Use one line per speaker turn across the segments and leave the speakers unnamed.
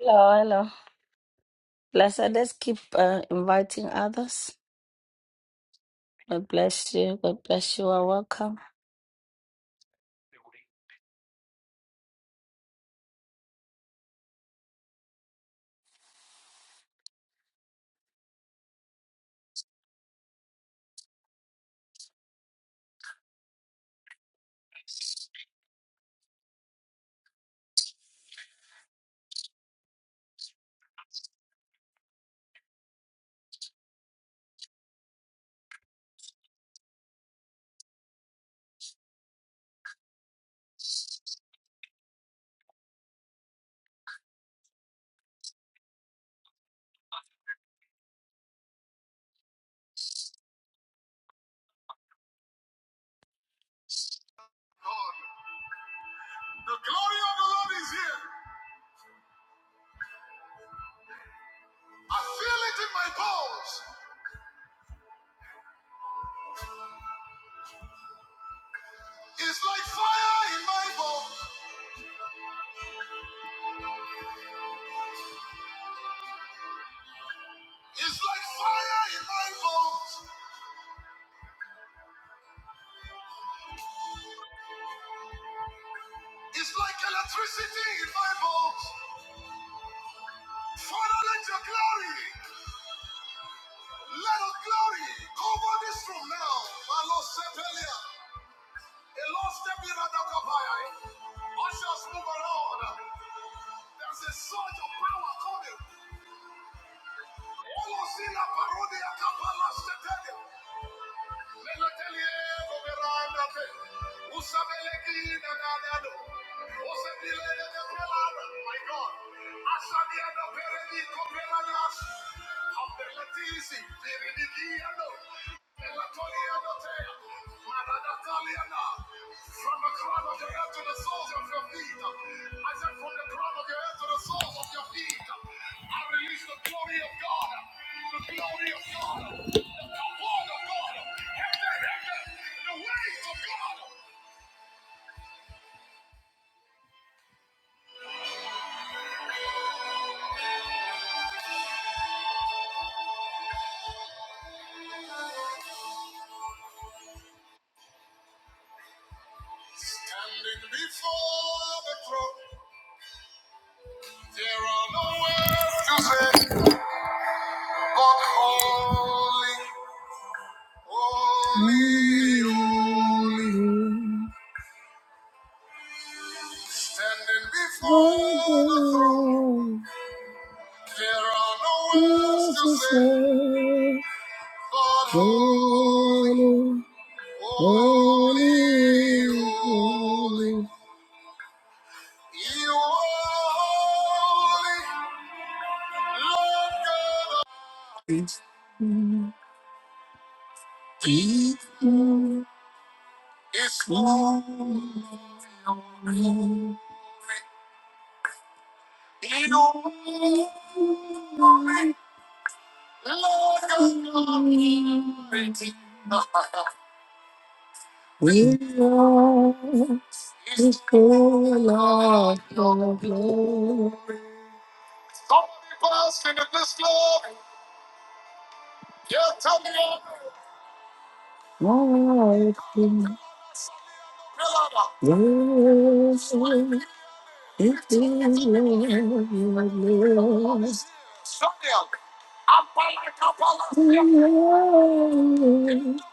Hello, hello. Let's uh, let's keep uh, inviting others. God bless you. God bless you. Are welcome. Standing before the throne, there are no words to say. We are full of your glory. Yes, it is your Standing before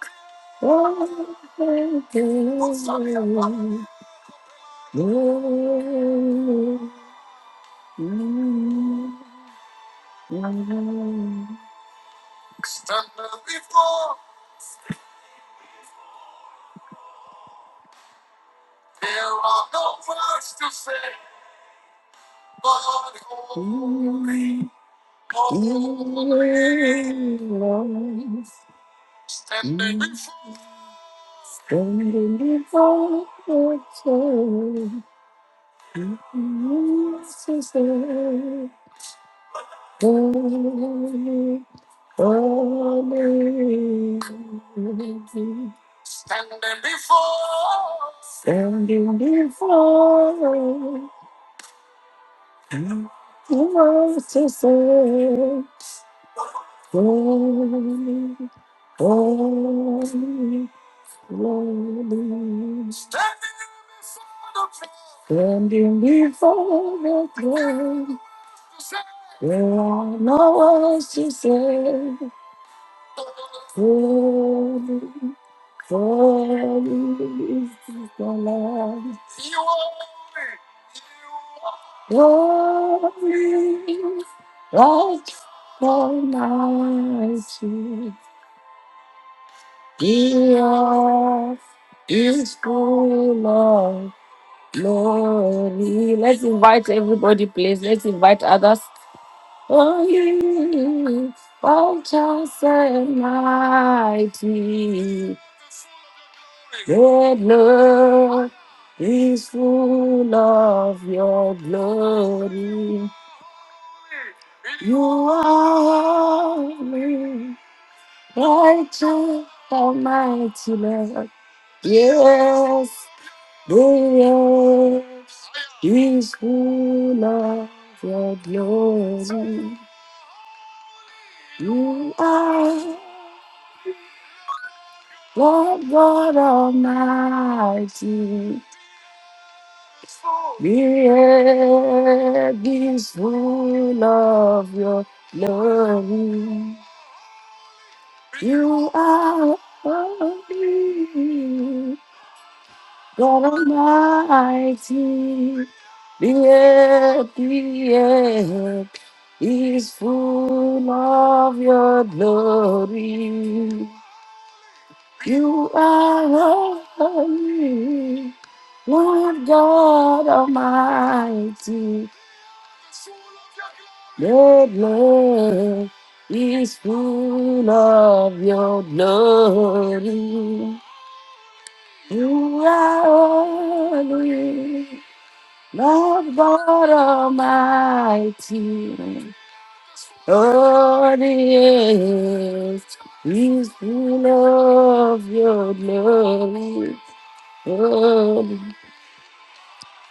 the throne, Jesus is holy, holy. Standing before I'm lost to say, holy, holy, holy, Standing before the throne, there are no words to say. Holy, holy is the Lord. Holy, like Almighty. The earth is full of glory. Let's invite everybody, please. Let's invite others. Oh, you righteous and mighty, the Lord is full of your glory. You are holy. righteous, Almighty Lord. Yes. Glorious is full of your glory. You are Lord God Almighty. The earth is full of your glory. You are holy. God Almighty, the earth, the earth is full of your glory. You are holy, Lord God Almighty. The earth is full of your glory. You are holy. Lord God Almighty, Lord is, He's full of your glory. Lord,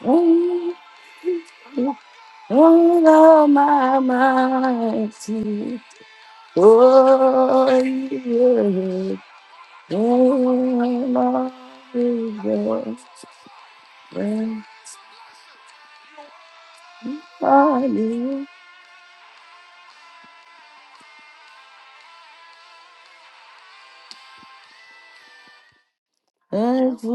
oh, Lord Almighty, Lord is, Lord is, Lord is, Lord is,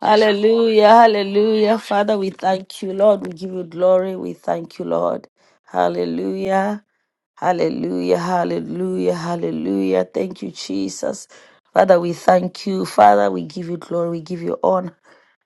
Hallelujah, hallelujah. Father, we thank you, Lord. We give you glory. We thank you, Lord. Hallelujah. Hallelujah, hallelujah, hallelujah. Thank you, Jesus. Father, we thank you. Father, we give you glory. We give you honor.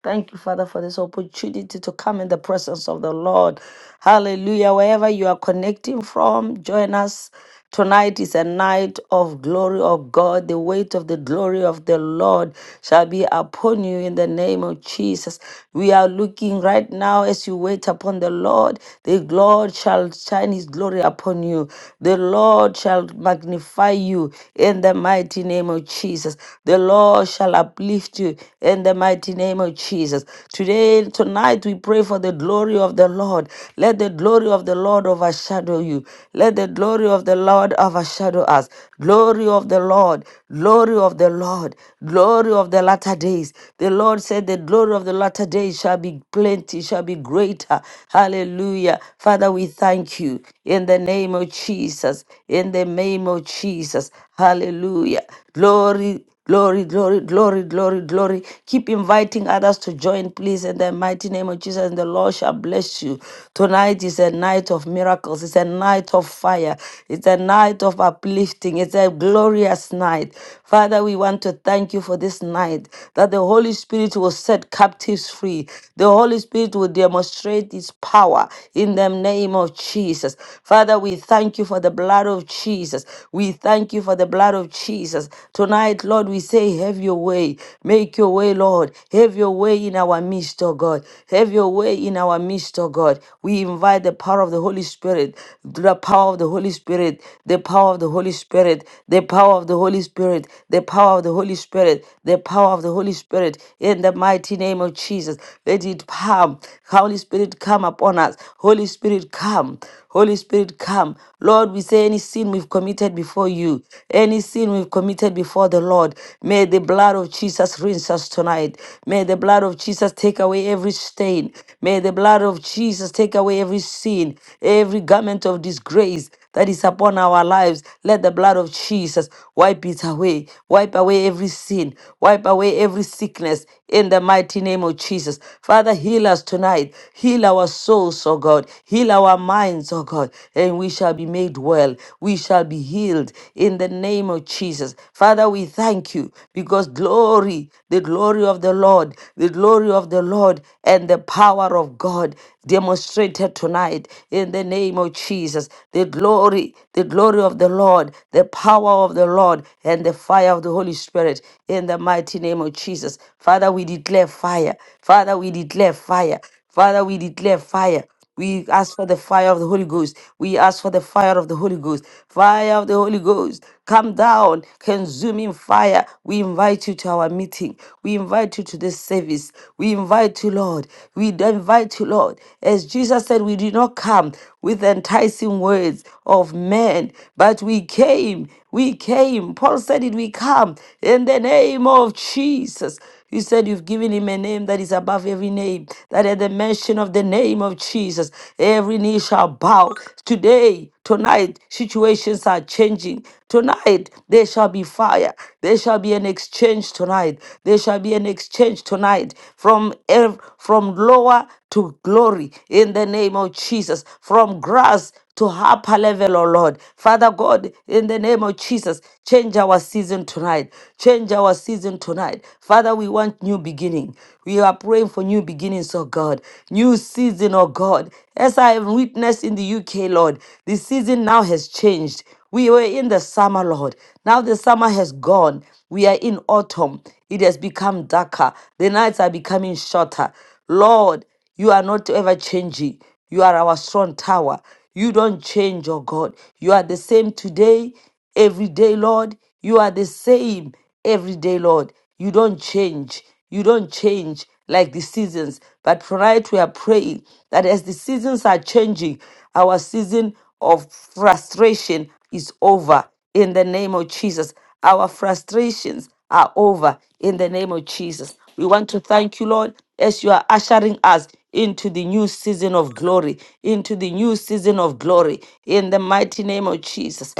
Thank you, Father, for this opportunity to come in the presence of the Lord. Hallelujah. Wherever you are connecting from, join us. Tonight is a night of glory of God. The weight of the glory of the Lord shall be upon you in the name of Jesus. We are looking right now as you wait upon the Lord. The Lord shall shine his glory upon you. The Lord shall magnify you in the mighty name of Jesus. The Lord shall uplift uplift you in the mighty name of Jesus. Today, tonight, we pray for the glory of the Lord. Let the glory of the Lord overshadow you. Let the glory of the Lord overshadow us. Glory of the Lord, glory of the Lord, glory of the latter days. The Lord said, The glory of the latter days shall be plenty, shall be greater. Hallelujah. Father, we thank you in the name of Jesus, in the name of Jesus. Hallelujah. Glory Glory, glory, glory, glory, glory. Keep inviting others to join, please, in the mighty name of Jesus. And the Lord shall bless you. Tonight is a night of miracles. It's a night of fire. It's a night of uplifting. It's a glorious night. Father, we want to thank you for this night that the Holy Spirit will set captives free. The Holy Spirit will demonstrate its power in the name of Jesus. Father, we thank you for the blood of Jesus. We thank you you for the blood of Jesus. Tonight, Lord, we say, have your way. Make your way, Lord. Have your way in our midst, oh God. Have your way in our midst, oh God. We invite the power of the Holy Spirit, the power of the Holy Spirit, the power of the Holy Spirit, the power of the Holy Spirit, the power of the Holy Spirit, the power of the Holy Spirit, in the mighty name of Jesus. Let it come. Holy Spirit, come upon us. Holy Spirit, come. Holy Spirit, come. Lord, Lord, we say any sin we've committed before you, any sin we've committed before the Lord, may the blood of Jesus rinse us tonight. May the blood of Jesus take away every stain. May the blood of Jesus take away every sin, every garment of disgrace that is upon our lives. Let the blood of Jesus wipe it away. Wipe away every sin. Wipe away every sickness in the mighty name of Jesus. Father, heal us tonight. Heal our souls, oh God. Heal our our minds, oh God, and we shall be made well. We shall be healed in the name of Jesus. Father, we thank you because glory, the glory of the Lord, the glory of the Lord and the power of God demonstrated tonight in the name of Jesus. The glory, the glory of the Lord, the power of the Lord, and the fire of the Holy Spirit in the mighty name of Jesus. Father, we declare fire. Father, we declare fire. Father, we declare fire. We ask for the fire of the Holy Ghost. We ask for the fire of the Holy Ghost. Fire of the Holy Ghost. Come down, consuming fire. We invite you to our meeting. We invite you to this service. We invite you, Lord. We invite you, Lord. As Jesus said, we did not come with enticing words of men, but we came. We came. Paul said it, we come in the name of Jesus. You said you've given him a name that is above every name, that at the mention of the name of Jesus, every knee shall bow. Today, tonight, situations are changing. Tonight, there shall be fire. There shall be an exchange tonight. There shall be an exchange tonight from, ev- from lower to glory in the name of Jesus, from grass to upper level, oh Lord. Father God, in the name of Jesus, change our season tonight. Change our season tonight. Father, we want new beginning. We are praying for new beginnings, oh God. New season, oh God. As I have witnessed in the UK, Lord, the season now has changed. We were in the summer, Lord. Now the summer has gone. We are in autumn. It has become darker. The nights are becoming shorter. Lord, you are not ever changing. You are our strong tower. You don't change, oh God. You are the same today, every day, Lord. You are the same every day, Lord. You don't change. You don't change like the seasons. But tonight we are praying that as the seasons are changing, our season of frustration is over in the name of Jesus. Our frustrations are over in the name of Jesus. We want to thank you, Lord, as you are ushering us into the new season of glory, into the new season of glory, in the mighty name of Jesus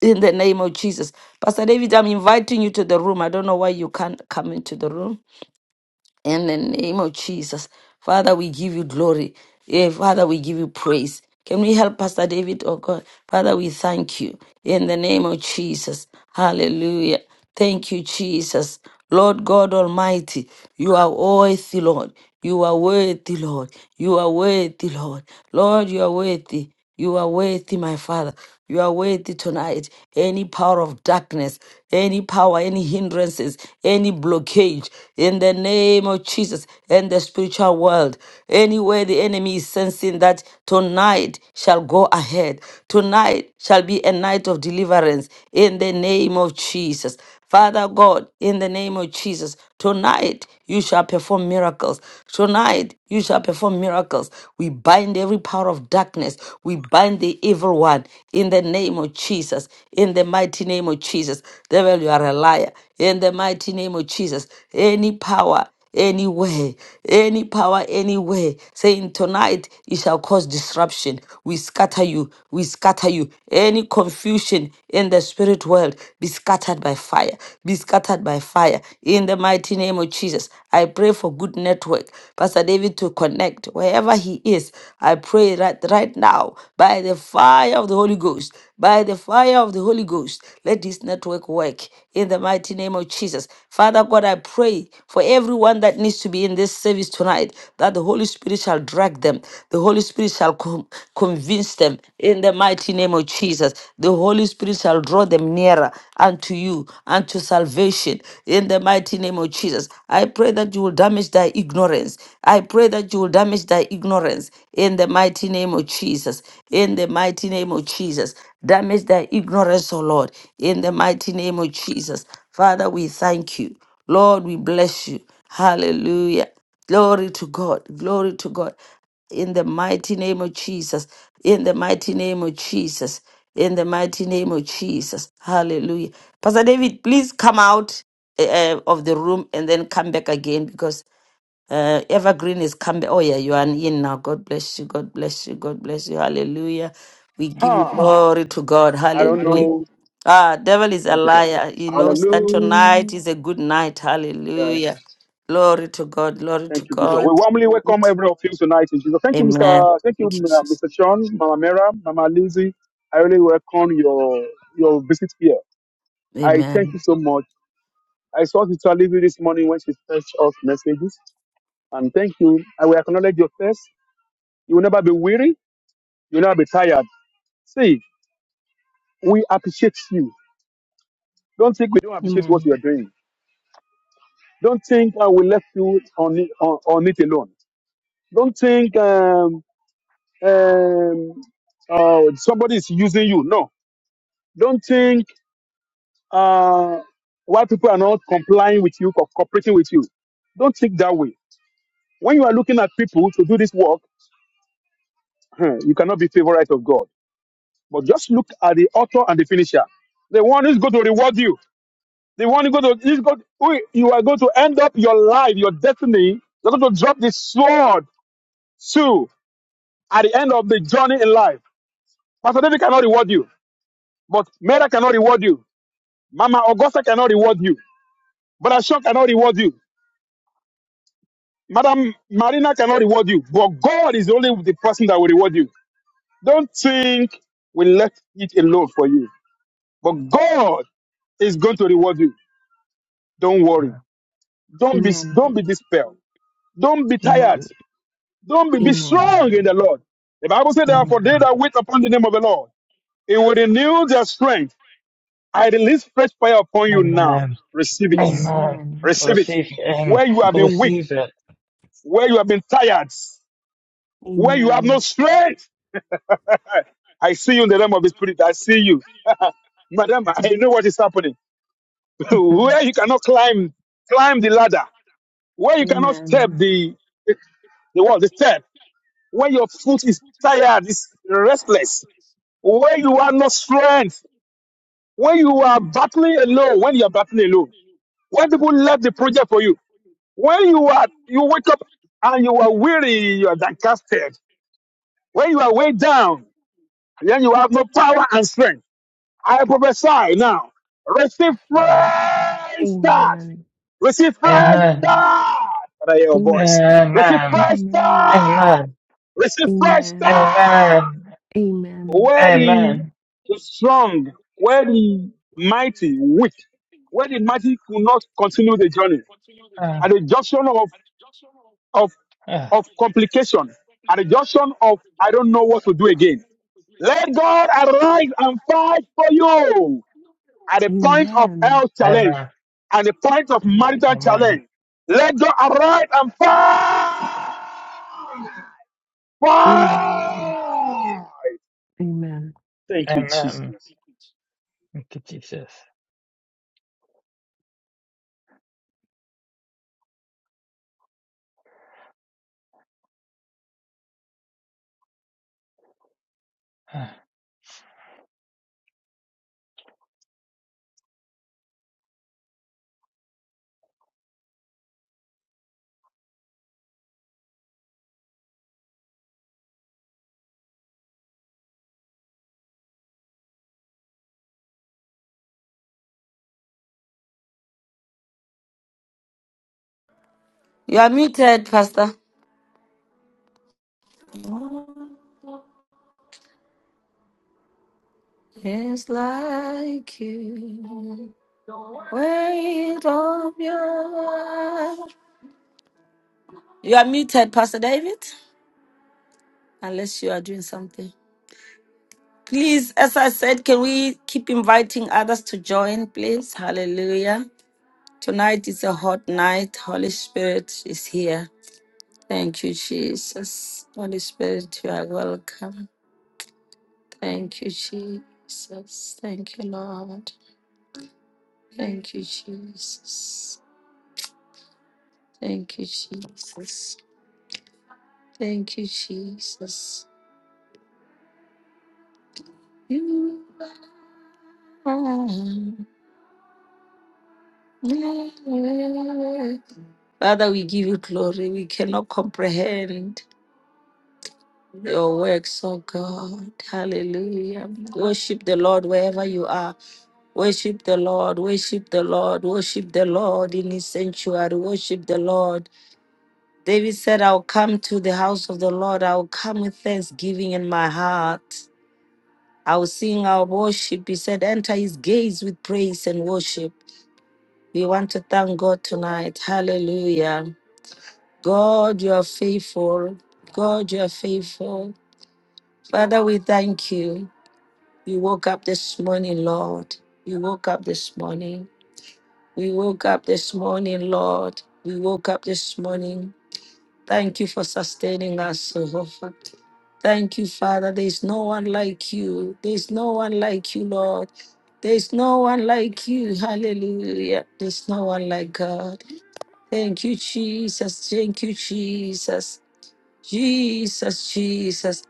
in the name of Jesus. Pastor David, I'm inviting you to the room. I don't know why you can't come into the room. In the name of Jesus. Father, we give you glory. Eh, Father, we give you praise. Can we help Pastor David, oh God? Father, we thank you. In the name of Jesus. Hallelujah. Thank you, Jesus. Lord God Almighty, you are worthy, Lord. You are worthy, Lord. You are worthy, Lord. Lord, you are worthy. You are worthy, my Father. You are worthy tonight. Any power of darkness, any power, any hindrances, any blockage in the name of Jesus and the spiritual world, anywhere the enemy is sensing that tonight shall go ahead. Tonight shall be a night of deliverance in the name of Jesus. Father God, in the name of Jesus, tonight you shall perform miracles. Tonight you shall perform miracles. We bind every power of darkness. We bind the evil one in the name of Jesus. In the mighty name of Jesus. Devil, you are a liar. In the mighty name of Jesus. Any power anywhere, any power, anywhere, saying tonight it shall cause disruption. We scatter you, we scatter you. Any confusion in the spirit world be scattered by fire, be scattered by fire. In the mighty name of Jesus, I pray for good network, Pastor David to connect wherever he is. I pray right, right now by the fire of the Holy Ghost, by the fire of the Holy Ghost, let his this network work in the mighty name of Jesus. Father God, I pray for everyone that needs to be in this service tonight that the Holy Spirit shall drag them, the Holy Spirit shall con- convince them in the mighty name of Jesus. The Holy Spirit shall draw them nearer unto you, unto salvation in the mighty name of Jesus. I pray that you will damage their ignorance. I pray that you will damage their ignorance in the mighty name of Jesus. Jesus. In the mighty name of Jesus. Damage their ignorance, O Lord. In the mighty name of Jesus. Father, we thank you. Lord, we bless you. Hallelujah. Glory to God. Glory to God. In the mighty name of Jesus. In the mighty name of Jesus. In the mighty name of Jesus. Hallelujah. Pastor David, please come out eh, eh, of the room and then come back again because uh, Evergreen is coming. Oh, yeah, you are in now. God bless you. God bless you. God bless you. Hallelujah. We give you
Huh.
glory to God.
I don't
Hallelujah.
know.
Ah, devil is a
Thank you, God.
liar. He knows that tonight is a
Hallelujah.
good night. Hallelujah. Glory to God. Glory to
Thank you, Jesus. We
God.
warmly welcome every of you tonight in Jesus. Thank you,
Amen.
Mr. Thank you,
Thank you,
uh,
Jesus.
Mr. Sean, Mama Mera, Mama Lizzie. I really welcome your your visit here. I thank
Amen.
you so much. I saw Sister Lizzie this morning when she sent us messages. And thank you. I will acknowledge your first. You will never be weary. You will never be tired. See, we appreciate you. Don't think we don't appreciate what
Amen.
you are doing. Don't think I will left you on it, on, on it alone. Don't think um, um, uh, somebody is using you. No, don't think uh, why people are not complying with you, co- cooperating with you. Don't think that way. When you are looking at people to do this work, huh, you cannot be favorite of God. But just look at the author and the finisher. The one who's going to reward you. The one who go to is going who- you are going to end up your life, your destiny. You're going to drop the sword too at the end of the journey in life. Pastor David cannot reward you. But Mera cannot reward you. Mama Augusta cannot reward you. Brother Sean cannot reward you. Madam Marina cannot reward you. But God is only the person that will reward you. Don't think we left it alone for you. But God is going to reward you. Don't worry.
Amen.
Don't be
Amen.
don't be dispelled. Don't be
Amen.
tired. Don't be, be
Amen.
strong in the Lord. The Bible said
Amen.
therefore they that wait upon the name of the Lord, it will renew their strength. I release fresh fire upon you now.
Amen.
Receive it.
Amen.
Amen.
I
Receive it.
receive it. Amen.
Where you have
I
been weak,
receive it.
where you have been tired, where you have
Amen.
no strength. I see you in the realm of the spirit. I see you. Madam, I
Mhm.
know what is happening.
Mhm.
where you cannot climb, climb the ladder. Where you cannot step
Amen.
the, the, the wall, the step. Where your foot is tired, is restless. Where you have no strength. When you are battling alone, when you are battling alone. When people left the project for you, When you are, you wake up and you are weary, you are disgusted. When you are weighed down, then you have no power and strength. I prophesy now. Receive
Yes, Lord.
fresh start.
Amen.
Receive fresh
Amen.
Amen.
start. Can I hear your voice?
Amen.
Receive
Amen.
Amen.
fresh start.
Amen.
Receive fresh
Amen.
start.
Amen.
Amen.
Where the,
Amen.
the strong, where the mighty weak, where the mighty could not continue the journey.
Ah,
At the junction of, of
ah.
of complication, at the junction of I don't know what to do again. Let God arise and fight for you at the
Amen.
point of health challenge
Amen.
and the point of
Thank you,
marital
God.
Amen.
challenge. Let God arise and fight.
Amen.
fight.
Amen.
Thank you,
Amen.
Jesus.
Thank you, Jesus.
You are muted, Pastor. It's like you. Wait of your life. You are muted, Pastor David. Unless you are doing something. Please, as I said, can we keep inviting others to join, please? Hallelujah. Tonight is a hot night. Holy Spirit is here. Thank you, Jesus. Holy Spirit, you are welcome. Thank you, Jesus. Thank you, Lord. Thank you, Jesus. Thank you, Jesus. Thank you, Jesus. You are Father, we give you glory. We cannot comprehend your works, oh God. Hallelujah. Worship the Lord wherever you are. Worship the Lord, worship the Lord, worship the Lord in his sanctuary, worship the Lord. David said, I'll come to the house of the Lord, I'll come with thanksgiving in my heart. I'll sing, I'll worship. He said, Enter his gates with praise and worship. We want to thank God tonight. Hallelujah. God, you are faithful. God, you are faithful. Father, we thank you. We woke up this morning, Lord. We woke up this morning. We woke up this morning, Lord. We woke up this morning. Thank you for sustaining us, Jehovah. Thank you, Father. There's no one like you. There's no one like you, Lord. There's no one like you. Hallelujah. There's no one like God. Thank you, Jesus. Thank you, Jesus. Jesus, Jesus.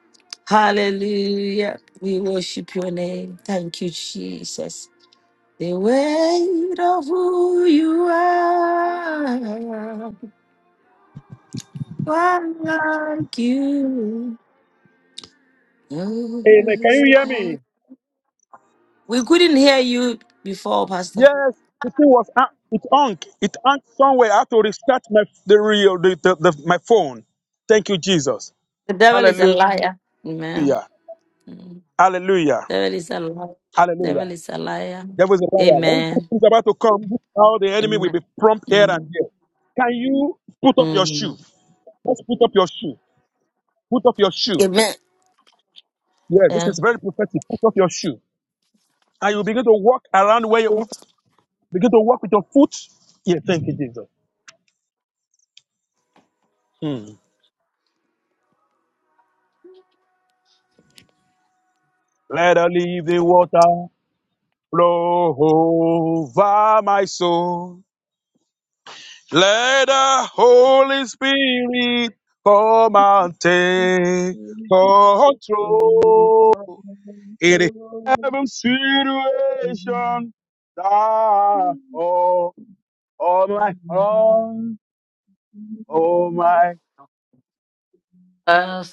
Hallelujah. We worship your name. Thank you, Jesus. The weight of who you are, one like you, no
Amen. Can
is
you hear me?
like. We couldn't hear you before, Pastor.
Yes, the thing was uh, it hung. It hung somewhere. I had to restart my the real the, the, the my phone. Thank you, Jesus.
The devil is a
Hallelujah.
liar. Amen. Mm.
Hallelujah.
Devil is a liar.
Hallelujah.
Devil is a liar.
There was a liar. When Christ
Amen.
is about to come, how the enemy will
Amen.
be prompt here and
Mm.
there. Can you put up your shoe?
Mm.
Let's put up your shoe. Put up your shoe.
Amen.
Yeah, this
Yeah.
is very prophetic. Put up your shoe. And you begin to walk around where you begin to walk with your foot. Yeah, thank you, Jesus. Hmm. Let the living water flow over my soul. Let the Holy Spirit come and take
Jesus,
control in every situation that oh, all my own, all my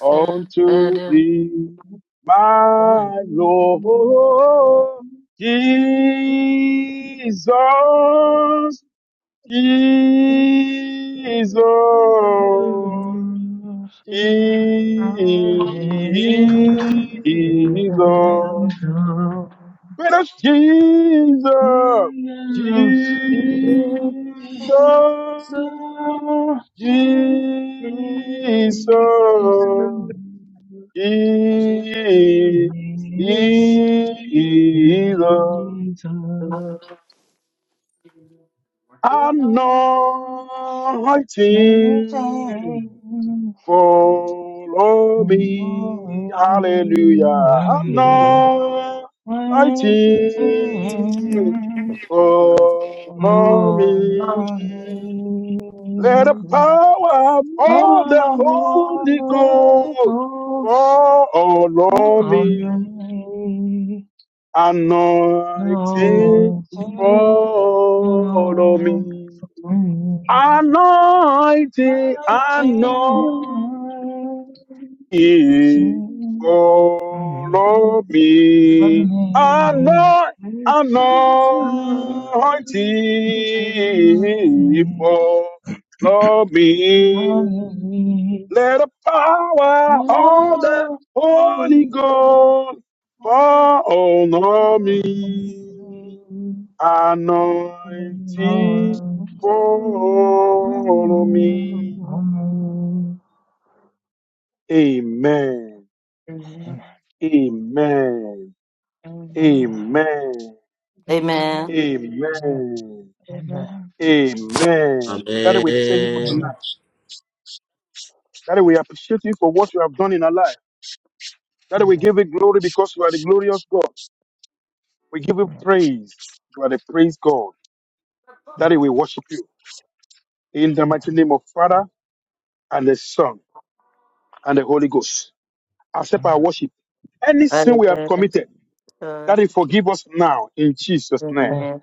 own to
burden,
thee, my Lord Jesus, Jesus. Jesus. Where is Jesus? Jesus.
Ah. Oh,
Jesus. Jesus. Anointing. Follow me, hallelujah. Now I sing. Follow me. Let the power of all the Holy Ghost follow me. Anointing,
No, take
follow
no,
me.
my my
Anointing,
dear,
anointing. me, follow
my
me, anoint,
dear,
anointing,
dear,
follow me. Let the power of the Holy Ghost fall on me, anointing,
Oh,
follow me. Amen. Amen. Amen. Amen. Amen. Daddy, we thank you for
Amen.
tonight. Daddy, we appreciate you for what you have done in our life. Daddy, we
Amen.
give you glory because you are the glorious God. We give you praise. You are the praise God. Daddy, we worship you. In the
Amen.
mighty name of Father and the Son and the Holy Ghost. Accept our worship. Any sin we have
burden,
committed,
Lord,
Daddy,
forgive me.
forgive us now in Jesus' name.
Eh,
Amen.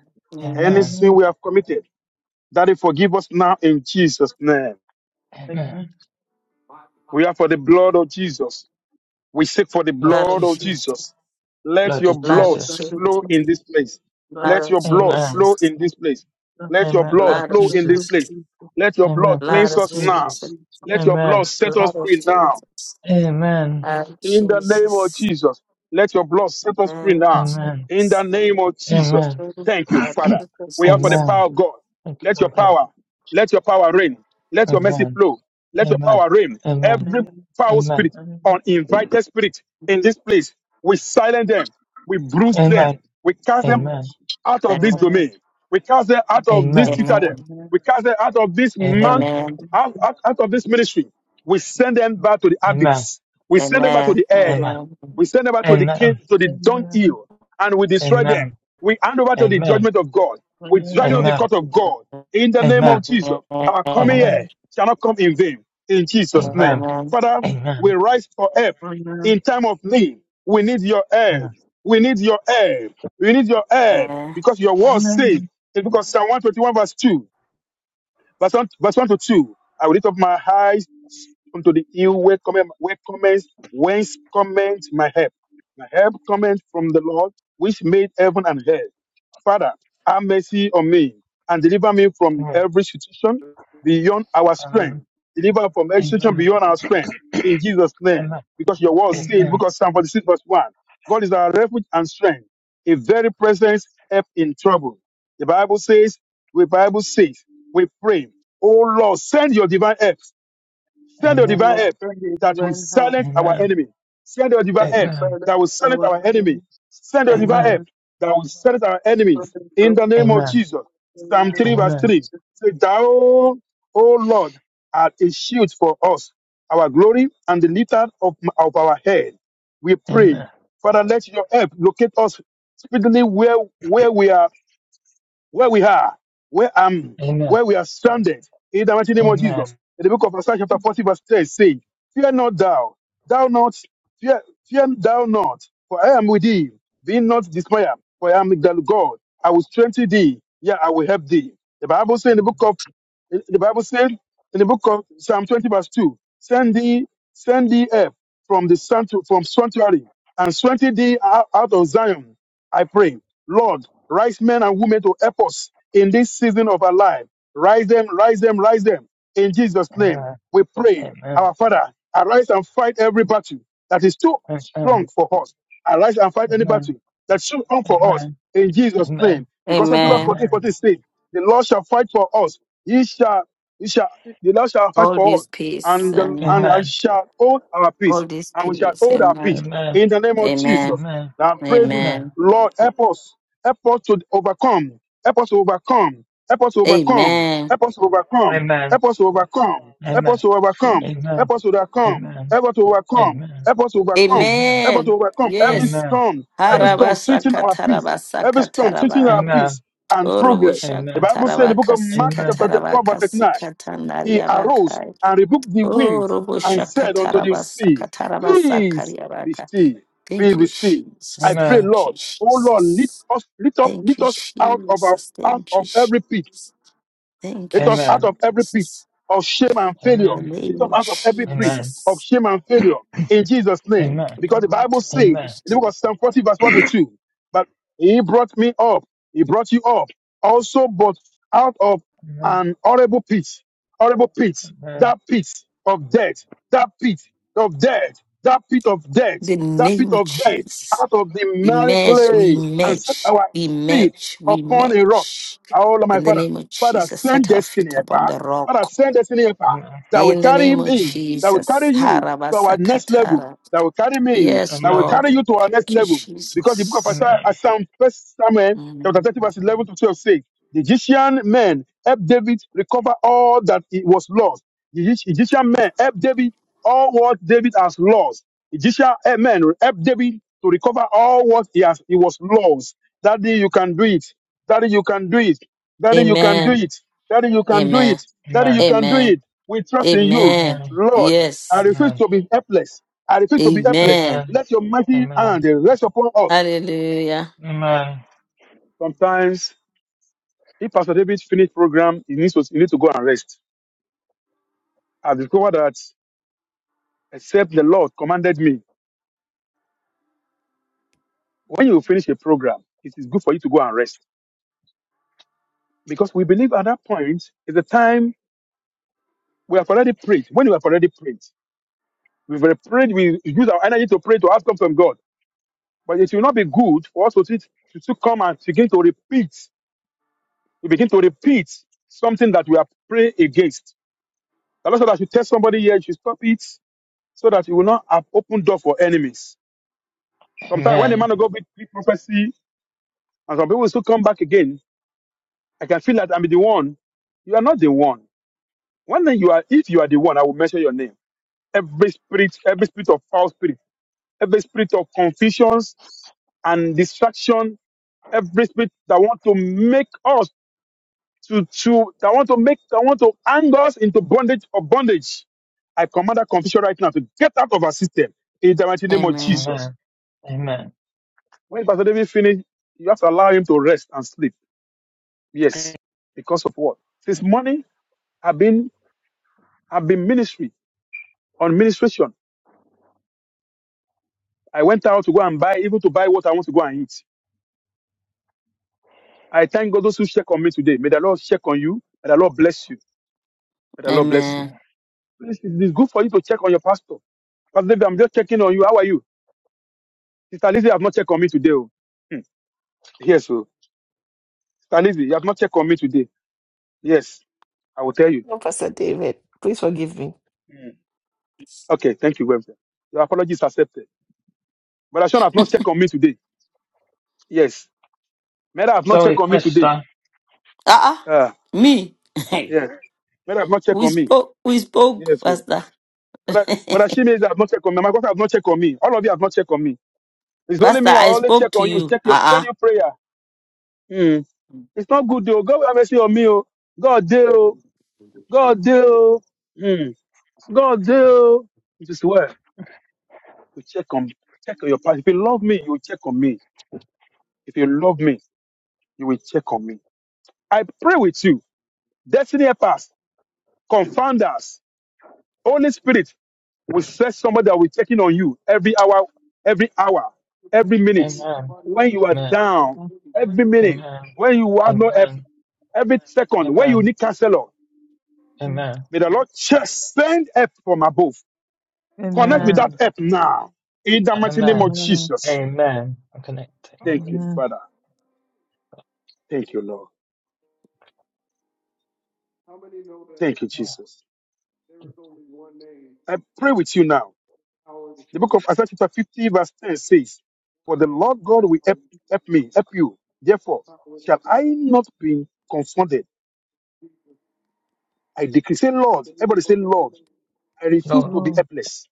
Any
Amen.
Amen.
sin we have committed, Daddy, forgive us now in Jesus' name.
Amen.
Amen.
We are for the blood of Jesus. We seek for the
Blood
Blood of
blood of
sheep.
Jesus.
Jesus. Let
Blood
your
of
blood
blood
of
Blood
Jesus.
of
flow
Jesus.
Jesus,
in this place.
Blood,
blood
Let
of
your blood
Amen.
flow
Jesus,
in this place.
blood,
Let your
Amen.
blood
Blood
blood of
flow in
blood
this
of
Jesus,
Jesus.
place.
Jesus.
Let your blood
Amen.
blood
Blood
cleanse
of
of
us
Blood of
now.
Jesus,
Jesus.
Jesus.
Let your blood
Amen.
set us
blood of
free now.
Jesus,
Amen.
Blood
blood of
of
In the
Jesus.
name of
Jesus,
Jesus, let your blood set us
In
free
the
blood of
now.
name of
Amen.
Jesus.
In the
Jesus,
name of Jesus,
Amen.
Blood of
thank you,
blood of
Jesus.
Father.
Set up
We are for the
Jesus.
freedom.
Amen.
power of God.
Thank you,
Let your
Father.
Amen.
power, let your power reign. Let your mercy
Amen.
flow. Let your
Amen.
power reign.
Amen.
Every
Amen.
foul
Amen.
spirit, uninvited spirit in this place, we silence them. We bruise
Amen.
them. We cast them
Amen.
Amen.
out of this
Amen,
Amen.
domain. We cast them out of this
Amen.
citadel.
amen,
Amen.
We cast them out of this man,
Amen. Amen.
amen,
Amen.
out, out, out of this ministry. We send them back to the
Amen.
abyss. We send them back to
amen,
the air.
Amen.
amen,
We send them back to the king,
Amen.
to the
Amen.
dunghill, and we destroy them. We hand over to the judgment of God. We drag
Amen.
out the
Amen. Amen.
court of God. In the name of
Amen.
Jesus,
amen,
our coming
Amen.
Amen.
here shall not come in vain. In Jesus' name,
Amen.
amen,
Father, we
Amen.
rise for help
Amen.
in time of need. We need your help.
Amen.
We need your help. We need your help
amen.
because your word says,
Amen.
it's because Psalm 121 verse 2, Verse 1, verse 1 to 2. I will lift up my eyes unto the hill where cometh, where cometh, whence cometh my help. My help cometh from the Lord, which made heaven and earth. Father, have mercy on me and deliver me from
Amen.
every situation beyond our
Amen. for
strength.
them.
Deliver from every situation
Amen.
beyond our strength in Jesus' name. Because your word says,
Amen.
Amen.
because Psalm 46 verse 1, God is our refuge and strength, a very present help in trouble. The Bible says, the Bible says we pray, oh Lord, send your divine help. Send
Oh
your
Amen.
divine
Lord,
help
send your
that will
divine help.
silence our
Amen. Amen.
enemy. Send your divine
Circle
help
silence
that will silence
our
our enemy.
enemies.
Send your divine help
Amen.
Amen.
that will silence our enemies.
Circle
In
us.
the name of
In
Amen.
Jesus. Psalm
the
3
name of
verse
Amen.
3.
Jesus.
Say, Thou, O Lord, art a shield for us, our glory and the lifter of, of our head. We pray, Father, let your help locate us speedily where, where we are where we are, where I'm,
Amen.
where we are stranded. In the mighty name of Jesus. In the book of Isaiah chapter 40 verse 10 saying, Fear not thou, thou not, fear, fear thou not, for I am with thee. Be not dismayed, for I am thy God. I will strengthen thee. Yeah, I will help thee. The Bible says in the book of, in- the Bible says in the book of Psalm 20 verse 2, send thee, send thee up from the sanctu- from sanctuary and strengthen thee out out of Zion. I pray. Lord, rise men and women to help us in this season of our life. Rise them, rise them, rise them. In Jesus' name,
Amen.
we pray.
Amen.
Our Father, arise and fight every battle that is too
Amen.
strong
Amen.
for us. Arise and fight any battle that is too come for us.
Amen. Amen. Amen.
In Jesus' name. Because Exodus
Amen.
14, 14 says, the Lord shall fight for us. He shall, he shall, the Lord shall fight
All
for us.
this peace,
And, the,
and
and
uh,
I shall hold our peace.
all this
And we shall
peace,
hold our peace.
amen,
In
Amen.
the name of
amen,
Jesus. Now I'm praying,
amen,
Lord, help us. Help us to overcome. Help us to overcome. Help us to overcome.
amen,
Help us to overcome. Help us to overcome.
Amen. Amen. Amen. Amen. Amen. Amen. Amen. Amen. Amen.
Help us to overcome. Help us to overcome. Help
Amen.
us to overcome. Help us to overcome. Help us to
amen.
overcome every
Yes.
Amen.
storm, every
Amen. Amen.
storm treating our peace, every storm treating our
Harabasakatarabasakatarabai.
peace and progress.
Amen.
The
Amen.
Bible says in the book of Mark,
Amen.
chapter four, verse 39, he arose
Oroboshakatarabakasikatarabakasikatanariabakai.
and rebuked the wind and said unto the sea, Peace be
Oroboshakatarabasakatarabasakariabaka.
still, peace
Thank
be
you,
still. I
Jesus.
pray,
Amen.
Thank you,
Lord, oh Lord, lift
Jesus.
us, lift up,
Thank
lift
you,
us out of our
Jesus.
out
Thank you,
of every pit
Jesus. Thank
it
you,
was out
Amen.
of every pit
Jesus.
of shame and
In
failure.
the
Amen.
It
name
was
of
out of every pit
Amen.
of
Jesus.
shame and failure in Jesus' name.
Thank
Amen.
you,
Because the
Lord.
Bible says, in
Amen.
the book of Psalm 40, verse 1 to 2, but he brought me up, he brought you up, also but out of
Amen.
an horrible pit, horrible pit, that pit of death, that pit of death, that pit of death,
The
that pit
name of
of death,
Jesus.
out of the
We
merry
match, we
clay and set
match,
our
we
feet
match, we
upon a rock
match.
Oh, Lord, my
In the
Father,
name of
Father,
Jesus,
send
set our
destiny,
feet upon
Epa.
the rock.
Father, send destiny, Epa, that will
In the
carry
name of
me, that will
Jesus.
carry you to our next level,
Harabasakatara.
that will carry me,
Amen. Amen.
Yes,
that will
Amen.
carry
Lord.
you to our next
Thank you,
level. Because the book of
Jesus.
Isaiah,
Amen.
Psalm, first Samuel, chapter
Mm.
30, verse 11 to 12 says, the Egyptian men helped David recover all that it was lost. The Egy- Egyptian men helped David all what David has lost. Egyptian eh, men helped David to recover all what he has he was lost. That day you can do it. Daddy, you can do it. Daddy, you can do
Amen.
it. Daddy, you can do
Amen.
it. Daddy, you
Amen.
can do
Amen.
it. We trust in you.
Amen.
Amen.
Lord, I
Yes.
refuse
Amen.
to be helpless. I refuse to be
Amen.
helpless.
Amen.
Let your mighty hand
Amen.
rest upon us.
Hallelujah.
Sometimes, if Pastor David finished program, he needs to, he needs to go and rest. I've discovered that except the Lord commanded me, when you finish a program, it is good for you to go and rest. Because we believe at that point is the time we have already prayed. When we have already prayed, we've already prayed, we use our energy to pray to outcome from God. But it will not be good for us to, to, to come and begin to repeat, to begin to repeat something that we are praying against. The Lord said that you tell somebody here, you should stop it so that you will not have open door for enemies. Sometimes when the
Amen.
man of God big prophecy and some people still come back again, I can feel that I'm the one. You are not the one. One day you are, if you are the one, I will mention your name. Every spirit, every spirit of foul spirit, every spirit of confusions and distraction, every spirit that want to make us to to that want to make that want to hang us into bondage of bondage. I command that confusion right now to get out of our system in the mighty name of
Amen.
Amen.
Jesus.
Amen. Amen.
When Pastor David finish, you have to allow him to rest and sleep. Yes, because of what? This morning I've been I've been ministry on ministration. I went out to go and buy, even to buy what I want to go and eat. I thank God those who check on me today. May the Lord check on you. May the Lord bless you. May the Lord bless you.
Amen.
Please, it is good for you to check on your pastor. Pastor David, I'm just checking on you. How are you? Sister Lizzie have not checked on me today. Oh. Hmm. Yes, oh. Sister Lizzie, you have not checked on me today. Yes, I will tell you. Hmm. Okay, thank you, Webster. Your apology is accepted. But Sean has not checked on me today. Yes. Mera have not
Zoe
checked on me today.
Questa.
Ah,
Ah,
uh me.
yes. Mera have not checked
we
on me.
spoke. We spoke,
Yes, oh.
Pastor.
But but Ashimezi have not checked on me. My God have not checked on me. All of you have not checked on me. It's only
Pastor,
me. I
I
always
spoke
check
to
on you.
you.
Check your send
Uh-uh.
your prayer. Hmm. It's not good though. God have mercy on me. Oh. God deal. God deal. Hmm. God deal. It is well. You check on check on your partner. If you love me, you will check on me. If you love me, you will check on me. I pray with you. Destiny help us, confound us. Holy Spirit will set somebody that will be checking on you every hour, every hour, every minute.
Amen.
When you are
Amen.
down, every minute,
Amen.
when you have no help,
Amen.
every
Amen.
second, when you
Amen.
need counselor,
Amen.
may the Lord just send help from above. Connect with
Amen.
Amen.
that help now. In the mighty name of
Amen.
Amen.
Jesus.
Amen. I'm connected. Amen.
Thank you,
Amen.
Father. Thank you, Lord. Thank you,
Oh,
Jesus. I pray with you now. The book of Isaiah chapter 50 verse 10 says, For the Lord God will help, help me, help you. Therefore, shall I not be confounded? I decree, say Lord, everybody say Lord, I refuse
Lord,
to be
Lord,
helpless.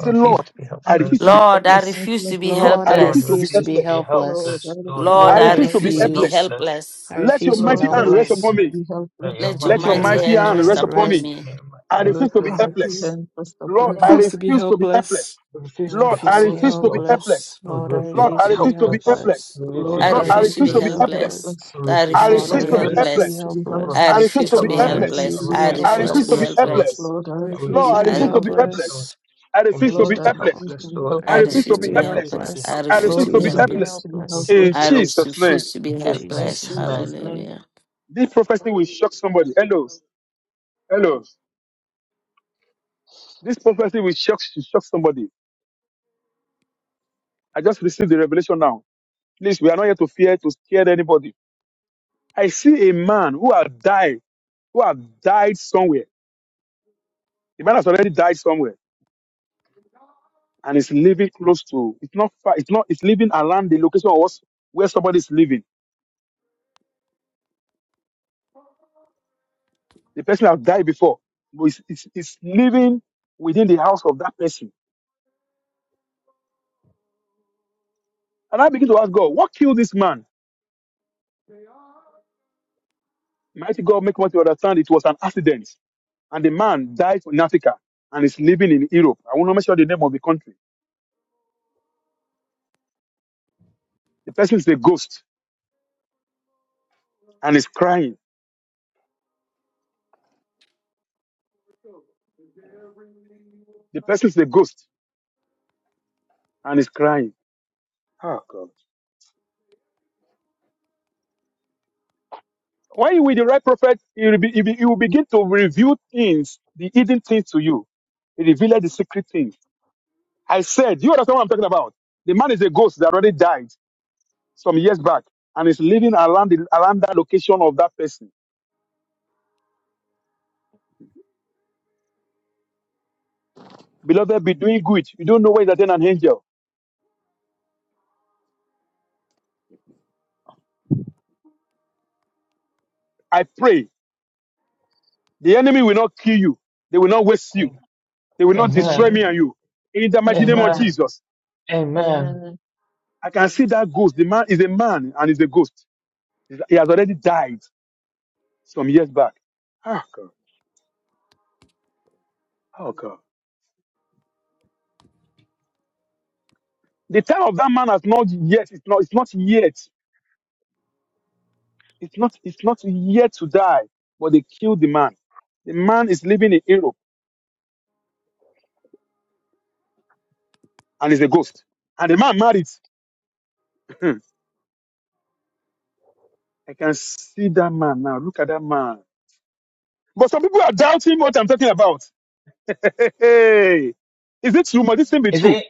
I refuse
Lord,
to be
I
I refuse to
helpless.
be
refuse to
Lord, I
be
helpless.
refuse to be
helpless.
Lord,
Lord,
I
I
Lord,
refuse to
helpless.
be
refuse to
refuse
be
to
helpless.
be
Lord, I
helpless.
helpless. Lord,
refuse
I
Lord,
to
Lord,
be
I
I
refuse
refuse
to
to
be
refuse
be
to be
helpless.
helpless.
refuse.
helpless.
helpless.
I
Let your
refuse to be
Lord,
mighty
Lord, I
hand rest
refuse
refuse
helpless.
upon
to
to
me.
be
let your
helpless.
Let
Let your
your
mighty
Let your
hand
mighty
mighty
mighty
rest
hand
hand
upon
rest
rest
hand
me.
upon
upon
me.
rest.
me.
May your
I
mighty hand
refuse
Let
to
your
be
Lord,
mighty
be-
helpless.
hand rest
I
Lord,
upon me.
I
refuse to be
refuse to be
helpless.
helpless.
I
refuse to be
Lord,
refuse
I
to be
Lord, I
refuse
helpless.
to be
Lord,
refuse to
helpless.
helpless.
be
Lord,
Lord, I
refuse
Lord,
helpless.
to
refuse
I
be
to be
refuse to be
helpless.
helpless.
helpless. Lord,
Lord,
Refuse
I
I
I
to
Lord,
be
I
refuse
refuse
to
to
refuse
refuse
be
to
be
to
be
helpless.
be
No,
helpless.
helpless.
helpless.
helpless.
I
refuse
I
to be
refuse
Lord,
to
I
refuse
be
Lord,
to
I
be
refuse to
helpless.
refuse
be
helpless.
helpless.
to be
helpless.
I
helpless.
I
Refuse to
refuse
be
refuse
to
to
be
Lord,
be
I
Lord, I
helpless.
helpless.
refuse
I
helpless.
to
refuse to
be
be
I
refuse to
I
be
refuse
helpless.
refuse
to be
to be
helpless.
helpless, Lord.
helpless.
helpless.
Lord, I
I
I
refuse
Lord,
refuse
to
refuse
I
to
be
to
be
be
refuse
I,
to be
helpless,
helpless.
helpless.
helpless.
Lord.
I
I
refuse to
refuse
Lord,
be
to
I
be
Yes,
helpless.
refuse to
helpless,
be
Lord.
Lord.
I
I
I
Amen.
refuse
refuse
helpless.
to
refuse
to
be
I
to
be
be
refuse
helpless.
to
helpless.
be
helpless.
I
I
I
helpless,
refuse
refuse
Lord,
to
Lord.
to
I
be
refuse
be
to
Amen.
be
refuse
helpless.
helpless.
to be
I
helpless.
refuse
In
to be
I
helpless.
Jesus'
helpless, Lord.
name,
refuse to be
In
In
Jesus' name,
In
Jesus'
helpless.
name.
Amen.
Jesus' name,
Hallelujah.
this prophecy will shock somebody. Hello, hello. This prophecy will shock shock somebody. I just received the revelation now. Please, we are not here to fear to scare anybody. I see a man who have died, who have died somewhere. The man has already died somewhere and is living close to. It's not far. It's not. It's living around the location of us- where somebody is living. The person has died before, but it's, it's, it's living within the house of that person. And I begin to ask God, what killed this man? Mighty God, make me to understand it was an accident, and the man died in Africa and is living in Europe. I want to mention the name of the country. The person is a ghost and is crying. The person is a ghost and is crying. Oh God. Why with the right prophet, he will, be, he, be, he will begin to reveal things, the hidden things to you. He revealed the secret things. I said, you understand what I'm talking about? The man is a ghost that already died some years back and is living around the, around that location of that person. Beloved, be doing good. You don't know where is an angel. I pray the enemy will not kill you. They will not waste you.
Amen.
They will not
Amen.
destroy
amen.
me and you. In the mighty name of
Amen.
Amen.
Jesus.
Amen.
Amen.
I can see that ghost. The man is a man and is a ghost. He has already died some years back. Oh God. Oh God. The time of that man has not yet. It's not. It's not yet. It's not. It's not yet to die. But they killed the man. The man is living in Europe and is a ghost. And the man married. I can see that man now. Look at that man. But some people are doubting what I'm talking about. Hey, hey. is it true? Must this thing be
Is
true,
it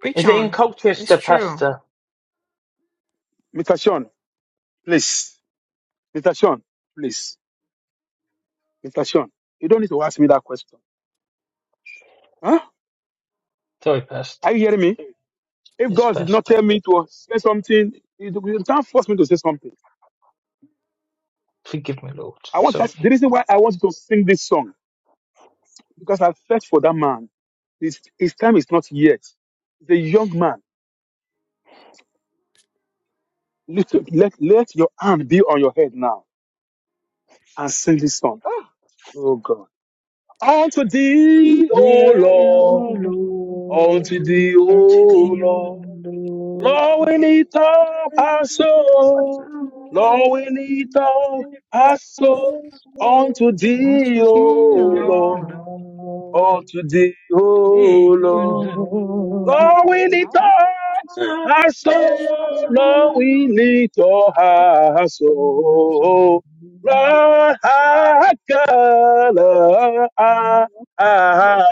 Preach
is it in
on. It's
Colchester,
true.
Pastor?
Mr. Sean? Please, Mr. Sean, please. Mr. Sean, you don't need to ask me that question. Huh?
Sorry,
Are
Pastor.
you hearing me? If
Yes,
God did not
Pastor.
tell me to say something, you you can't force me to say something.
Forgive me, Lord.
I want
Sorry.
that. The reason why I want to sing this song because I felt for that man. His, his time is not yet. He's a young man. Let, let, let your hand be on your head now and sing this song. Ah, oh God. Unto thee, O
Yeah, oh
Lord.
Lord,
Unto thee,
unto
O
thee, O
Lord.
Lord.
Lord, we need all our soul. Lord, we need lo bonito pasó unto
Won't
thee,
you
O
Your
be
Lord,
Lord,
unto thee,
be
O Lord.
your
Going
Lord.
it up,
So
our
far,
soul, Lord, we lift up our
so
soul. Lord, I God, Lord, our our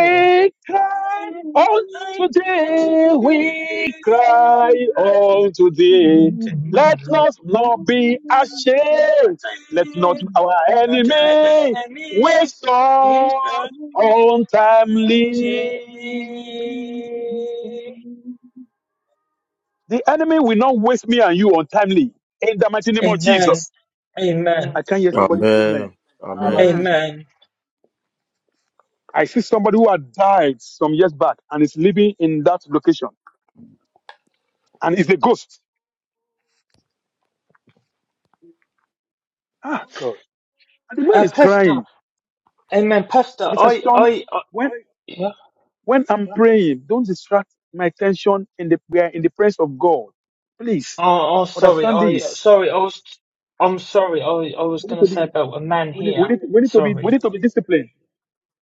far.
cry
And
unto
I actually
today.
enemies
we
is not
cry unto today.
unto
Let us not be ashamed. Let not our enemy waste Untimely.
me.
The enemy will not waste me and you untimely. In the mighty name of
Amen.
Jesus.
Amen.
I can't hear somebody.
Amen.
Amen. Allah
Amen.
Amen. Amen.
knows.
Amen.
I see somebody who had died some years back and is living in that location and is a ghost. Ah, God. And the man
Uh,
is
Pastor.
crying.
Amen. Pastor.
Mr.
I.
Sean,
I. I
when,
yeah.
when I'm praying, don't distract my attention in the prayer, in the presence of God. Please
Oh, oh. Sorry.
understand
I.
this.
Sorry. I was. I'm sorry. I. I was
We need
gonna
to be,
say about a man
we need, we
here.
need, we need to be, we
Sorry.
need to be disciplined.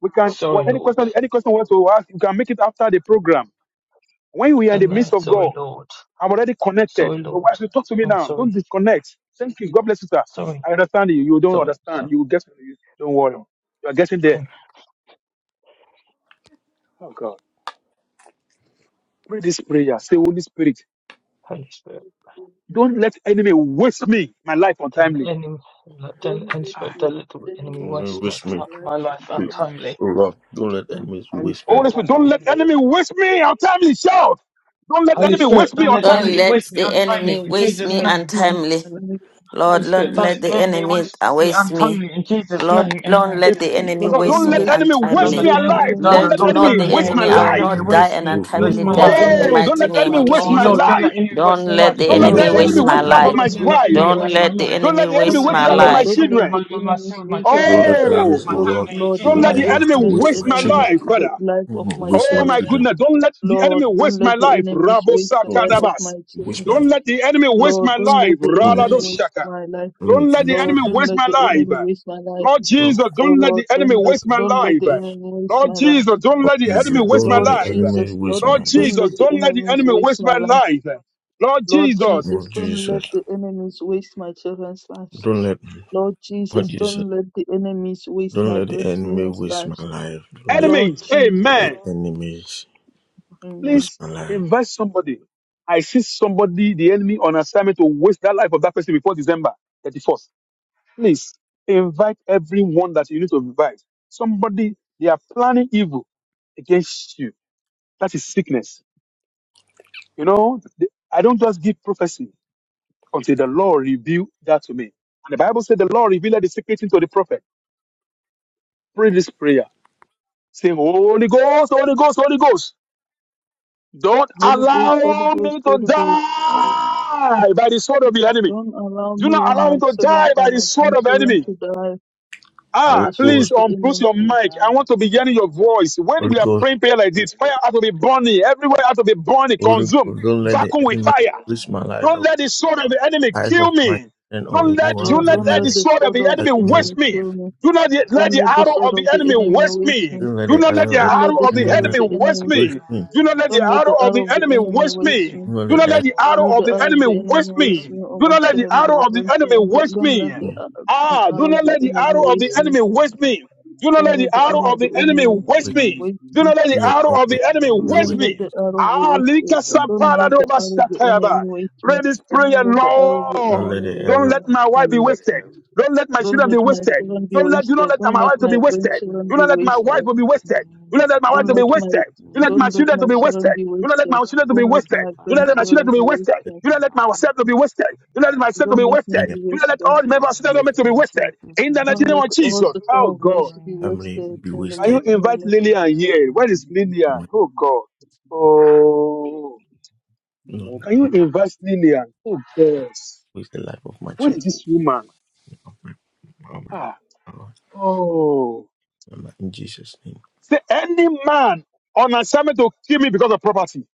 We can what
Sorry,
any
Lord.
question any question wants to ask, you can make it after the program. When we are in the midst
Amen.
of
Sorry,
God,
Lord.
I'm already connected.
Sorry,
But
Lord.
why should you talk to me
I'm
now? Don't
sorry.
disconnect. Thank you. God bless you, sir.
Sorry.
I understand you. You don't
Sorry. So,
understand. You get you don't worry. You are getting there.
and
Oh God. Pray this prayer. Say, Holy Spirit,
Holy Spirit,
don't let enemy waste me, my life
don't
untimely.
let enemy, don't let
Don't
Holy
let
Ah.
Spirit,
my
don't let the enemy
enemies
Amen.
waste my
waste
Waste
my
me.
time,
life
my
and
life
We,
time.
untimely.
oh Lord, don't let enemies
Holy
waste me.
Holy
Spirit, don't
Spirit,
let
don't
the
let
enemy.
enemy waste me untimely. Shout. Don't let
Lord,
Holy
enemy
Holy
Spirit,
waste me
don't
Spirit,
let the
don't
Don't
let
untimely.
enemy
my
let
waste me
the
enemies
enemy
untimely. In
waste
waste
Jesus'
me
my,
name.
my
untimely.
life
Lord,
Holy
and
Spirit,
don't
time.
don't
let
let the
the
enemy
enemy
waste me
waste me.
untimely. In Jesus'
Lord,
name.
Lord,
Amen.
let
If
the enemy
Lord,
no,
waste
don't
don't
me
let
let
enemy
Lord, don't
waste
don't
me
let
untimely.
the
let
enemy,
the
alive.
don't
enemies
Don't
let
let
Let
Lord,
waste
not
don't
enemy
the
let
me.
the,
waste
Lord,
my
enemy,
don't
I
let
Don't
will
the
let
life.
enemy
not die
enemies
waste
an
me,
waste me
waste
untimely
Don't
my
let
life.
on
the
death in the
Oh,
family.
enemies
don't
mighty
let the
waste
name
enemy
my
of
waste
Oh
life,
my
Jesus.
Lord,
Lord.
don't let
life.
enemy
Don't
waste my
let
life
the
in
Don't
Don't
let the
Lord,
enemy
let
Jesus'
don't
enemy
waste
name.
let
enemies
my
the
waste the life
Oh
of
waste
life.
my
Lord,
enemies
my
don't
on
let
waste
life.
my
enemy
wife.
Don't
waste
life.
my
let the
life.
Don't
enemy
let the enemy
Don't
waste
let
waste
my
the
enemy
life of
Lord,
my
waste
life.
don't
time on
let
children.
my,
the
my,
enemies
soul, my
waste my
children,
Don't
my
life.
let
spouse,
Oh,
enemies,
my
oh
Lord,
Lord,
family, He
Lord,
don't
Jesus,
don't let
my
let
don't
the
children.
let,
enemies
enemy
to
let the
waste
waste
my
my
children.
enemies
life,
the
Father.
life
Don't
of
let
my
waste
Oh
my
children.
my
children.
goodness, don't let the
Lord,
enemy
don't
waste my
let the
life.
enemies waste the
Don't
life
let
of my
Rabosakadabas.
them
children.
waste my
Don't
life.
let the enemy waste
Lord,
my
don't
life.
let the
Don't let
enemy waste
Raladoshaka.
my life.
Don't
enemies
let
to
the
waste my
enemy
Lord,
life.
don't
waste
let
my
the
life.
enemy waste my life.
Lord
No. Lord,
Jesus,
Oh
don't let
Lord,
the enemy
don't let
waste my
don't let
life.
the enemy waste
Lord
my life.
Jesus, don't
for
let the enemy
Jesus,
waste
don't
my
let
Lord
the
life.
enemy
Jesus, Lord,
waste
Lord
my
don't
life.
Jesus,
let the
don't let the
enemies
enemy
waste
waste
my
my
life.
life. Lord
Lord
Jesus,
Jesus,
Lord
don't let
Jesus,
the enemies waste my children's lives.
don't let,
Lord
Lord
Jesus,
Jesus,
don't let the enemies waste
don't
my
let the enemy
grandchildren's
waste my
lives.
life. Don't let.
Lord
enemies,
Jesus,
the
amen.
enemies
Amen.
with
Please
my life.
invite somebody. I see somebody, the enemy, on assignment to waste that life of that person before December 31st. Please invite everyone that you need to invite. Somebody, they are planning evil against you. That is sickness. You know, the- I don't just give prophecy until the Lord reveal that to me. And the Bible said the Lord revealed the secret thing to the prophet. Pray this prayer. Say, Holy Ghost, Holy Ghost, Holy Ghost. Don't
Holy Ghost, Holy
allow
Ghost,
me to
Holy Ghost,
die by the sword of the enemy.
don't allow
Do
me
not
or
allow
my
me to
children
die
or
by the
my
sword of the
grandchildren
enemy.
to die by
Holy
Ah,
the sword
please
of
Ghost,
the
unmute
enemy.
your
We
mic. I
got it.
want to be hearing your voice. When
Holy
we are
Ghost,
praying prayer like this, fire has to be burning. Everywhere has to be burning,
Holy
consumed,
Ghost, don't let the
vacuum with
enemy
fire.
with my life
Don't
or
let the sword of the enemy
life of
kill
my
me.
children or
Don't let do
anyone.
Lord,
not
Don't
don't
let
let the
let
the
the
sword of
sword
the
of the
enemy
enemy,
waste
enemy
me.
kill me.
Do not yet let
Don't
the
let the
arrow
sword
of the
of the
enemy
enemy
waste
waste
me.
me.
don't let
Do
the
not let the
error of
Don't let
arrow
the
of the
enemy
sword of
enemy
the
waste
enemy,
with
me.
me.
Do not let the
don't let the
arrow of the
arrow of the
enemy
enemy
waste
waste
me.
me.
Don't let
Do not let
the
the
Don't
arrow
let
of
the
the
arrow of
enemy
the enemy
waste
waste
me.
me or
Do
my
not let the
children or
arrow
my
of the enemy
grandchildren. Don't,
waste
don't
me.
let the
enemy
uh,
Ah, do
arrow of
not
the
let the
enemy
arrow of the
waste me.
enemy waste me. Do not
Don't
let the
let the
arrow
arrow
of
of the
the enemy
enemy
waste
with
me.
waste
Do
me.
not let the
don't let
arrow
the
of the enemy
error
waste
with
Don't let
me.
the arrow of the
Ah,
waste me.
lika
Don't
sapara
let
do
the arrow of the enemy
basakayaba.
waste
Pray
me.
this
Don't
prayer,
let the arrow of the
Oh,
don't
Lord.
let
enemy
the
waste
Don't
error
let
me.
my wife be
Jesus.
wasted. Don't let my
Don't
children
let
be
my
Lord
wasted.
children be
Don't
Jesus,
let you don't
wasted.
let
Don't
my
let
wife to be
my
yes,
wasted.
grandchildren
Do
be
Lord,
not let
in
my
wasted.
wife to be
Jesus'
wasted. Do
name,
not let my wife
Don't
to be
let my
wasted. Do
in
not let my
don't let
children
Jesus'
to
my
be
children
wasted.
name,
be
Do not let my
wasted.
children to be
Don't
all
let
the
wasted.
glory,
my
Do
all
with
not
the
let my
worship,
children
grandchildren
to
be
be wasted.
wasted.
Do not let
all the glory,
myself to be wasted. Do not let myself to
Don't
be
let
wasted.
me
in
in
be
their
Do
Jesus'
not let
wasted.
all
name,
the members of the government to be
in
wasted.
Jesus'
In the mighty
Don't
name
let
name,
of
all
Jesus.
in
Oh
sorrow of
Jesus'
God.
mercy be
name.
family
wasted
be
in the
Can you
wasted.
mighty
In
invite
name of
Jesus'
Lillian
Jesus.
here?
name.
Where is Lillian?
Amen.
Oh God. Oh.
Amen. Amen. Amen. Amen. Amen. Amen. Amen. Amen. Amen. Amen. Amen. Amen. Amen. Amen.
No,
Can you
not
invite Lillian? Oh God.
waste the life of my
Where
children.
is this woman?
Of my, of
Ah.
my, of
Oh.
my, in Jesus' name.
Say any man on assignment to kill me because of property.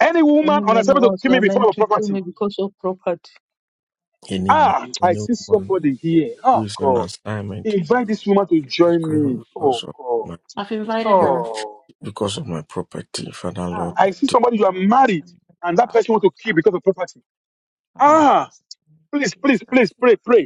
Any woman
Any
on
man
assignment to
or us
kill me
are
before
meant
of
to kill
property.
me because of property.
Any man,
Ah, I
any
see
woman
somebody here. Oh
with an
God.
assignment
Invite this woman to
is
join
going
me.
because
Oh
of
God.
my
I've invited
prop-
her.
Oh.
because of my property, Father
Ah,
Lord.
I see somebody you are
Silence
married
in the
and that
cup,
person want
all
to kill because of
the
property. Ah,
songs,
please,
Jesus,
please, please, pray,
Yes,
pray.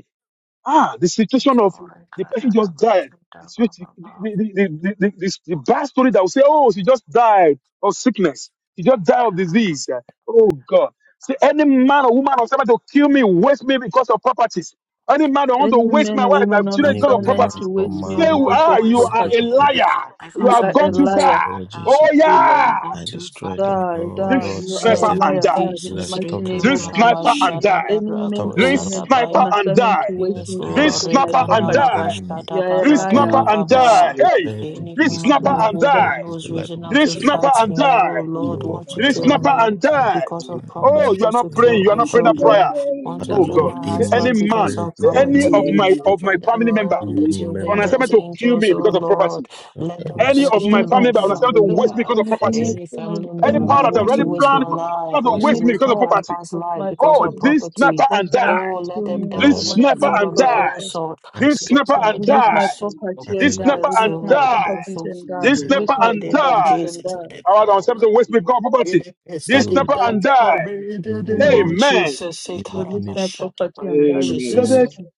Ah, the situation of
Lord,
the
God,
person just died.
I
It's
love
which- The,
you,
the, the, the, the, the, the bad story that will say, oh, she just died of sickness. She just died of disease. Oh, God. See, any man or woman or somebody to kill me, waste me because of properties. Any man that want
Any
to waste
man
my
or
wife, my
woman on
children
Any
because of
assignment
woman
to
properties.
or
waste
my
me
Say,
don't
who
want
because
to
ah,
of
you
is
waste
are
because
a
property.
of
me
property,
liar. You
You
because
have
of
are a
gone too
liar.
Lord,
poverty.
far.
Lord
Lord,
Oh,
Jesus,
we
You
yeah.
you go
I
to
destroy them,
Father.
die,
Lord,
Drink
die.
Lord,
In
You
the
are
seize
a
sniper
them,
name of
and
liar,
die.
die in the
Lord,
Jesus,
mighty
stop
name
Rika
them,
Drink
of
Lord,
Jesus.
sniper and
Barabashada
die.
Any man
stop
or
Drink
them, Lord,
woman
let
Barako
sniper
on
and
assignment to
die.
waste
them
Yes,
me
Drink
Lord,
die.
because of my
sniper and
property
Any
Rekandala
die
enemy
You
Bashkada
are a
drink
liar.
snapper
Baradada
who
and
is
die.
Baba.
Hey,
prepared to
Any
drink
waste
woman
my
snapper
or
God,
life
and
that
or
woman
die.
waste the
who's
life
risen
of
up
my
Drink
to
children
snapper
fight
and
or
me,
die.
oh
the
Lord,
member
want
of
to
my
Drink
kill
family,
snapper
me
and
mother,
die.
because
my
of
Oh,
property,
niece,
you are
wants to
not
the member
praying.
kill
You
of
are
my
my
not praying that
family.
prayer.
children, want to
Father
Oh
kill
God.
Lord,
my
Say
any
any
husband because
man,
brave
of
say
of
any
my
of
property.
my of my
Father,
family member
Lord,
any
let your
on
member
assignment
vengeance
to kill
angels,
me
oh
because of property.
Lord, let
and
them
Any
us,
of
finish
my
any
them
family
of
by
member on assignment to waste
any
me
fire.
because of
any any
any
properties.
Any
any
family
uh,
Any
member who
power that
member
wants to
already
any
waste
planned
my life,
plan to
wants
with
to
any
waste me
waste
because
my
of
power
property.
husband's
of
life
my
because
Oh,
the
of
family
this
property,
snapper
that
and die.
wants to
Oh, let
kill
them
me
Father
die.
kill
This
Lord,
Let
my
them
snapper
children
fall
and
on their
because of
die.
own
of,
sword.
I
Let
This
them
scatter
of-
snapper
of-
fall on
and
their
release
die.
own
my
sword.
property and
This
them and
die.
snapper
Yes,
Release
and
my
Lord. Let them
die.
properties
fall.
and die.
Let them
This
that
fall
leper
Release
In
my
the
and
name of
die.
properties and
Jesus, let
die.
them
All right, on
fall.
something waste with God
In
property.
the place
they
that
This
will
they've
leper
not
done
and die.
for me, in the
any
name
human
of
being,
Amen.
Jesus, say,
any,
Release
Karaba,
any
my
shut up,
property and
in
die
person
in
Jesus'
who
Jesus.
Beloved,
name.
name.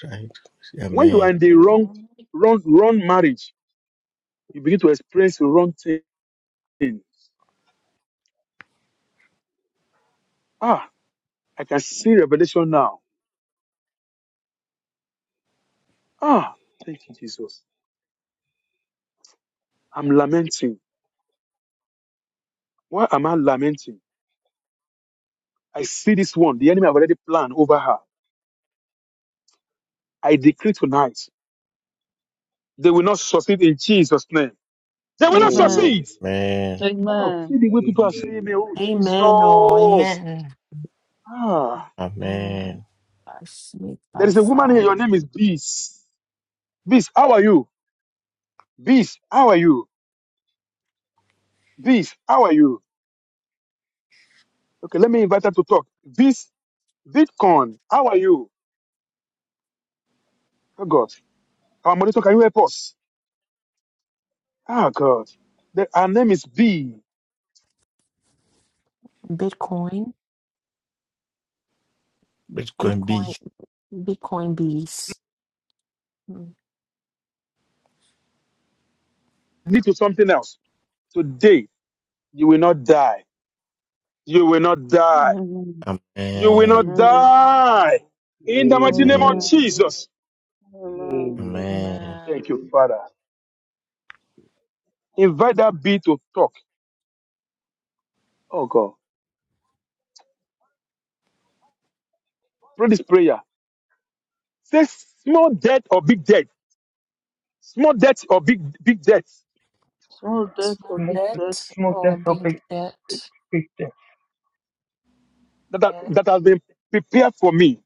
tried.
when you are
Amen.
in the wrong, wrong, wrong marriage, you begin to experience the wrong things. Ah, I can see revelation now. Ah, thank you, Jesus. I'm lamenting. Why am I lamenting? I see this one. The enemy have already planned over her. I decree tonight. They will not succeed in Jesus' name. They will not
Amen.
succeed.
Amen.
Oh, see
Amen.
the way people are saying me, oh
Amen. Oh,
Jesus.
amen.
Ah,
Amen.
Um, I sleep
there
by
is a woman here. Your
fire.
name is Bees. Bees, how are you? Bees, how are you? Bees, how are you? Okay, let me invite her to talk. Bees, Bitcoin, how are you? Oh God, our monitor, can you help us? Ah God, the, our name is B.
Bitcoin,
Bitcoin
Bitcoin,
be.
Bitcoin bees. Mm,
Lead to something else. Today, you will not die. You will not die.
Amen.
You will
Amen.
not
Amen.
die. In the mighty name
Amen.
of
Amen.
Jesus.
Amen.
Amen.
Amen.
Thank you, Father. Invite that bee to talk. Oh God, pray this prayer. Says small debt or big debt, small debt or big big debt
Small death
small
or
Small,
big death
debt
small
or
death or
big
big, big,
debt
big death.
that are, Yes. that has been prepared for me,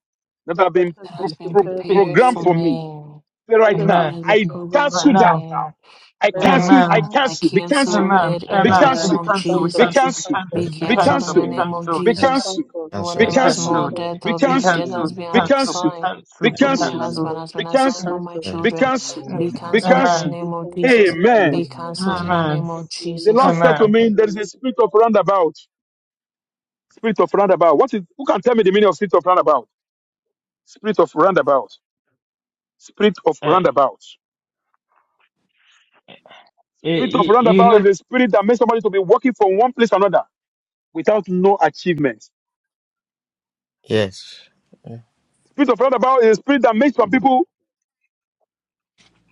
that have
that
been
has
that
pro-
has
Big,
been
been
pro-
prepared
big,
for
prepared
me.
programmed
for
for me.
me
Say right
Because we're
now,
amen.
as
I
a
Yes.
taking
program
right
Right
for
cancel
now,
that
now,
me
now. I
right
right
now,
cancel. I
amen.
now
cancel,
i
cancel. Be cancelled.
cancel
Amen,
it
right
in
Be
the
Cancel
amen.
now,
It
name
be
cancelled.
of
be
cancelled, we
Be
cancelled,
jesus
be
cancel, be
cancelled.
cancelled,
be
it.
cancelled, be
I
be
Be
can
canceled in
cancelled,
the
be
cancelled.
cancelled,
name of
cancelled,
Be
be
cancel,
jesus
cancelled.
cancelled,
Be
cancel
be
it.
whatever
be
cancelled.
small
cancelled,
cancelled,
debt
Be
or
be
big debt
cancelled.
has
cancelled, be
been
Be
Sorry.
cancelled, be
cancelled.
assigned
Be
cancelled,
for
be
I
be
my
cancelled.
cancelled.
husband
cancelled,
has
Be
been
be
assigned for
cancelled.
my
cancelled,
Be
cancel it.
children
be
cancelled.
be
cancelled,
I, I
Be
canceled
cancel
in the
cancelled.
Amen,
be
name of
cancelled,
jesus
it.
be
Amen.
be
cancelled.
canceled in the
In
Amen.
the
amen,
name of
mighty name
The
of
jesus
Lord said to
amen
Jesus,
amen.
me, There is a spirit of roundabout. Spirit of roundabout. What is who can tell me the meaning of spirit of roundabout? Spirit of roundabout. Spirit of roundabout.
It,
Spirit of
you, you
roundabout is
never.
a spirit that makes somebody to be walking from one place to another without no achievement.
Yes.
Spirit of roundabout is a spirit that makes some people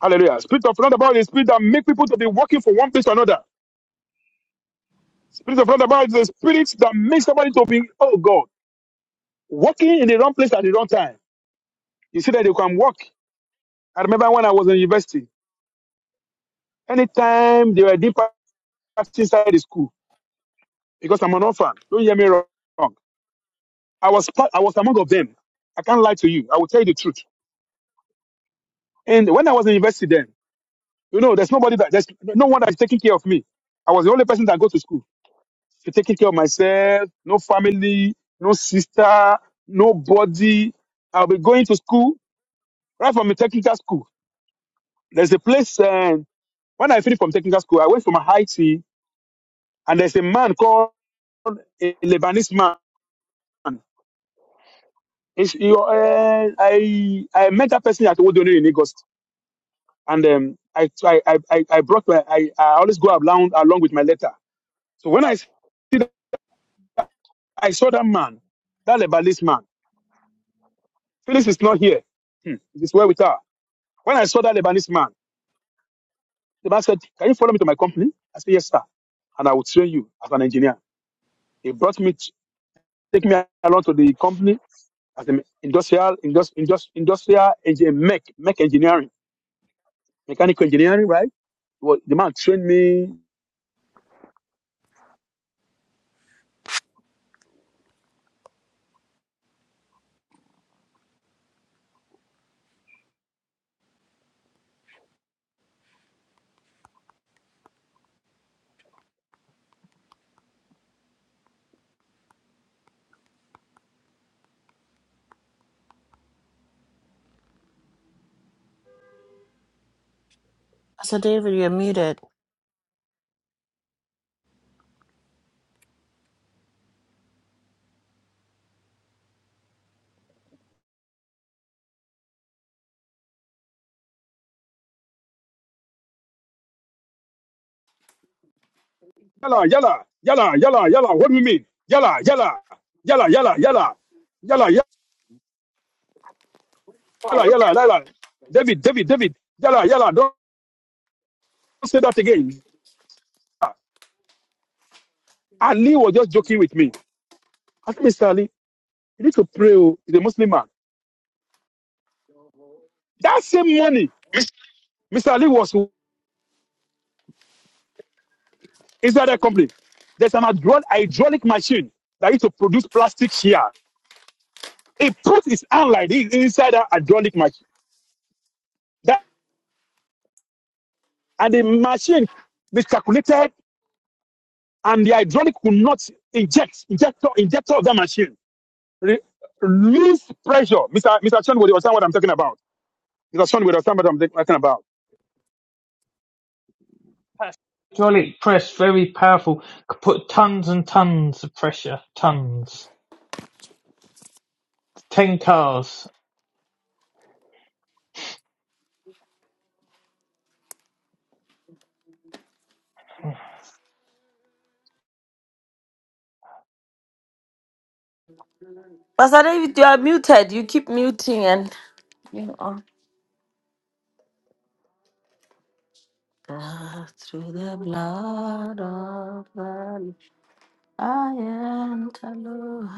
hallelujah. Spirit of roundabout is a spirit that makes people to be walking from one place to another. Spirit of roundabout is a spirit that makes somebody to be, oh God, walking in the wrong place at the wrong time. You see that you can walk. I remember when I was in university, anytime they were deep trapped inside the school because I'm an orphan. Don't hear me wrong. I was part, I was among of them. I can't lie to you. I will tell you the truth. And when I was in university then, you know, there's nobody that there's no one that's taking care of me. I was the only person that go to school to taking care of myself, no family, no sister, nobody. I'll be going to school right from a technical school. There's a place uh, when I finished from technical school, I went from Haiti and there's a man called a Lebanese man. It's, you, uh, I I met that person at Owodono in Lagos, and um, I, I I I I brought my I, I always go along along with my letter. So when I see that, I saw that man, that Lebanese man. Phyllis is not here. Hmm, it's well with her. When I saw that Lebanese man, the man said, "Can you follow me to my company?" I said, "Yes, sir," and I will train you as an engineer. He brought me, to, take me along to the company as an industrial, industri- industri- industrial engineer, mech, mech engineering, mechanical engineering, right? Well, the man trained me.
pastor david you're muted
Yalla, yalla, yalla, yalla, yalla. What do you mean? Yalla, yalla, yalla, yalla, yalla, yalla, yalla, yalla, yalla. David, David, David. Yalla, yalla. Don't say that again. Yalla. Ali was just joking with me. I said, Mr. Ali, you need to pray. oh. He's a Muslim man. That same money, Mr. Ali was inside that company. There's an hydraul- hydraulic machine that used to produce plastic here. He put his hand like this inside that hydraulic machine. That, and the machine miscalculated and the hydraulic could not inject injector injector of that machine re- lose pressure. Mr. Mr. Chen would understand what I'm talking about. Mr. Chen would understand what I'm talking about.
Hydraulic press, very powerful. Could put tons and tons of pressure. Tons. Ten cars.
Pastor David, you are muted. You keep muting and you are. Ah, Through the blood of the I enter, Lord.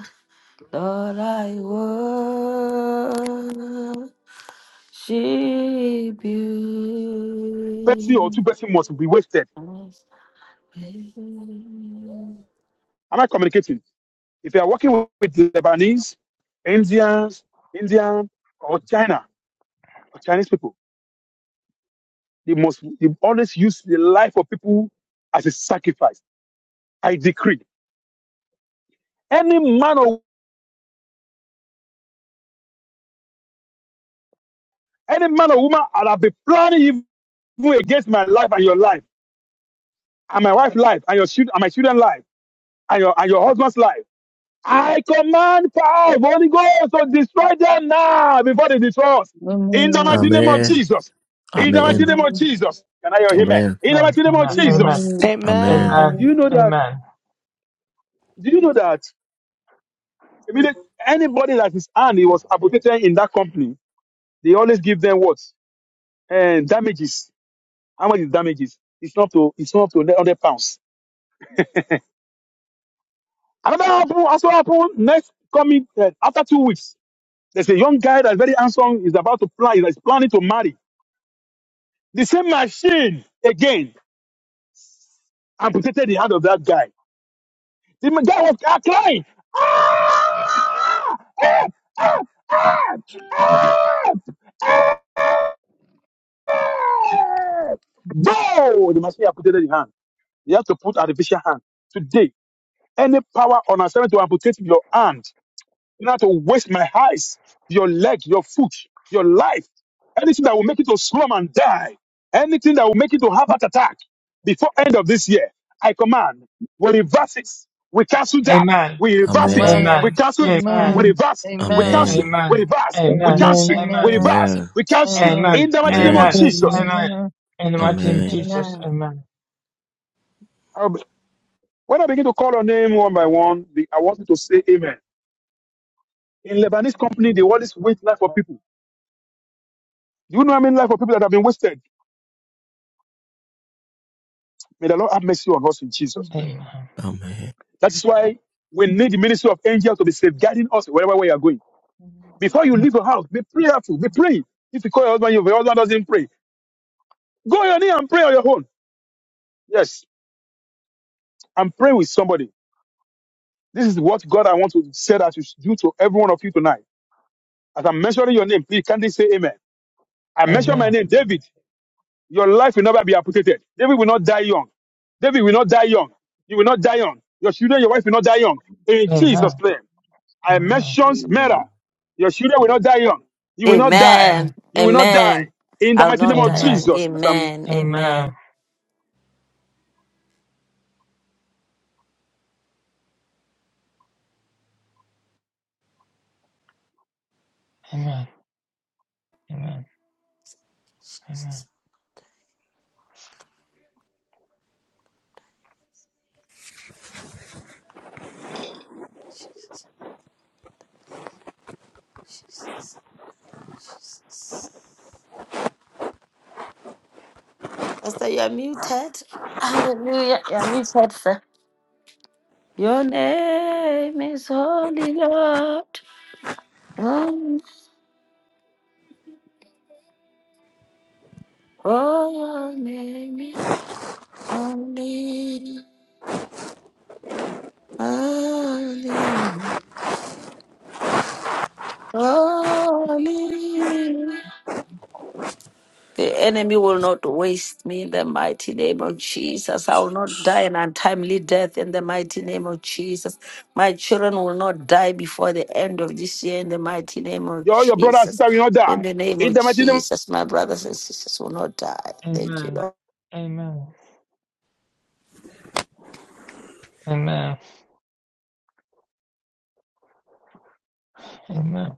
Lord, I worship. She beautifies
Pepsi or two Pepsi must be wasted.
me.
Am I communicating? If you are working with, with Lebanese, Indians, Indian or China or Chinese people, they must they always use the life of people as a sacrifice. I decree any man or any man or woman that have been planning evil against my life and your life. and my wife's life and your children and my children's life and your and your husband's life. I command fire, Holy Ghost, to destroy them now before they destroy us. In the mighty
amen.
name of
Amen.
Jesus. In the mighty
Amen.
name of
Amen.
Jesus. Can I hear
Amen.
amen?
Amen.
In the
Amen.
mighty name of
Amen.
Jesus.
Amen.
Amen.
Do
Amen.
Amen.
you
Amen.
know that?
Amen.
Do you know that? I mean, anybody that is hand he was amputated in that company, they always give them what? And damages. How much is damages? It's not to it's not to hundred pounds. Another happen also happen next coming uh, after two weeks. There's a young guy that's very handsome, is about to plan, is planning to marry. The same machine again amputated the hand of that guy. The ma- guy was ah, crying. Ah! Ah! Ah! Ah! Ah! Ah! No! The machine amputated the hand. You have to put artificial hand. Today, any power on assignment to amputate your hand not to waste my eyes, your leg, your foot, your life, anything that will make you to slum and die, anything that will make you to have an attack before end of this year. I command, we reverse it. We cancel that.
Amen.
We reverse
Amen.
it.
Amen.
We
Amen.
Amen.
cancel it.
Amen.
We
Amen.
Amen.
reverse. We cancel.
Amen.
We
Amen.
reverse. We
Amen.
cancel.
Amen.
Amen.
We
Amen.
Amen.
reverse.
Amen.
We cancel.
Amen.
Amen.
In the mighty name of
Amen.
Jesus.
Amen.
Amen. In the
Amen.
mighty name of
Amen.
Amen.
Jesus.
Amen.
Amen.
Um, When I begin to call your name one by one, the- I want you to say amen. In Lebanese company, they always waste life for people. Do you know how many life for people that have been wasted? May the Lord have mercy on us in Jesus' name.
Amen.
Amen.
That is why we need the ministry of angels to be safeguarding us wherever we are going. Before you leave your house, be prayerful, be praying. If you call your husband, your husband doesn't pray, go on your knee and pray on your own. Yes, and pray with somebody. This is what God I want to say that you should do to every one of you tonight. As I'm mentioning your name, please kindly say amen. I mention my
Amen.
name, David. Your life will never be amputated. David will not die young. David will not die young. You will not die young. Your children, your wife will not die young. In
Amen.
Jesus' name. I
Amen.
mentioned murder. Your children will not die young. You will not die.
Amen.
Amen.
You will not
Amen.
die. In the
I'll
mighty name
not
of
die.
Amen.
young.
Jesus, as I'm,
Amen.
Amen. Amen.
Amen.
Amen.
Amen. Amen.
Jesus. Jesus. Pastor, you are muted. Hallelujah. You are muted, sir. Your name is Holy Lord. Um, Oh, your name is Holy. Holy. Hallelujah. The enemy will not waste me in the mighty name of Jesus. I will not die an untimely death in the mighty name of Jesus. My children will not die before the end of this year in the mighty name of
your, your brother and sister
Jesus.
will not
In
die.
the name
In
of
the mighty name
Jesus, my brothers and sisters will not die. Thank you,
Amen.
Lord.
Amen. Amen. Amen.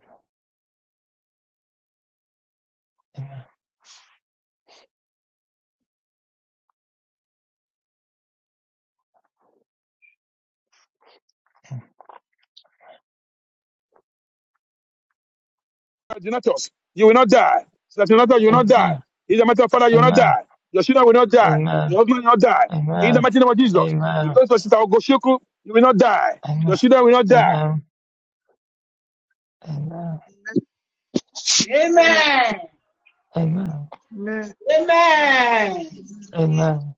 of Donatus, you will not die. So that Donatus, you will not die.
Amen.
In the mighty name of Father,
Amen.
you will not
Amen.
die. Your children will not die.
Amen.
Your husband will not die. In the mighty name of Jesus, with
Amen.
those of sister Ogoshiku, you will not die.
Amen.
Your children will not
Amen.
die. You
Amen.
Amen. Amen. Amen.
Amen. Amen. Amen.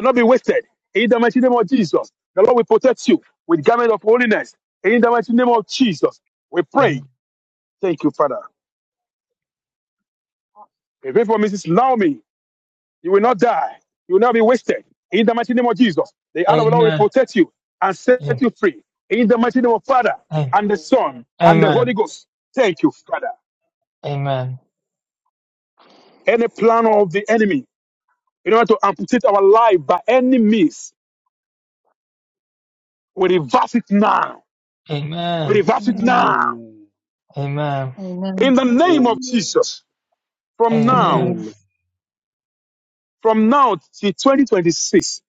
will not be wasted. In the mighty name of Jesus, the Lord will protect you with garment of holiness. In the mighty name of Jesus, we pray. Thank you, Father. Pray for Mrs. Naomi. You will not die. You will not be wasted. In the mighty name of Jesus, the hand of the Lord
Amen.
will
Amen. Amen. Amen.
protect you and set you free. In the mighty name of Father
Amen.
and the Son and the
Amen. Amen.
Holy Ghost. Thank you, Father. Any plan of the enemy in order to amputate our life by any means, we reverse it now. We
Amen.
reverse it
Amen.
now.
Amen.
In
Amen.
the name of
Amen.
Jesus, from now,
Amen.
Amen.
Amen.
Amen.
from now till 2026,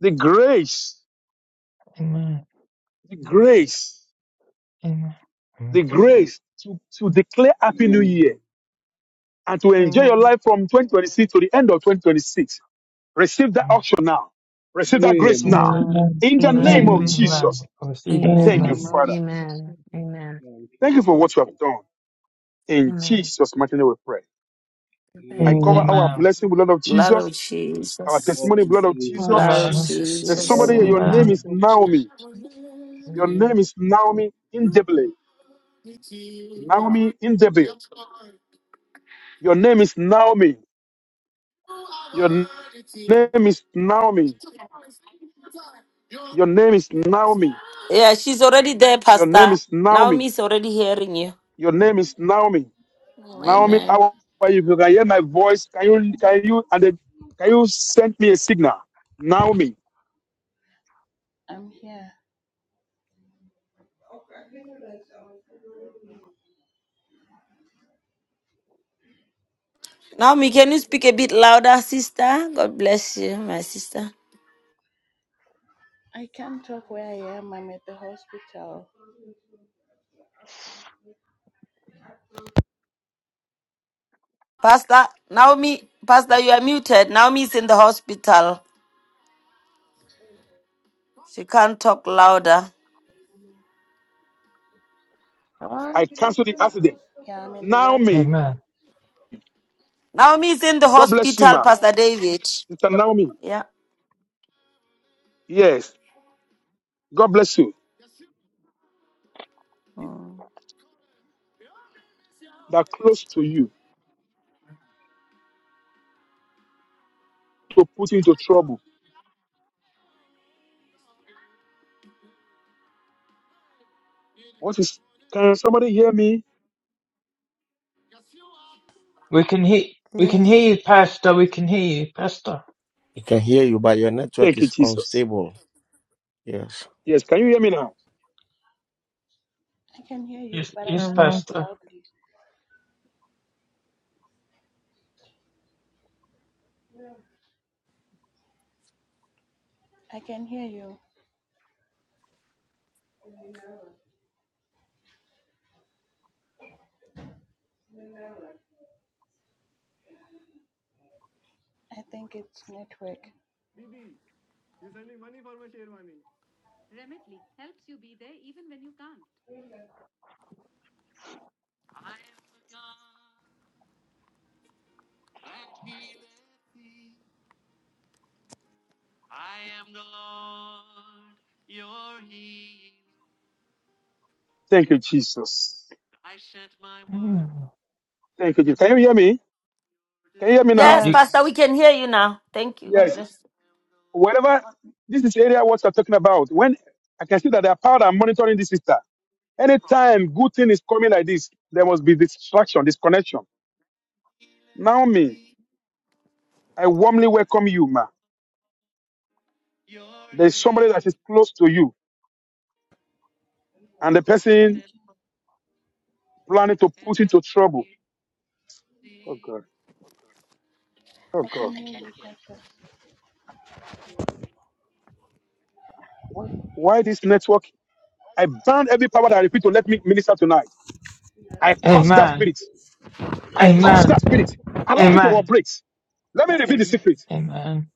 the grace, the grace,
Amen.
the
Amen.
grace to, to declare Happy New
Amen.
Amen.
Year and to enjoy your
Amen.
life from 2026 to the end of 2026. Receive that auction now. Receive that grace
Receive
now.
it.
Amen.
Amen.
In the name
Receive
Receive
amen
it.
of
Amen.
Amen.
Amen.
Jesus.
Receive it.
Thank you,
Amen.
Amen.
Father.
Amen.
Amen.
Receive Amen.
Amen.
Thank you,
Thank you for
Lord
what you have
Jesus.
done. In
Amen.
Jesus' mighty name we pray. I
Amen.
cover
Amen.
our
Amen.
Amen.
blessing with the blood of
Blood of
Jesus, our
Jesus.
Lord
testimony with the blood of
Jesus.
Lord
Jesus.
of
Blood of
Amen.
Jesus,
There's
yes,
Jesus.
somebody here,
Thank
Lord
your
you,
Lord.
Amen.
name
Amen.
Lord
Jesus.
is
of Jesus.
Naomi. Your name
Amen.
is Naomi Indebile. Naomi Indebile. Your name is Naomi. Your n- name is Naomi. Your name is Naomi.
Yeah, she's already there,
Your name
Pastor.
is Naomi.
Naomi is already hearing you.
Your name is Naomi. Naomi,
Yes,
Amen.
how are you? If you can hear my voice, can you can you and then can you send me a signal? Naomi,
I'm here.
Naomi, can you speak a bit louder, sister? God bless you, my sister.
I can't talk where I am. I'm at the hospital.
Pastor, Naomi, Pastor, you are muted. Naomi is in the hospital. She can't talk louder. Um,
I cancel the accident.
Yeah, I'm in the ward.
Naomi,
Amen.
Naomi is in the
God bless you,
hospital,
ma.
Pastor
Yes,
David.
It's Naomi.
Yeah.
Yes, God bless you.
mm.
That are close to you to put you into trouble. What is? Can somebody hear me?
We can hear we can hear
Yes.
you, Pastor. We can hear you, Pastor.
We can hear you, but your network
Thank you,
is
Jesus.
unstable. Yes.
Yes, can you hear me now?
I can hear you,
Yes,
but I
yes,
can't
Amen.
talk
Pastor.
loudly. I can hear you. I think it's network.
Thank you, Jesus.
Mm.
Thank you, Jesus. Can you hear me? Can you hear me
Yes,
now?
You,
Pastor,
Yes.
we can hear you now. Thank you. God
Yes.
bless
wherever this is area what you're talking about, when I can see that there are power that are monitoring this sister. Anytime good thing is coming like this, there must be distraction, disconnection. Naomi, I warmly welcome you, ma. There's somebody that is close to you, and the person
Thank you.
planning to put into trouble. Oh God, oh
I
God,
can hear you, Pastor.
what? Why this network? I ban every power that I repeat to let me minister tonight. I curse that
Amen.
spirit. I curse
Amen.
that spirit. Allow me to
Amen.
Amen.
operate. Let me reveal the secret.
Amen.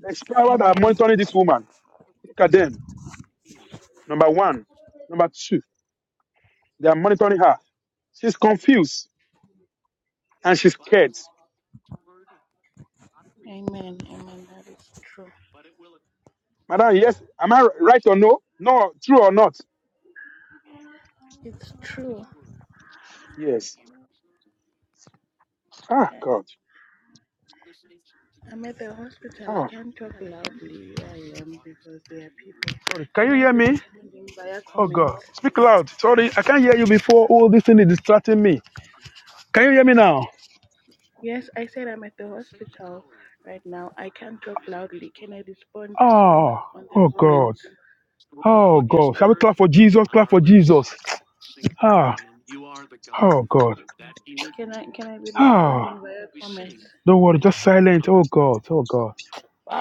There's power that are
Amen.
monitoring this woman. Look at them. Number one. Number two, they are monitoring her. She's confused and she's scared.
Amen. Amen. That is true.
Madam, yes, am I right or no? No, true or not?
It's true.
Yes. Ah,
I-
God.
I'm at the hospital. I
Ah,
can't talk loudly where I am because there are people.
sorry. Can
Can
you
I
hear
be
me?
responding via
Oh, God.
comments?
Speak loud. Sorry, I can't hear you before. All this thing is distracting me. Can you hear me now?
Yes, I said I'm at the hospital right now. I can't talk loudly. Can I respond
Oh,
on the
oh, God.
comments?
Oh, God. Shall we clap for Jesus? Clap for Jesus. Ah, oh, God.
Can I can I be
Ah,
responding via comments?
don't worry. Just silent. Oh, God. Oh, God.
you.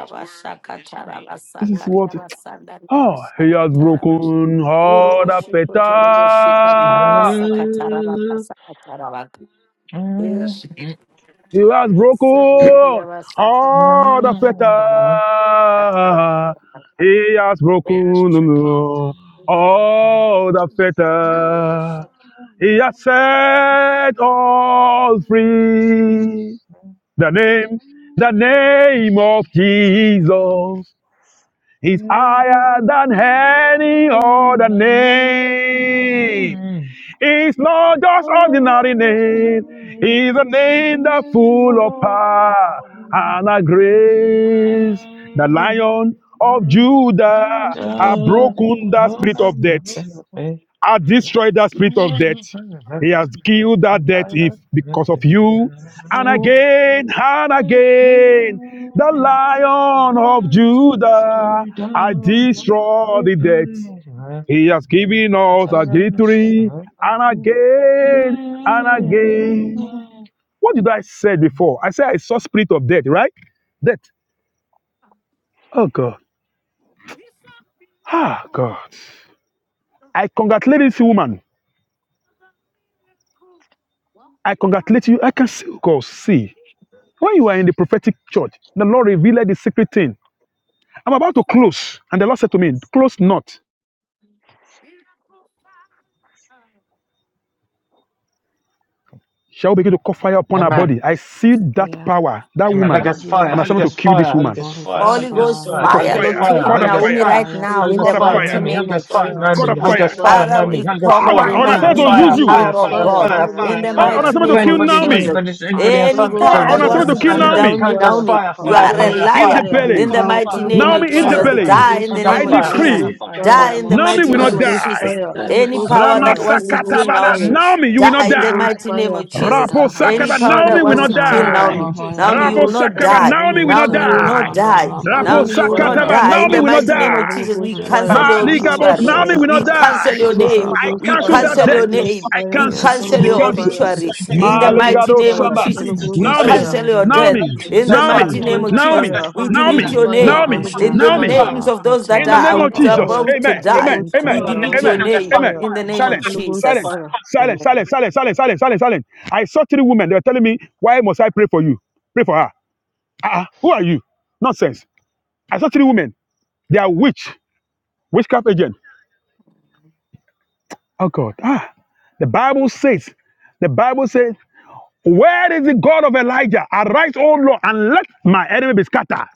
This is what.
Abasanda
Oh, he has
rabashakata.
broken all the fetters.
Urubushuku turubushu. rabakasakata rabaka.
He has
Senderi
broken
abasakata
all the
rabakata Atara.
fetters. He has broken all the fetters. He has set all free. The name, the name of
Mm.
Jesus is
Thank
higher than any other name. It's not just ordinary name. It's a name that's full of power and a grace. The lion of Judah has broken the spirit of death. Has destroyed the spirit of death. He has killed that death if because of you. And again and again, the lion of Judah, has destroyed the death. He has given us a victory and
you.
again and
Amen.
again. What did I say before? I said I saw spirit of death, right? Death. Oh God. Ah God. I congratulate this woman. I congratulate you. I can see oh, God see. When you are in the prophetic church, the Lord revealed the secret thing. I'm about to close. And the Lord said to me, Close not. Shall we begin to call fire upon her
Amen.
body? I see that
Yeah.
power, that
Uh,
woman,
Holy Ghost fire.
yeah.
on
Holy
assignment to
Ghost
kill this
fire. Holy
woman.
Ghost
Holy
fire.
Ghost
Holy
Holy
Holy
Ghost
Ghost
Ghost
fire.
They
fire.
fire,
call
Holy
fire,
Holy
Ghost
Ghost
fire,
fire.
call
locate
the
Holy
fire,
Ghost
Naomi
fire,
fire.
right
Fire.
Holy
now
Holy
in
Ghost
call
Ghost
the
the
fire.
fire,
Know
mighty
Holy
me.
fire.
Holy
name
Ghost
of
Ghost
Fire.
fire.
fire,
Jesus.
Lord,
Know
I
God
Holy
me.
of
Holy
speak
Ghost
fire.
this
Ghost fire.
fire,
fire.
Know
Father,
me.
we
Holy Ghost
Holy
Fire
Power
fire.
command
Ghost
on
the
body.
Fire.
assignment to
fire,
healing
use
Fire.
Holy
you.
Fire.
power
Ghost
of
Fire.
Consuming
fire,
God
Fire.
Holy
fire.
in
Ghost
Fire.
the
Heal
Fire.
Power on
fire,
her.
mighty
assignment
For
to
Holy
name
kill
of
Consuming
Ghost
anybody,
fire.
fire,
Naomi.
Jesus.
anybody,
Fire.
anybody on
Holy
Any
summit
Ghost
Power
power
to
on
that wants
fire,
assignment
Consuming
to
to
to
kill
Holy
kill
stand.
fire.
Ghost
Naomi
Naomi,
Holy
fire,
Ghost
Naomi,
fire.
you
We
Fire.
are
Holy
a
curse.
Ghost
Fire.
in
Fire.
liar
the
fire,
We
Fire.
in
belly.
the
Fire.
power.
mighty
Holy
Fire.
name
Ghost
Fire.
of
Naomi in the
fire,
Jesus.
Fire.
Father, to
Fire.
Holy
belly.
Die
kill
in
Ghost
Holy
the
I
Ghost
name
your
of
fire,
fire.
Holy
daughter.
Jesus.
Fire.
Ghost
decree
In
Fire.
the
fire,
Die
Fire.
name
in the
of
Fire. Fire.
Naomi
mighty
will
Fire.
Holy
not
name of
Ghost
Jesus.
die.
Jesus.
fire,
Fire.
Die
Holy
by
Any
Fire.
Ghost
power
fire. In
that
fire,
the
wants
name
Holy
to
of
Ghost
kill
Fire.
Ramasakatabala.
fire,
Naomi,
Jesus.
Naomi, you will
die
not
in
Holy
the
Ghost
die.
mighty name
fire,
of Jesus.
Rabo
Guys, it is
Any
Sakaba,
power
fine.
Holy
Naomi
that
It
will
is
wants
not
to
Ghost
fine. You
kill
know the
fire,
die.
enemy.
Naomi,
It is fine.
Naomi,
Holy
you
Rabo
Ridarabashadabaradababayada.
will
Ghost
not
Sakaba,
fire,
die.
Holy
Naomi will not
Ghost
Naomi,
Rika
you
It
will
fire,
is
not
die.
fine. It's
die.
never
Holy
children.
Rabo
Ghost
Naomi,
barandalabayada
you will
All the
da
fire,
not
enemy
da
is
Sakataba,
da
die.
not
Holy
In
me.
Naomi
the
da
will
It
Ghost
not
is
mighty name
fine.
fire,
of
Holy
die.
Jesus, we
Ghost
You will
rika rika
fire,
cancel
bounce
your
back to
Holy
sin
Ghost
Maligabos,
in
obituary.
Naomi
fire,
Jesus'
will not
We
mighty name.
cancel
die.
your
It is
Holy
name.
fine.
I
Ghost
The
We
name
cancel
of
fire,
that
cancel
God.
Holy
Ridadabashadabaradababayada.
your
It
debt.
is
Ghost
name.
I
fine.
Rikabarandalabayadadadadada. Rikatarabashadabayadadabaragabayada.
fire,
We
cancel.
From
Yes,
Holy
cancel
every
Be
Ghost
your
Lord,
different
in
canceled.
fire,
sense of
obituary.
pain,
Jesus'
takes its
In the
stand
Holy
name,
for
Ghost
mighty
Maligado
to
name
with the
of
fire,
blood
Sambal.
of
Jesus,
Holy
in
Jesus.
Ghost
we
I think
Jesus'
Naomi,
fire,
it's
cancel
mighty
your
full of
death.
Naomi,
name,
enemy. Have
In the
this
Jesus'
fire.
Naomi,
mighty
Holy
mighty
Full of
name of
Ghost
name.
enemy. Have
Jesus,
Naomi,
this
fire,
we
Holy
fire.
delete
Fire.
Naomi,
Ghost
your
Fire. Fire.
Rika
fire,
Fire.
name.
Holy
Naomi,
In
Ghost
the
Naomi,
fire,
Fire.
names of
Fire.
those that
in the
Holy
Fire.
name
are
Fire.
Ghost
of
Rikabashadabarakatalabayababa.
Jesus.
fire,
about to
Amen.
Holy
die,
Amen.
Ghost
Amen.
we
Full of
fire,
delete
enemy.
Holy
your
You
Amen.
know,
Ghost
get
name.
Rikabashadaya.
Amen.
fire.
fire,
In
Fire.
the
Thank
name
Fire.
you,
of
Silent.
Holy
Jesus.
Ghost
Silent.
Jesus.
Fire.
fire.
Fire.
Silent.
Amen.
Silent. Silent. Silent. Silent. Silent. Silent. I saw three women. They were telling me, why must I pray for you? Pray for her. Ah, uh who are you? Nonsense. I saw three women. They are witch, witchcraft agent. Oh God. Ah. The Bible says, the Bible says, where is the God of Elijah? Arise, O Lord, and let my enemy be scattered.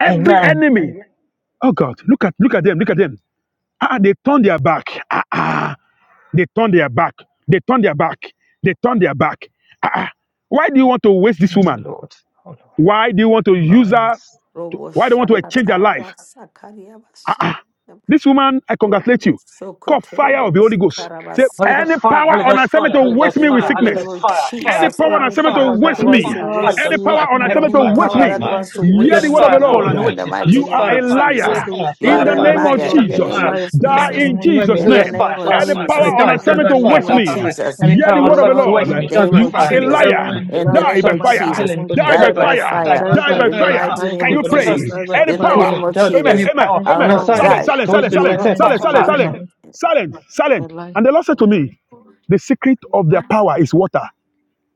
Every
Amen.
enemy. Oh God, look at look at them, look at them. Ah, they turn their back. Ah, ah. They turn their back. They turn their back. They turn their back. Ah, ah. why do you want to waste this woman?
Mm, Lord. Oh, Lord.
Why do you want to use her?
Rise.
Robo
Why do you want to exchange her
shakataraba
life?
sakariabasha.
This woman, I congratulate
Robo
you. Call fire of
sokotorobo
the Holy Ghost.
sikaraba
Say,
Holy Ghost
any
fire,
sakataraba.
power
Holy
on
Ghost
assignment
fire,
to
Holy
waste
Ghost
me
In
with
fire,
the
Holy
sickness.
name
Ghost
of
fire,
Any
fire,
Jesus,
power on
fire,
any
assignment
fire,
to
power
And
that
waste
fire,
any
wants
me.
to
fire,
power
Holy
waste
to
Any
Ghost
waste
power
fire
on
from
me with
heaven,
assignment to
Any
fire,
waste
sickness,
power
fire,
I
that
me.
fire,
wants
cancel
to
it
Holy
Hear
now
the
Ghost
in
waste
the
word of
him,
the
fire,
mighty
fall
around
on
Lord.
the
me
name
in
of
the
witches, Holy
mighty
Jesus.
You
Ghost
name
are
fire,
a
of
fire,
Hear
fire,
Jesus.
liar.
the,
fire,
You
hear
In
fire,
the
the
are a
fire,
word
the
name
of the
of
liar
witches,
Lord,
in
Holy
you
the
Ghost
are
Jesus.
name
fire,
of
alive in the
Die
Jesus.
name
in
perfection, the
of
memory,
Jesus'
Holy
In
Jesus.
the
Ghost
name.
name
fire,
Die
of
fire,
Any
in
fire, and
power
Jesus.
it
on
die,
Jesus'
die
In
assignment
by
the
to
name.
fire,
name
waste
die
of
by
me.
fire,
Jesus.
any
Any
Hear the
power
You
on
word
power
will
of
on
the
something
not
to
Lord.
waste
assignment
in
me,
to
the
die
name
by
waste
You
of
me,
fire,
are a
you
any
are
Jesus.
power
liar.
alive.
on
In the
Die
Die
in
name
the
by
of
something to
mighty
fire.
kill
name
Jesus.
of
anybody,
Die
die
by
Die
Jesus.
by
by
fire,
fire.
die
fire.
Die
by
Die
by
fire,
by
In
die
the
by
fire,
fire.
fire,
mighty
die by
name
Can
of
you
anybody,
fire,
pray?
something
Jesus.
to,
die by
to,
Any
to
In
fire,
the
call
power.
name
it,
of
died,
Amen.
any
Jesus.
Amen.
power
any
I will
on
Amen.
not
power
Amen.
Silence,
assignment
die.
silence,
to
on
waste
silence, silence,
me,
You will
but
not
assignment
fire,
silence,
die
to
fire,
silence,
but
waste
silence,
fire,
me
silence,
a
silence.
lie.
And the Lord said to me, the secret of their power is water.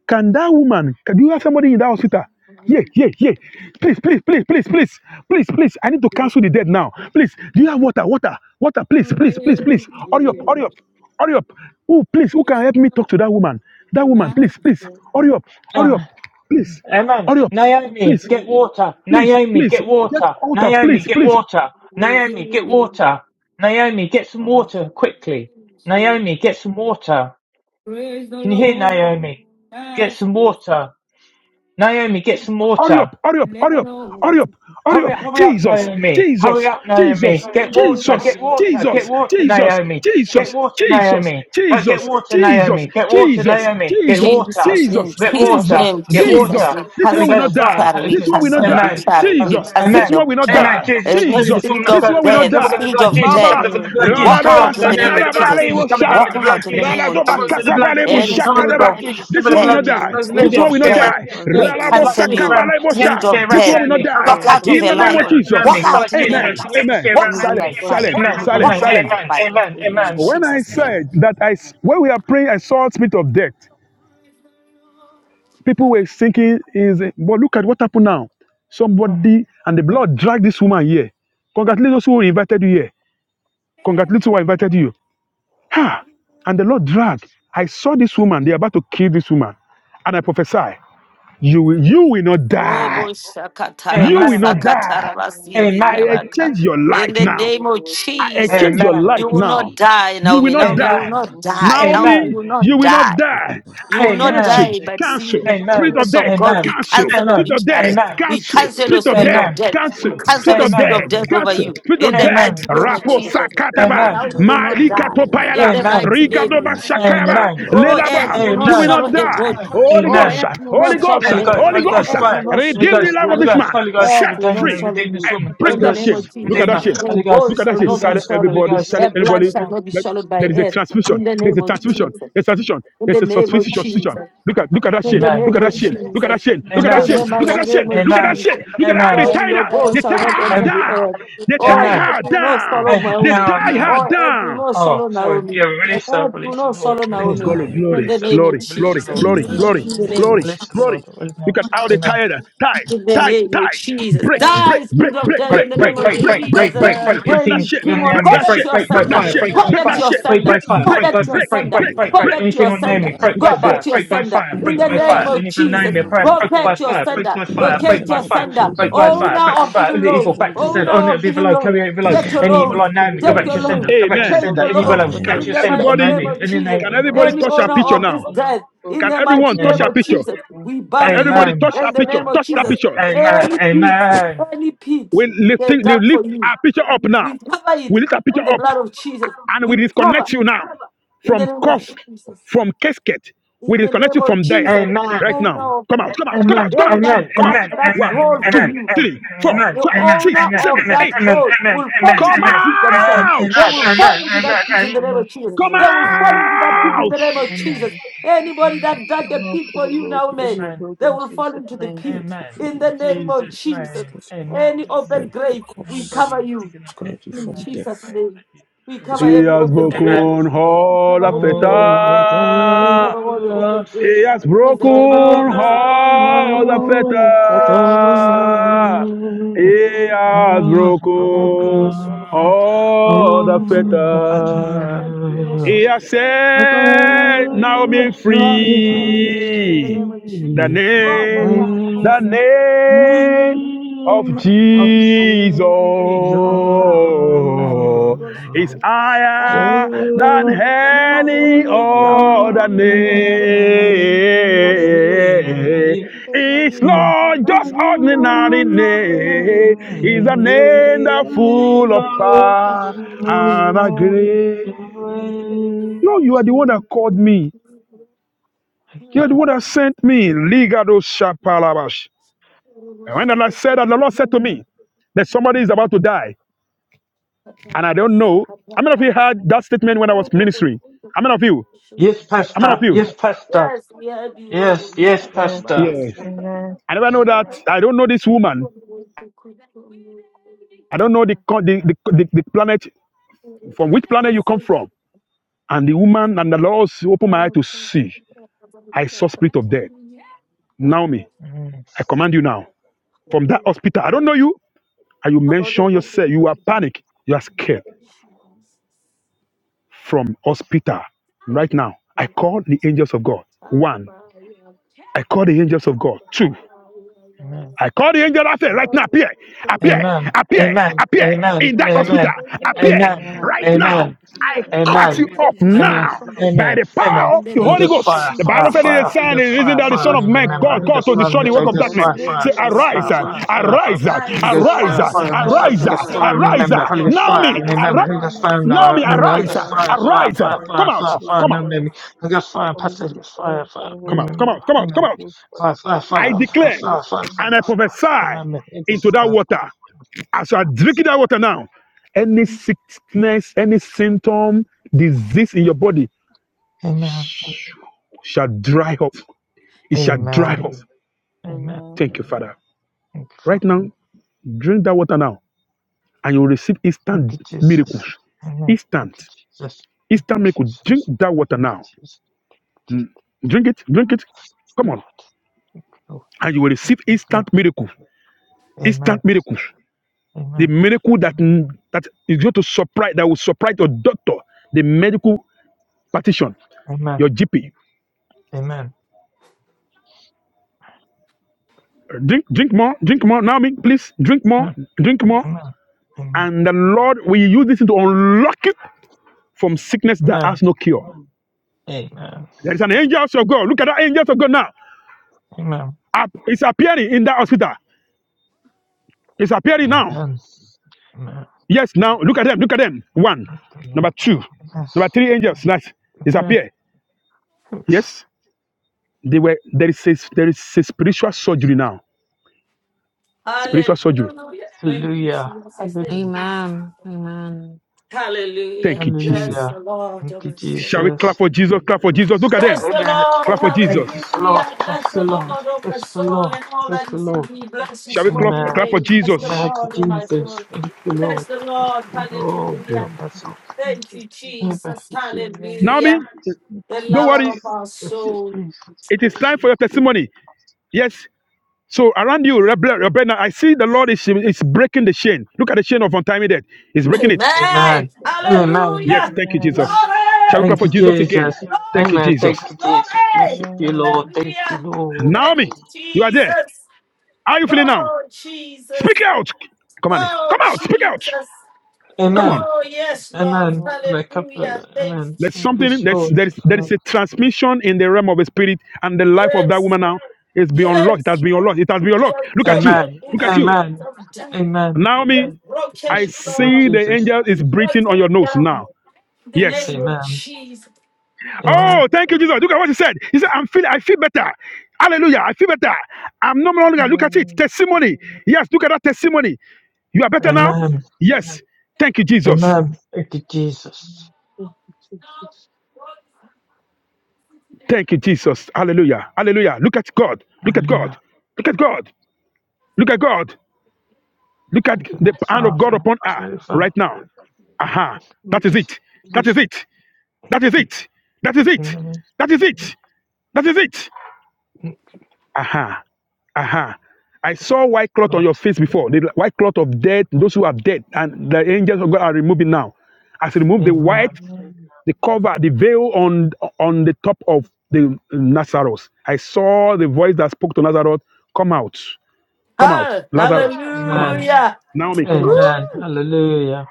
Can that woman, can, do you have somebody in that hospital? Yeah, yeah, yeah. Please, please, please, please, please, please, please. I need to cancel the dead now. Please, do you have water, water, water? Please, please, please, please. Hurry up, hurry up, hurry up. Oh, please, who can help me talk to that woman? That woman, please, please,
me.
hurry up, hurry
amen.
up, please,
Amen.
hurry up,
Naomi,
please,
get water.
please,
Naomi,
please.
get
Get
water.
water,
Naomi,
please,
get
please.
water. Naomi,
within
get
me.
water. Naomi, get some
Uh-huh.
water quickly. Naomi, get some water.
Praise the
Can you hear
Lord,
Naomi? Get
as
some water. Naomi, get some
Hurry up,
water.
hurry up,
let
hurry up, hurry
all
up, hurry up.
Hurry up, hurry up,
Jesus,
Naomi. Hurry
Jesus,
up,
Jesus,
Naomi. Get water,
Jesus,
get water, get
Jesus,
water,
Jesus, Jesus,
Naomi. Get
Jesus,
water,
Jesus,
Naomi. Uh, Get
Jesus,
water,
Jesus,
Naomi. Get water,
Jesus,
Naomi. Get water.
Jesus, in
Jesus,
Get
Jesus'
water.
Jesus,
name,
Get
Jesus,
water.
Jesus.
we
This
Holy
one
cancel
will not
Ghost
the
fire.
die.
butchery,
Holy
we
This
Ghost-
one will
cancel
not
the
Amen.
die.
butchery,
Uh,
we
Jesus,
cancel
this
Amen.
the
one will not
butchery.
Amen.
die.
Jesus,
Any
cover
Jesus,
this woman
spirit
up.
this
of
Cover,
one will
cover,
not
death,
cover with
die.
the
spirit
blood of
Holy
of
Jesus.
Ghost
death,
Cover
Baba,
them with the
fire,
blood of
Holy
Jesus.
walk
Ghost
Cover them
fire,
Radadova
out
with
in the
the name
name
with
of
the blood of
Jesus.
Sakarabale
Jesus. Cover
Holy
them
Shaba,
with
Walk
the
Ghost
blood of
out in the
fire,
Jesus.
name
Holy
of
Radadova
Cover
Ghost
them with
Jesus.
the
fire,
blood of
Katabale
Holy
Jesus.
Any
Ghost
Cover the
spirit
fire,
blood of
Shakadaba.
of
Jesus.
This
Cover the
one will
blood
death,
not
Holy
Jesus.
die.
Ghost
Cover the blood
This
spirit
fire,
one will
Jesus.
of
Cover
Holy
not
the
death,
blood,
Ghost
die.
fire,
Jesus,
we
Holy
Radabo
Ghost
blood
cancel
juice
fire,
you.
around
Sakabale
the
Spirit
Shab.
atmosphere
of
This
around
death,
Holy
one will not
Naomi.
Ghost
Cover
walk
fire,
die.
blood
out
Holy Ghost
of
In
juice
your
the name
around
fire,
life.
of
Holy
Walk
Naomi.
Jesus.
Ghost
Blood
out in the
juice
fire,
name of
Amen.
around the
Jesus.
atmosphere
Amen.
Walk
around
Holy
out
Ghost
by
Silent,
Naomi.
fire,
fire.
silent,
Amen.
Holy Ghost
silent,
Walk
Amen.
Amen.
fire,
out
silent.
by
Amen.
fire.
Holy
Amen.
Ghost
Yes.
In
fire.
When I
Jesus' name.
Amen.
said that I, when we are praying, I saw a spirit of death. People were thinking, is but look at what happened now. Somebody and the blood dragged this woman here. Congratulate those who invited you here. Congratulate who invited you. Ha! And the Lord dragged. I saw this woman. They're about to kill this woman. And I prophesy, you will, you will not
Robo
die. You will
Amen.
not
Amen.
die.
Amen.
I
Amen.
And
shakatarabasakatarabasindiyabaka.
exchange
ever
your
to
In
life
the
could
now.
play
name
the
of
words of the
I
Lord
Jesus,
exchange
in
your
the
Amen.
name
you
life
of
will
now.
not
Jesus.
die,
You will
Naomi.
not
Naomi,
Amen.
you will
die.
Amen.
Amen.
not
Amen.
die. Naomi, you
Naomi,
Amen.
will
I shall
you
not
will
not
die.
not
die.
die.
I
You
I
will
shall
not
not
cancel,
Amen.
die,
die,
but
but
live
see
to
cancel.
the
declare the
Spirit
Amen.
of
words
goodness
Amen.
death,
of
of
the
God.
Lord.
Amen. Amen.
We
cancel.
cancel on
Spirit of
each other.
death,
Um,
We
I
cancel.
cancel your
Spirit
cancel
of
Amen.
the
Amen.
spirit
death,
of
spirit
death.
of
We
death
cancel.
in the
cancel
Spirit
the
of
mighty
spirit
Amen.
death,
of
name of
death over
cancel.
you.
Jesus.
Spirit
In
of
the
death.
I
mighty name of
cancel
Rapo
the
Jesus.
spirit of
sakataba.
Father,
death
now
in the
you will
time.
mighty
not
No
name
Malika
die.
no
of
one
In
topayala.
the
Jesus.
time.
mighty
No
Rika
one
name
doba
of
leave.
I
Jesus.
shakaba.
cancel the
Amen. Amen.
Play the
spirit
Oh,
name
of
of the
death
Amen.
earth,
Ledaba.
you
in
will
the
Lord.
not
You will
Amen.
mighty
swallow
not
No
her
one
name of
die.
one
body.
time.
Holy
Jesus.
Oh,
Amen.
Ghost,
earth, you will
We
Holy
not
should
I
Ghost,
swallow
Holy
no
her.
cancel
Ghost,
the
Holy
Holy
one one
spirit
Ghost.
Ghost,
Earth
of
time.
will
fire.
death
not
in
Holy
the
swallow
Redeem the
your
Ghost,
mighty
life of
Holy
body.
this
name
Ghost,
of
man.
Holy Ghost,
Yes.
Jesus.
Earth
Set
will not
free.
Redeemer,
swallow
redeem this
you.
Uh,
I
woman.
break
Holy
In
Sure.
the
that
In
Ghost,
name of
shame. Look
Jesus.
We
at
Jesus'
that
Redeemer,
know.
shame.
Her
name.
Holy Ghost,
Look
bones
at that
shall
shame.
Holy
not be
Silent
Ghost, Holy
swallowed.
everybody,
Ghost,
silent
Her
Holy Ghost.
blood
everybody.
In
shall not be
Let-
Jesus'
swallowed
There
by
is
name.
a
earth.
transmission.
In the
There's a
name of
transmission.
Jesus
There's a transmission.
in the
There's a
name of
suspicion. suspicion.
Jesus,
Look at look at that
in
shame.
the
Amen.
Look at
name
that
of
shame. Look at
Jesus,
that shame. Look at that
in
Amen.
shame.
the
Look at
mighty
that
name
shame.
of
Look at that
Amen.
shame.
Jesus.
Amen.
Look at how they
Amen.
Lord,
tie
your
her. They
bones shall
tie
not
her
Amen.
enter the
down.
earth.
They
Oh,
tie
Amen.
earth
her
will not
down.
swallow
Amen.
They
Naomi.
tie
Amen.
her
Oh, earth will
down.
not
Oh,
swallow
sorry.
Naomi.
Yeah, release the
Earth will
release the
not
Lord,
swallow
Oh,
release the
deliver
Naomi.
glory,
Lord,
him.
In
glory,
the
release the
name
Lord,
of
glory,
release
glory,
the
Jesus.
Lord,
In
glory,
Deliver
release the
glory,
Lord,
the
her,
name of
Lord
glory,
Jesus
Jesus.
glory.
release the Lord.
Look at how they
Amen.
tired us. Tight,
in the
tight,
name
tight.
of Jesus.
Break, break,
Die,
break,
spirit of
break,
death, in
break,
Break,
the
break,
name
break,
of
break,
break,
break,
break,
break,
Jesus.
break,
break, break.
Thank
break that
Anything
Any
shit.
on the
demon,
Lord
Break
God,
enemy,
that
Jesus.
break,
that's
shit.
your
break by
Break that
sender.
Deliver
fire,
shit.
her,
break
God,
by
Lord.
Break
that's
that
fire,
your
shit.
break
sender.
by
Break,
fire,
God,
Deliver
The
break,
break
her.
by
that's
spirit
your
fire,
break,
break,
sender.
break,
break,
Deliver
break,
her.
God,
break.
break.
that's
Anything
your
on the
sender.
enemy,
Deliver her,
break
Look
Lord.
by
God,
at that.
that's
fire,
your
break
of
by
sender.
death.
fire,
In
break
Deliver
the
by
her,
Holy
name
fire.
Lord.
of
Ghost
Anything on the
fire,
Jesus.
enemy,
Deliver
Holy
her,
press,
Ghost
break
Lord.
fire,
by
Locate your
Holy
fire,
Ghost,
break
sender.
by fire,
Deliver her,
break
Locate
by
your
Lord.
fire,
Holy
sender.
Ghost
Deliver
break
her,
by
fire,
Oh,
Lord.
fire,
Holy
back
now
to
of
Ghost
fire.
evil
fire,
All the evil,
load.
Jesus,
Holy
back to
Oh,
Ghost
deliver
sender. On
fire.
the
now of
evil
evil
low, carry
load.
out evil
Deliver
Get your
her,
Will
Any evil
Lord.
not
load.
on the
be the
enemy, go
Take
Lord
back
Deliver
your
to your
her,
come
sender,
load.
go
Lord.
come
back to your
on,
Amen.
Take
go
sender.
back to
your
Any evil
your
low,
load.
friend
Can
scratch
In
your
in
Amen.
the
sender on
mighty
the
Jesus'
everybody,
name
name.
enemy.
of
In the
Jesus.
can
Will
name,
everybody
not be
Any
touch
the
our
owner
picture
Lord
of
now?
this
come on,
death.
go
In
back
Can
the
to your
everyone
mighty
friend
touch
name
our
in
of
picture?
Jesus'
Jesus,
name.
we
Can
bury you.
everybody
amen,
touch
In
that
the
picture?
name of
Touch that
Jesus,
Amen.
picture.
amen,
any pit,
amen,
any pit
We
they
lifting, we
dug for
lift
you,
our picture up now.
we cover it
We lift our picture
with the
up
blood of Jesus.
and we
We cover
disconnect you now
in the
from
name of
cough,
Jesus.
from casket. We
In the
disconnect you
name of
from dead
Jesus.
amen.
right
Oh
now.
no,
Come
God.
out, come out, come out,
They
Amen.
come out,
that
Amen.
come out.
dug
Amen. Amen. Amen.
that
One,
hole
Amen.
for
Amen.
two,
you
three, four,
Amen.
Amen.
the
five,
Amen.
six,
owner
Amen.
of
seven,
Amen.
eight.
that
Amen.
boat
Amen.
will fall
Amen.
Come
into the
Amen.
pit
Amen.
themselves.
out!
Amen.
They will fall
Amen.
into
Amen.
that pit in the
Will
name of
not be
Jesus.
the
Come
They
Lord
will
come
fall
on,
into
go
that pit in
out!
on in
the name of
Amen.
Jesus'
Lord,
Jesus.
name.
Anybody
we
that dug
thank
Will
a
not
pit
be the
for you
Lord,
now,
Amen.
give
may
Jesus,
your
amen,
blood
they
in
will fall
Jesus'
into the
name.
Lord,
pit
you
amen.
in
from
In
the name of
we
Jesus'
Jesus.
ask
name.
it for
Amen.
Any
Amen.
open
every
grave, we
cause.
cover
Anybody
you
digging a pit
Disconnect you
for
in
from
Naomi,
Jesus'
death.
pray that
name.
you.
We cover
Amen.
He
Disconnect
every
has
you from
open
death.
Amen.
grave.
broken
We
all
cover
the
open grave.
All the way
We
fetters.
to
cover all the open
God,
grave
He has
in the
broken
the
name of Jesus.
falcon,
Father
all the
God,
fetters.
all the way
earth will not swallow down me. Every
He
room
has
Solomon. Every
Outspoken
room
broken
Solomon. Every
all the
room
on the
Solomon.
fetters.
Every room
He
battles
has
Solomon.
a
Every
set
room
Naomi
Solomon.
glass of
Every
life,
in the
free.
name of
The
Jesus. Lord, let
name,
her eyes.
my
Let her eyes,
the name of
name
by the power
of
of God,
Jesus
Jesus,
by the power, by the Holy Ghost
is
fire, by the
higher
Holy Ghost fire,
than
the
by the Holy
any
name
Ghost.
other
of
name.
By the Holy Ghost fire.
the
By the Holy Ghost fire.
name.
Amen.
Take now
It's
news
Yeah.
of
not
fire.
just
Thank
Let thy
ordinary
news of fire for God.
name.
Do
It's a
not allow the
name
news
that's
to obey
full of
every in the
power
name of
and a
Jesus. Yes,
grace.
in the name of
No,
Hallelujah.
you are the one that called me.
Hallelujah.
You
you,
are the one
Lord.
Hallelujah.
that sent me. Ligado
Hallelujah.
shapalabash.
Robo
And when the Lord said that, the
shokotondo
Lord said to
yara
me that somebody is about to die, and I
katarara
don't know. How many of you
sakapapa.
heard that statement when I was
Robo
ministering? How many of you?
Yes,
shokotondo
How many
Pastor.
of you?
Yes, Pastor.
Yes, we had you
Yes,
roll. with
yes,
that
Yes,
number.
Pastor.
I
Yes.
said, "Okay."
amen.
I never know
I
that.
had to
I don't know this woman.
go with the good woman.
I don't know the
Yeah,
co-
God.
the, the, the, the planet from which planet
Okay, thank
you come
you.
from. And the woman and the Lord opened my eye
Oh,
to
God.
see.
Oh, God.
I
Oh,
saw spirit
God.
of death. Naomi,
Mm,
I
Oh,
command you now from that
God.
hospital. I don't know you. and you
How about the
mention
one thing
yourself,
you
you are
can do?
panic, you are scared
Jesus.
from hospital
Oh,
right now. I
my God.
call the angels of God.
Ah,
One,
my God. Ah,
I call the angels of God. Two,
my
Amen.
I call the angel I say, right
God.
now, appear, appear,
Oh,
Amen.
my God.
appear,
Amen.
appear
Amen.
in that hospital,
Amen.
Amen.
appear
Amen.
Amen.
right now.
Amen.
I cut you
Amen.
off
Take Christina
Amen.
now
from your
by
back
Amen.
the
Amen.
power of
in the
the
Holy
name
Holy
Ghost
of
Ghost.
fire,
The Bible
fire,
said
Jesus,
it
fire,
is
Holy
sign,
Ghost
it is
fire,
that
Holy
the
fire,
Son of
Ghost
and
Man
fire,
remember,
called,
Holy
Holy
called
Ghost
to
fire
Ghost
on
destroy the
this,
in
Holy
work
the
fire,
of
Ghost
Holy
darkness.
mighty
fire,
Ghost
name
fire,
Say,
of
fire,
arise,
fire,
Holy
Jesus.
uh,
Ghost
fire,
fire,
fire, fire,
arise, uh,
Holy
Arise,
Ghost
arise,
fire,
Holy
uh,
arise, O
fire
Ghost
on this stuff,
fire,
Lord,
arise,
Holy
and
Ghost
Holy
uh,
Ghost
save
fire, and
now.
arise,
fire,
uh,
remember, Holy
Holy
Ghost fire,
Ghost
Naomi,
and
Arise,
fire,
O
remember,
arise,
Holy
Lord,
Ghost
and
fire,
save.
no,
Holy
Naomi,
and remember,
Ghost
Holy
arise,
Ghost
fire,
fire,
Holy Ghost
fire,
arise,
fire,
fire,
come
fire,
Holy
out,
fire,
Ghost
fire,
Come
no,
out,
fire,
maybe, Holy Ghost fire,
Holy
pass Holy
Ghost
Ghost fire,
fire,
fire,
Holy
come
Ghost
out, come
remember,
fire,
out, come out, come
amen,
Holy
out,
Ghost
fire,
fire,
fire,
I
fire, fire,
declare
Holy
fire,
Ghost
fire,
fire.
and
fire,
I prophesy
no, maybe, Holy Ghost
into
fire,
that water.
fire, fire, fire,
As you are drinking that water now, any sickness, any symptom, disease in your body
fire, amen,
shall dry up. It shall dry
amen,
up.
amen,
Amen.
Thank you, Father.
thank you, Father.
Right now, drink that water now, and you will receive
Thank
instant
you, Jesus.
miracles.
Amen. Thank you,
Instant.
Jesus. Thank
Instant
you,
miracle. Drink
Jesus.
that water
Thank you,
now.
Jesus. Jesus,
Drink it. Drink it. Come
Lord.
on.
Thank you, Lord.
And you will receive
Thank you,
instant
Lord.
miracles. Instant
Amen.
miracles. The
Amen.
miracle that, that is going to surprise, that will surprise your doctor, the medical practitioner,
Amen.
your GP.
Amen.
Drink, drink more, drink more. Naomi, please drink more,
Amen.
drink more.
Amen. Amen. Amen.
And the Lord will use this to unlock you from sickness that
Amen.
has no cure.
Amen.
There is an angel of God. Look at that angel of God now. Up- It's appearing in that hospital. It's appearing now.
Amen. Amen.
Yes, now look at them. Look at them. One,
Thank you, Lord.
number two,
Amen.
number three angels. Nice.
Amen.
Disappear. Yes, they were. There is a, there is a spiritual surgery now. Spiritual surgery.
Hallelujah. Thank you,
Hallelujah.
Jesus. Thank
Hallelujah.
you.
Amen. Amen.
Thank
Hallelujah.
you, Jesus.
Bless the
Hallelujah.
Lord, O
Thank you,
my
Shall
soul.
we clap
Jesus.
for Jesus? Clap for Jesus. Look at them.
Bless the
Amen.
Clap
Lord,
for Jesus.
Thank you, Lord.
hallelujah.
Bless
Bless
the
the Lord,
Lord.
oh my
Bless the
soul,
Lord.
and all
Bless
that
the
is in
Lord.
me. Bless
Shall
his
we clap,
holy
Thank
Amen.
clap
you,
for
name. Bless the
Jesus?
Thank
Lord,
you,
oh my
Jesus.
Jesus.
soul.
Thank you,
Bless
Lord.
the
Thank
Lord,
Thank
you,
you, Jesus.
Lord,
Thank
Yeah.
you,
hallelujah.
help us
Jesus.
all.
Thank
Thank
you,
you,
Jesus.
Help
Jesus,
us, Jesus.
Amen.
Thank
Naomi,
hallelujah.
you,
The
don't
lover
worry.
of
Jesus.
our
Bless you,
soul.
Jesus.
It is
Bless
time for your
you, Jesus.
testimony. Yes. So around you, Rebe- Rebecca, I see the Lord is, is breaking the chain. Look at the chain of untimely death. He's breaking it.
Amen.
Amen.
Amen.
Yes.
Hallelujah.
Thank you, Jesus.
Amen.
Shall we
Glory.
clap
Thank
for
you,
Amen.
Jesus again?
Jesus.
Glory.
Thank you,
Amen. Thank
Jesus.
you, Jesus.
Glory.
Worship you, Lord. Thank you,
Hallelujah.
Lord.
Thank
Naomi,
you,
you are there.
Jesus.
How are you feeling now?
Oh, Jesus.
Speak out. Come on.
Oh,
Come out. Speak out.
Jesus.
Come on.
Amen.
Oh, yes, Lord.
Amen.
Amen.
Amen.
Hallelujah.
Couple-
Thank
Amen.
you,
There's
Jesus.
something
Peace,
that's
Lord.
there is there is
Amen.
a transmission in the realm of the spirit, and the life of that
Yes,
woman now is been unlocked. It
yes.
has been unlocked. It has been
He
unlocked.
has
Look at you.
broken
Amen.
the
Look at you.
spirit
Amen.
of death.
Amen.
He has
Naomi,
broken
I
it,
Worship the blood of
Lord.
see the
Jesus.
angel is breathing on
Broken
your
it
nose now.
down. In the
Amen.
Yes.
name of
Amen.
Jesus. He broke it
Amen.
Oh, thank you,
down.
Jesus. Look at what he said. He said, I'm feel I feel better. Hallelujah. I feel better. I'm no longer look at it.
Amen.
Testimony. Yes, look at that testimony. You are better now?
Amen.
Yes. Thank you, Jesus.
Amen. Thank you, Jesus.
Thank you, Jesus.
Thank you, Jesus. Hallelujah. Hallelujah. Look at God. Look at God.
Hallelujah.
Look at God. Look at God. Look at
Thank you,
the hand of God
Father.
upon her
Jehovah.
right now. Aha.
Thank you,
That is
Jesus.
it.
Holy
That is
Spirit.
it.
Thank
That is
you.
it. That is it.
Amen.
That is it. That is it.
Thank you,
Aha. Aha. I saw white cloth on
Lord.
your face before. The white cloth of death, those who are dead, and the angels of God are removing now. As you remove the
Amen.
white,
Amen.
the cover, the veil on on the top of the Nazareth. I saw the voice that spoke to Nazareth come out. Come out.
Ah,
Lazarus, come out.
Amen.
Amen.
hallelujah.
Naomi, come out.
Amen.
Woo.
Hallelujah.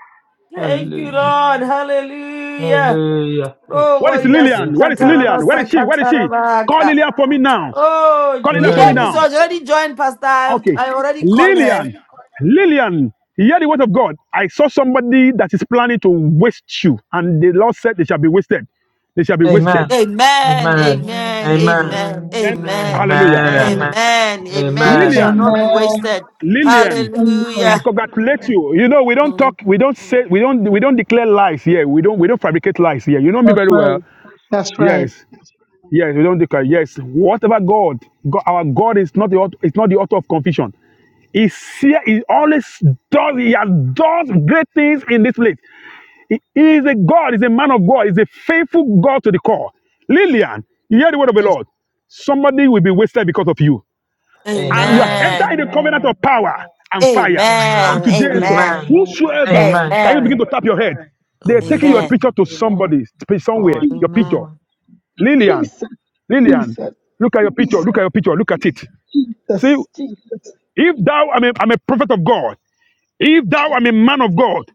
Thank you,
Hallelujah.
Lord.
Amen.
Hallelujah.
Hallelujah. Thank
Oh,
you,
Where is
boy, yes.
Lillian?
Jesus.
Where is
Lord, I
Lillian?
can-
Where is
Katarabasa,
she? Where is she? Call
katarabaka.
Lillian for me now.
Oh,
Call Lillian for me
Lillian
Amen.
is
now.
already joined, Pastor. I
Okay.
I already called her.
Lillian, Lillian, hear the word of God. I saw somebody that is planning to waste you, and the Lord said they shall be wasted. They shall be wasted.
Amen.
Amen,
Amen.
Amen.
amen,
Amen.
amen,
Amen.
Amen.
Then,
Amen.
amen,
hallelujah.
Amen.
Amen.
Amen.
amen, amen. You
Amen.
shall
Lillian,
not be
Amen.
wasted.
Lillian, I
Amen.
Hallelujah.
congratulate you. You know, we don't
Mm,
talk, we don't say, we don't, we don't declare lies here. We don't, we don't fabricate lies here. You know me
That's
very
right.
well.
That's right.
Yes. Yes, we don't declare. Yes, whatever God, God, our God is not the author, is not the author of confusion. He see- he always does. He has does great things in this place. He, he is a God. He's a man of God. He's a faithful God to the core. Lillian, you hear the word of the
Yes,
Lord. Somebody will be wasted because of you,
Amen.
and
Jesus.
you have
Amen.
entered
Amen,
in the covenant
Amen.
of power and fire from
amen,
today
Amen.
henceforth.
amen,
Amen.
Amen.
Whosoever,
Amen.
can you
amen,
begin to tap your head? They're
Amen.
taking your
amen,
Jesus.
picture to somebody, somewhere.
Lord,
Your picture.
amen.
Lillian,
Jesus.
Lillian,
Jesus.
look at your picture.
Jesus.
Look at your picture. Look at it.
Jesus.
See,
Jesus.
if thou I'm a, I'm a prophet of God, if thou i am a man of God,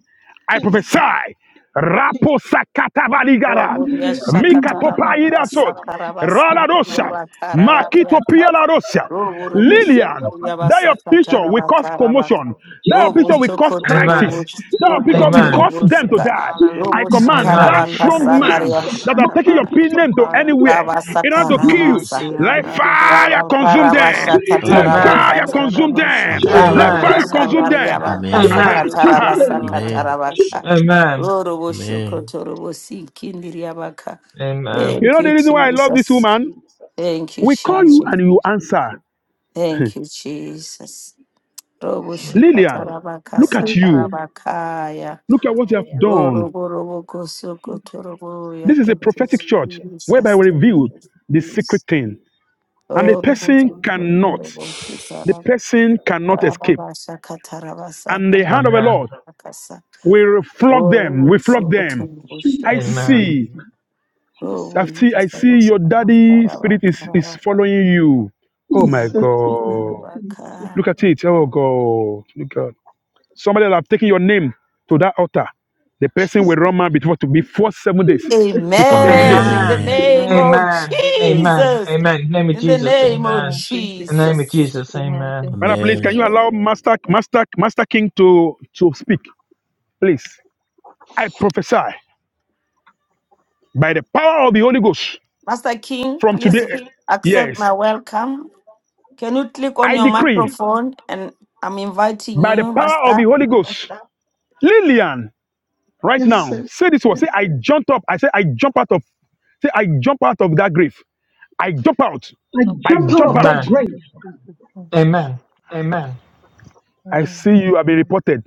Jesus.
I
Jesus.
prophesy. Rapo sakatabaligara,
Oh, Yasha
mika
Kataraba,
topaida sod,
Sakaraba,
rala rosa,
Yaba Karaba,
makito
Yaka,
piala rosa.
Robo,
Lillian, that your
Yabasa
picture will
Kataraba,
cause
Karaba,
commotion. That your
Robo,
picture will cause
Sokotoro,
crisis
Amen.
that because we
Sokotoro,
name.
Amen.
cause them to
Bosika,
die.
Hallelujah,
I
Robo,
Jesus.
command
Amen.
that
Sikaraba,
hallelujah.
strong
Redada
man
Kasanaria,
Jesus.
that are
bashada
taking your pin name to
barababaya.
anywhere
Raba
in order to kill you.
Sakaravasa,
Renamosia
Let fire
Raba
consume
Karaba,
them.
darabababababa.
Let
Shakataraba,
Amen.
Jesus.
Amen.
fire
Kata,
Rekadada
consume
Amen.
them.
bashada
Raba
Let
Amen.
Amen.
fire
Jesus.
consume
Jesus.
Yashanaria,
them.
barakabaradada.
Bakasa
Amen.
Aha,
Amen.
Jesus
Kataraba,
aha.
Amen.
name,
Ekadadada
Amen.
Sakataraba,
bashada.
Amen.
Robo,
Amen.
Sokotoro, Sikindiriaba,
Amen.
You
Thank
know
you,
the reason why I love this
Jesus.
woman?
Thank you,
We call you
Jesus.
and you answer.
Thank you, Jesus. Robushika
Lillian, look
tarabakasa
at
Jesus
you.
name,
tarabakaya.
Look at what you have done.
Oroborobokosokotoraboya.
This is a
Thank you,
prophetic church whereby
Jesus.
we
Thank you,
reveal the secret
Jesus.
thing. And the person cannot. the person cannot escape. And the hand
Oroborobokosokotorabokitarabakasa.
of the
Amen. Amen.
Lord will flog them, will flog them. I
Jesus
Amen.
name,
see, I
Jesus,
see, I see your daddy spirit is, is
Oroborobokosokotorabokitarabakasa.
following you. Oh my
Jesus
Amen.
name,
God.
Jesus,
Look at it. Oh God. Look at somebody that have taken your name to that altar. The person will
Jesus,
run man before to before seven days.
Jesus,
Before seven days.
In the
Amen.
Jesus.
name
Amen.
of
Amen.
Amen.
Amen.
Jesus.
Amen. In the name of
In the
Jesus.
name of
Amen.
Amen. Thank you,
In the
Jeez.
name of
Jesus.
Jesus.
Jesus.
Amen.
Amen.
Thank
Brother,
you,
please, can
Amen.
you
Jesus.
Amen.
allow Master Master Master King to, to speak? Please. I prophesy by the power of the Holy Ghost
Master King,
From
please
today,
accept
yes,
my welcome. Can you click on
I
your
decree
microphone? And I'm inviting
by the
you,
power of the
Master.
Holy Ghost. Lillian, right
Yes,
now,
sir.
say this word. Say, I jumped up. I say, I jump out of. Say, I jump out of that grave. I jump out.
I
Thank you,
I
jump
God,
out
jump
of
for
that
out.
Amen.
grave.
saving Jesus. Amen.
Amen.
I see you have been reported.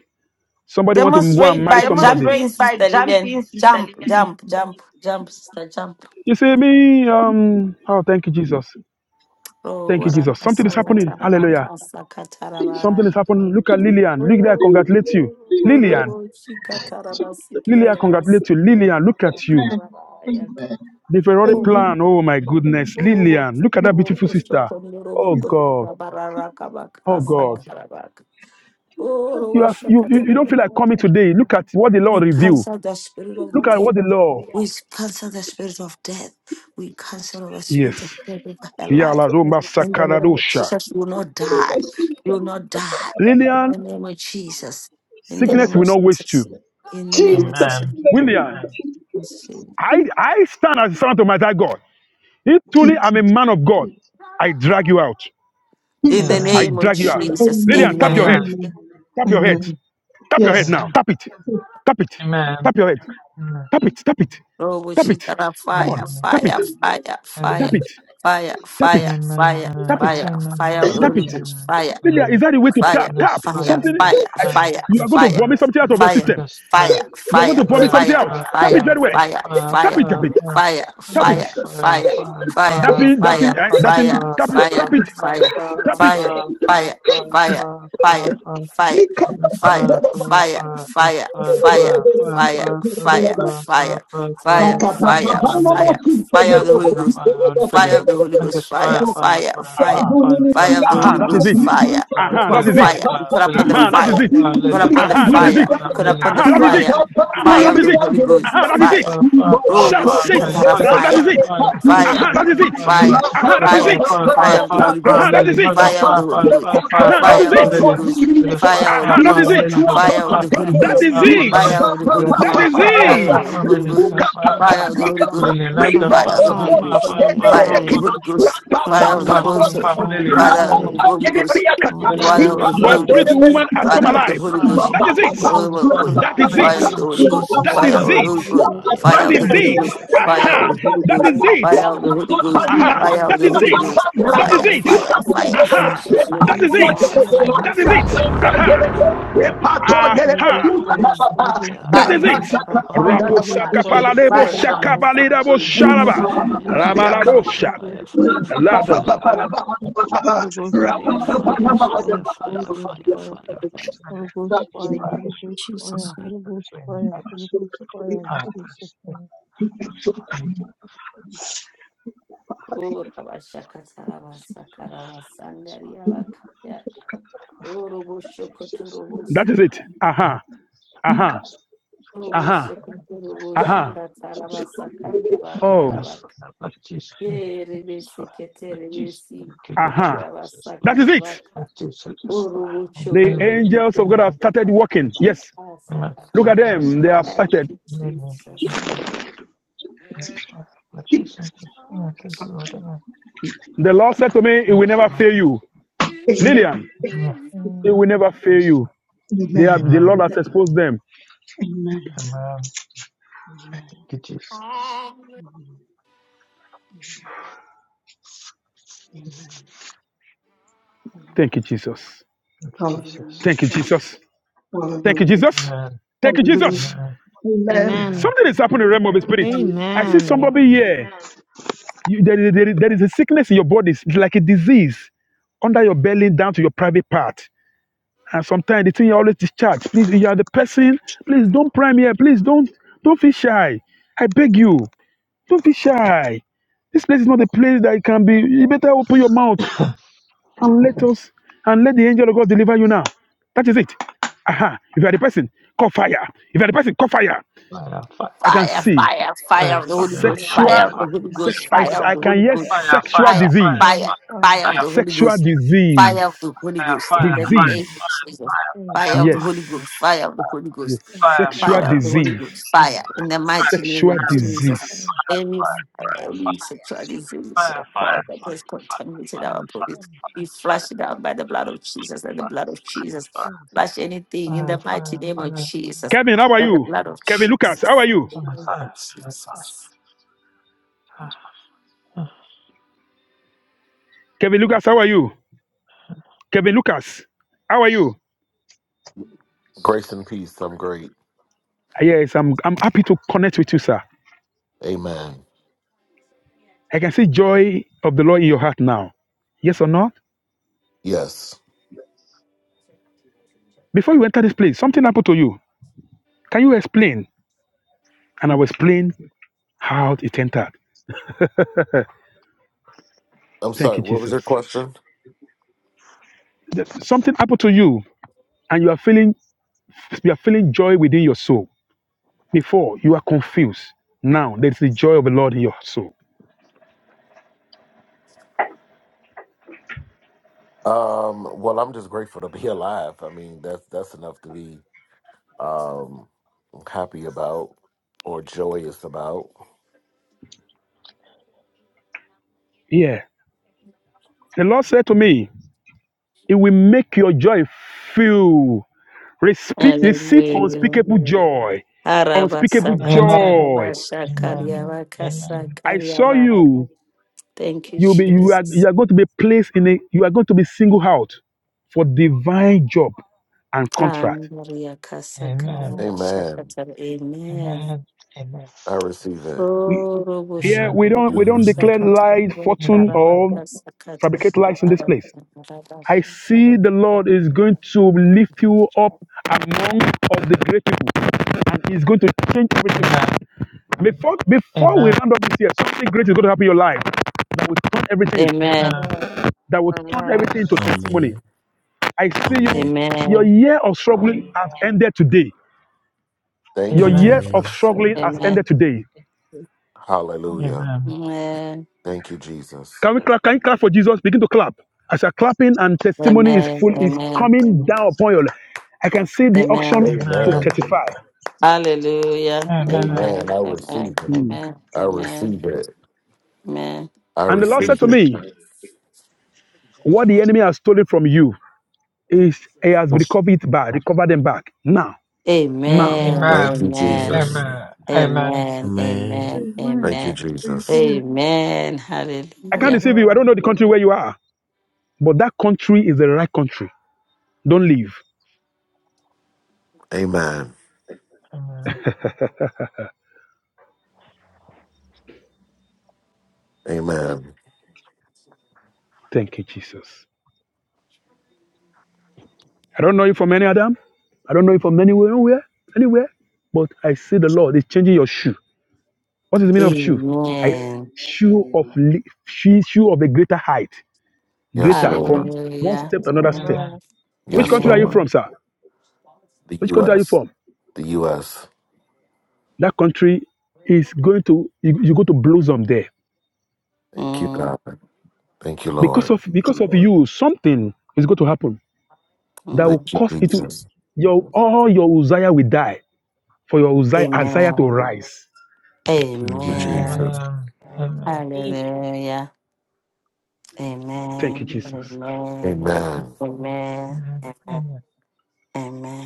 Somebody want to go and
Demonstrate
marry
by
somebody.
jumping, Sister Lillian. Jump,
Jesus,
jump, jump, jump, sister, jump.
You see me? Um. Oh, thank you, Jesus.
Oh,
Thank you,
what
Jesus. Something is happening. Hallelujah.
Jesus,
a
Something is happening. Look at
Jesus,
We
Lillian. Look there. Congratulate you,
Jesus,
Lillian.
Jesus.
Lily, congratulate you. Lillian, look at you.
Amen. Amen.
The Ferrari
Amen.
plan. Oh my goodness. Lillian, look at that beautiful sister. Oh
Jesus.
God. Oh God. You have you, you, you don't feel like coming today. Look at what the Lord revealed.
cancel the spirit
Look
of
at
death
what the Lord.
we cancel the spirit of death. We cancel the spirit of
Yes.
death over her life.
Yala Romba
In the name of
Sakaradosha.
Jesus, you will not die. You will not die. In
Lillian,
the name of Jesus. In the
Yes,
sickness
name of
sir.
will not waste you.
Jesus. In the
Jesus
name of Jesus.
Amen.
Amen.
name.
William,
Jesus.
I, I stand as a servant of my dear God. If truly
Jesus.
I'm a man of God, I drag you out.
In the
Jesus. name.
I
Amen.
name of
drag you out.
Amen.
Jesus.
Lillian,
Amen.
tap your head.
Amen.
Amen.
Amen.
Tap your head.
Amen.
Tap your head
Yes.
now.
Amen.
Tap it. Tap it.
Amen.
Tap your head.
Amen.
Tap it. Tap it.
Oh, we
Tap
shoot
it.
at a
Come
fire,
on.
Amen.
Tap it.
fire, fire,
Tap
fire,
it.
Amen.
fire,
Tap it.
fire, fire,
Tap
Amen.
it.
fire, fire
Amen.
of the
Tap
Holy
it.
Ghost,
Amen.
fire.
Lillian, is
Amen.
that the way to tap?
Yes,
Tap.
Father.
Something.
Yes,
I-
Father.
You are
Yes,
going to
Father.
vomit something out of your
Amen.
I
system.
guess fire,
You are
it's
going to vomit
fire,
something out.
fire,
Tap it very
fire,
well.
it's fire,
Tap it. Tap
fire,
it.
fire.
Tap
Amen.
Yes,
it.
fire, fire,
Tap it. That
fire,
thing. That thing.
fire,
eh, That
fire, fire,
thing.
fire,
Tap it.
fire,
Tap it.
fire, fire,
Tap it.
fire, fire, fire, fire, fire. That's five, five, five. That's five, five, five, five, five, five, five, five, five,
Thank
five, five, lady. The five, five, filling. I guess five, five, five, five,
Aha.
five, five,
Fire of the
five,
Aha.
Holy
five,
That is
Ghost,
it.
five, five,
fire.
five,
We
Aha.
call
That
filling,
is it.
five,
fire. We
five,
call
filling,
upon the
Aha.
five,
That is
fire.
five,
it.
five,
We call
lady.
upon the
Aha. That is
That's
fire.
it.
We
five,
call
lady.
upon the
Aha.
That's
That is
five,
fire.
it.
five,
Aha.
Fire
That
of
is
the
five.
it.
Holy Ghost,
Aha. That is
fire.
it.
Five, five, five,
Robo
Shout,
five.
say,
Let
s-
him
shikatara
hug
ah, that
fire.
is
Five,
it.
five, let
Fire
Aha,
five,
that is
five,
it.
five. Let
fire,
Aha, that
that's
is
fire,
five,
it.
five,
fire
five,
of the
five,
Holy
five.
Aha,
Ghost,
Let
that is
him
it.
hug us.
fire of the
Five,
Holy
five,
Ghost,
five, five,
Aha, that
five,
fire
is
of
five.
the
it.
Let
Holy
him
Ghost,
hug us.
fire
Five,
of the
Aha,
five,
that is
five.
Ghost,
Let
it.
him hug us.
fire of
Holy
Five,
the
Ghost,
five,
Holy
That
Ghost,
Holy
is
Ghost,
Lily.
it.
fire of the Holy
Focus,
That
Ghost,
is
five,
Holy Ghost,
five,
it.
five.
fire,
Let him
Holy
hug us.
Ghost,
you.
Five, Lily. Focus, five, five,
fire,
fire of the
five,
Holy
five.
Ghost,
Let him
Holy Ghost
Fire,
fire
Five,
of the
fire,
five,
Holy
fire,
Holy
five, five. Let him hug us. Five, five, five,
Ghost,
Ghost
five, five, Lily.
fire,
fire,
fire of the
fire,
Focus,
Holy Ghost,
Holy
fire of the Holy Ghost, fire of
fire,
the
five, five.
Ghost
Five,
fire,
five,
fire,
Ghost,
five.
Holy
Let
fire,
Ghost
fire
fire,
of
fire.
the Holy Ghost,
Holy
Holy
fire of
Ghost,
Ghost
the
your
Holy
fire,
pretty
Ghost,
Holy
fire,
Ghost
woman has come
fire
fire,
fire,
of the
alive.
this
Holy
one,
Ghost,
That
this
fire,
one,
is
Holy
it.
Ghost
this
Holy
one, this one,
fire,
Ghost,
That
fire.
is
Holy
fire
it.
of
Ghost
the
this
In
one,
Holy
fire,
Ghost,
Jesus'
That
fire
is
of the
it.
Holy
name,
Holy
Ghost,
Ghost
fire,
That
fire
fire,
of the
is
fire,
Holy
it.
Ghost,
fire,
this
fire of
one,
the
Holy
Aha.
fire.
Holy
Ghost
That
Ghost,
is
fire,
it.
fire of the Holy Ghost.
Holy Ghost
Aha.
Fire.
Fire
fire,
of
That
the
is
Holy
Holy
it.
Ghost
Ghost.
fire,
That is
this
Fire,
Holy
it.
Ghost
fire, fire,
fire,
fire,
Aha.
Jesus'
fire,
Holy
That
name.
is
Ghost
fire, fire,
it.
Fire,
fire,
fire,
Holy
That
fire,
is
fire,
it.
Ghost fire,
Aha.
Holy
fire,
Ghost
fire.
fire, Holy Ghost fire, Holy Ghost
Aha.
Holy
fire,
Ghost,
Holy Ghost fire, Holy Ghost fire, Holy Ghost fire, Holy Ghost
fire.
fire,
That is
Holy
it.
fire, fire,
Rikandarababa.
fire,
Raposaka
Rapaz,
paladebo
fire,
Fire,
fire.
shakabalebo
fire,
Amen.
sharaba.
fire, fire,
Fire!
fire,
one,
fire,
Ramalarosha.
Ghost
fire, fire,
fire,
fire,
Holy
Latin.
Ghost
fire.
fire, Holy Ghost fire,
Fire,
Holy
fire,
Ghost fire,
fire,
Holy
fire, fire,
Ghost fire,
fire, fire.
Holy Ghost fire, Holy Ghost
Jesus'
fire,
name.
Holy Ghost fire, Holy Ghost fire, in Jesus'
Just
name.
Amen.
Urabashakatarabasakarabasandariyabakaya.
Amen. Jesus.
That is
Urubushokoturubusi.
it. Aha. Aha.
Robo
Aha.
Sokuntorobo
Aha.
Shika Tarabasa Kandaba
Oh.
Karaba Terebesi Keterebesi
Aha!
Yabasa
That is it.
Karabaka Orobo
The
Chokotorobo
angels of God have started working. Yes.
Asakaba.
Look at them. They are
Thank
started.
you, Jesus.
The Lord said to me, It will never fail you. Lillian, it
Amen.
will never fail you. They
Because
are
Amen.
the Lord has exposed them.
Amen. Amen. Amen.
Thank you, Jesus.
Hallelujah.
Thank you, Jesus. Thank you,
Hallelujah.
Jesus.
Amen.
Thank you,
Hallelujah.
Jesus.
Amen.
Amen.
Amen.
Amen.
Something is happening in the realm of the spirit. I see
Amen.
somebody here. You, there, is- there, is- there is a sickness in your body. It's like a disease under your belly down to your private part. And sometimes the thing you always discharge. Please, you are the person. Please don't prime here. Please don't don't feel shy. I beg you, don't be shy. This place is not a place that it can be. You better open your mouth
Fire,
and let us and let the angel of God deliver you now. That is it. Aha. If you are the person, call fire. If you are the person, call fire.
fire, fire,
I can
Fire,
see
fire,
fire,
fire
fire, fire, fire,
of
fire,
the Holy
fire, fire,
Amen.
Ghost,
sexual,
fire
Amen.
of the Holy Ghost,
sex. I,
Fire,
fire of
I
the
can
Holy
fire,
hear
Ghost,
sexual
fire.
fire,
Fire,
disease.
fire,
fire,
fire,
fire of the Holy
Sexual
Ghost,
disease.
fire of the Holy Ghost, in
fire,
the
fire,
name
Disease.
of Jesus,
fire,
fire,
fire
fire,
of the
Yes.
Holy Ghost, fire of the Holy
Yes.
Ghost,
fire, fire, fire,
fire,
Sexual
fire,
fire of the Holy
disease.
Ghost, fire, in the mighty name
sexual
of
fire, fire,
Jesus.
fire,
disease.
Any fire,
fire,
any
fire,
sexual disease, oh
fire, fire, fire, fire, fire, fire, fire, fire, fire, fire, fire,
God, that has contaminated our bodies,
fire,
we flush it out by the blood of Jesus and the
fire,
blood of
fire,
Jesus.
fire, fire.
Flush anything in the mighty
fire,
name of
fire,
Jesus
Kevin, how are
by the
you?
blood of
Kevin Lucas, how are
Jesus.
you?
fire, fire, fire.
Kevin Lucas, how are you? Kevin Lucas, how are you?
Grace and peace. I'm great.
Yes, I'm, I'm happy to connect with you, sir.
Amen.
I can see joy of the Lord in your heart now. Yes or not?
Yes.
Before you enter this place, something happened to you. Can you explain? And I will explain how it entered.
I'm
Thank
sorry.
you,
What was
Jesus.
your question?
That Something happened to you, and you are feeling you are feeling joy within your soul. Before you are confused. Now there is the joy of the Lord in your soul.
Um, well, I'm just grateful to be alive. I mean, that's that's enough to be um happy about or joyous about.
Yeah. The Lord said to me, It will make your joy fill. Respeak-
In the name of Jesus.
receive
Hallelujah.
unspeakable joy. Unspeakable
Amen.
Amen.
joy.
Amen.
Amen.
Amen.
I saw
Arabasakatarabashakariabakasakariaba.
you.
Thank you,
You'll be, you, are, you
Jesus.
are going to be placed in a, you are going to be singled out for divine job and contract.
Amen.
Amen.
Kandariakasakarabashakatara. Amen.
Amen. Amen.
I receive it.
Yeah,
Amen.
we don't we don't
Amen.
Amen.
declare lies, fortune,
Amen.
or
Oroboshakabashakatarabakarakasakata.
fabricate lies in this place. I see the Lord is going to lift you up among of the great people, and He's going to change everything.
Amen.
Before, before we
Amen.
round up this year, something great is going to happen in your life that will turn everything,
Amen.
Amen.
Amen.
that will turn
Amen. Amen.
everything to testimony. I see you,
Amen.
your
Amen.
year of struggling has ended today.
Thank
Your
you,
year
Amen.
of
Amen.
Jesus.
struggling has
Amen.
ended today.
Amen.
Hallelujah.
Amen.
Amen.
Thank you, Jesus.
Can we clap? Can you clap for Jesus? Begin to clap. As you're clapping and testimony is
Amen.
full, is
Amen.
coming down upon you. I can see the
Amen.
auction to
Amen.
testify.
Hallelujah.
Amen.
Amen.
Amen.
I receive
Amen.
it.
Amen.
I
Amen.
receive it.
Amen.
I
And the Lord said
receive
to
it.
me, What the enemy has stolen from you is he has recovered it back, recovered them back. Now, now.
Amen.
Amen.
Thank you,
Amen.
Amen.
Amen.
Jesus.
Amen.
Amen. Amen.
Amen.
Amen.
Amen.
Thank you,
Amen.
Jesus.
Amen.
Amen.
Amen.
I can't
Hallelujah.
deceive you. I
Amen.
don't know the country where you are, but that country is the right country. Don't leave.
Amen. Amen.
Thank you, Jesus. I don't know you from any Adam. I don't know you from anywhere, anywhere, anywhere. But I see the Lord is changing your shoe. What is the meaning of shoe? I s-
Amen.
shoe of li- shoe shoe of a greater height,
Yes,
greater
Amen.
Lord.
from one
Hallelujah.
step to another
Mm.
step.
Amen.
Which
Yes,
country are you
Amen.
Lord.
from, sir?
The
Which country are you
U.S.
from?
The U.S.
That country is going to you, you go to blossom there
Thank you,
Mm,
God. Thank you,
because
Lord.
of because of you. Something is going to happen. that
Thank
will
mm.
you,
cause it to
Jesus.
your all your Uzziah will die for your Uzziah, Isaiah to
Amen.
rise.
Thank you,
Amen.
Jesus.
Amen.
Amen. Amen. Amen.
Hallelujah.
Thank you,
Amen.
Jesus.
Amen.
Amen.
Amen.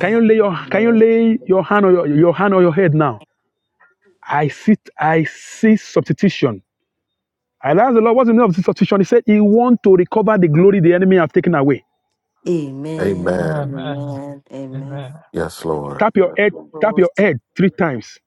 Can you lay your can
Amen.
you lay your hand on your, your hand on your head now? I see I see substitution. I asked the Lord, what's the name of this substitution? He said, He want to recover the glory the enemy have taken away.
Amen.
Amen.
Amen.
Amen.
Amen. Amen.
Amen.
Amen.
Yes, Lord.
Tap your head, tap
Lord,
your head three times,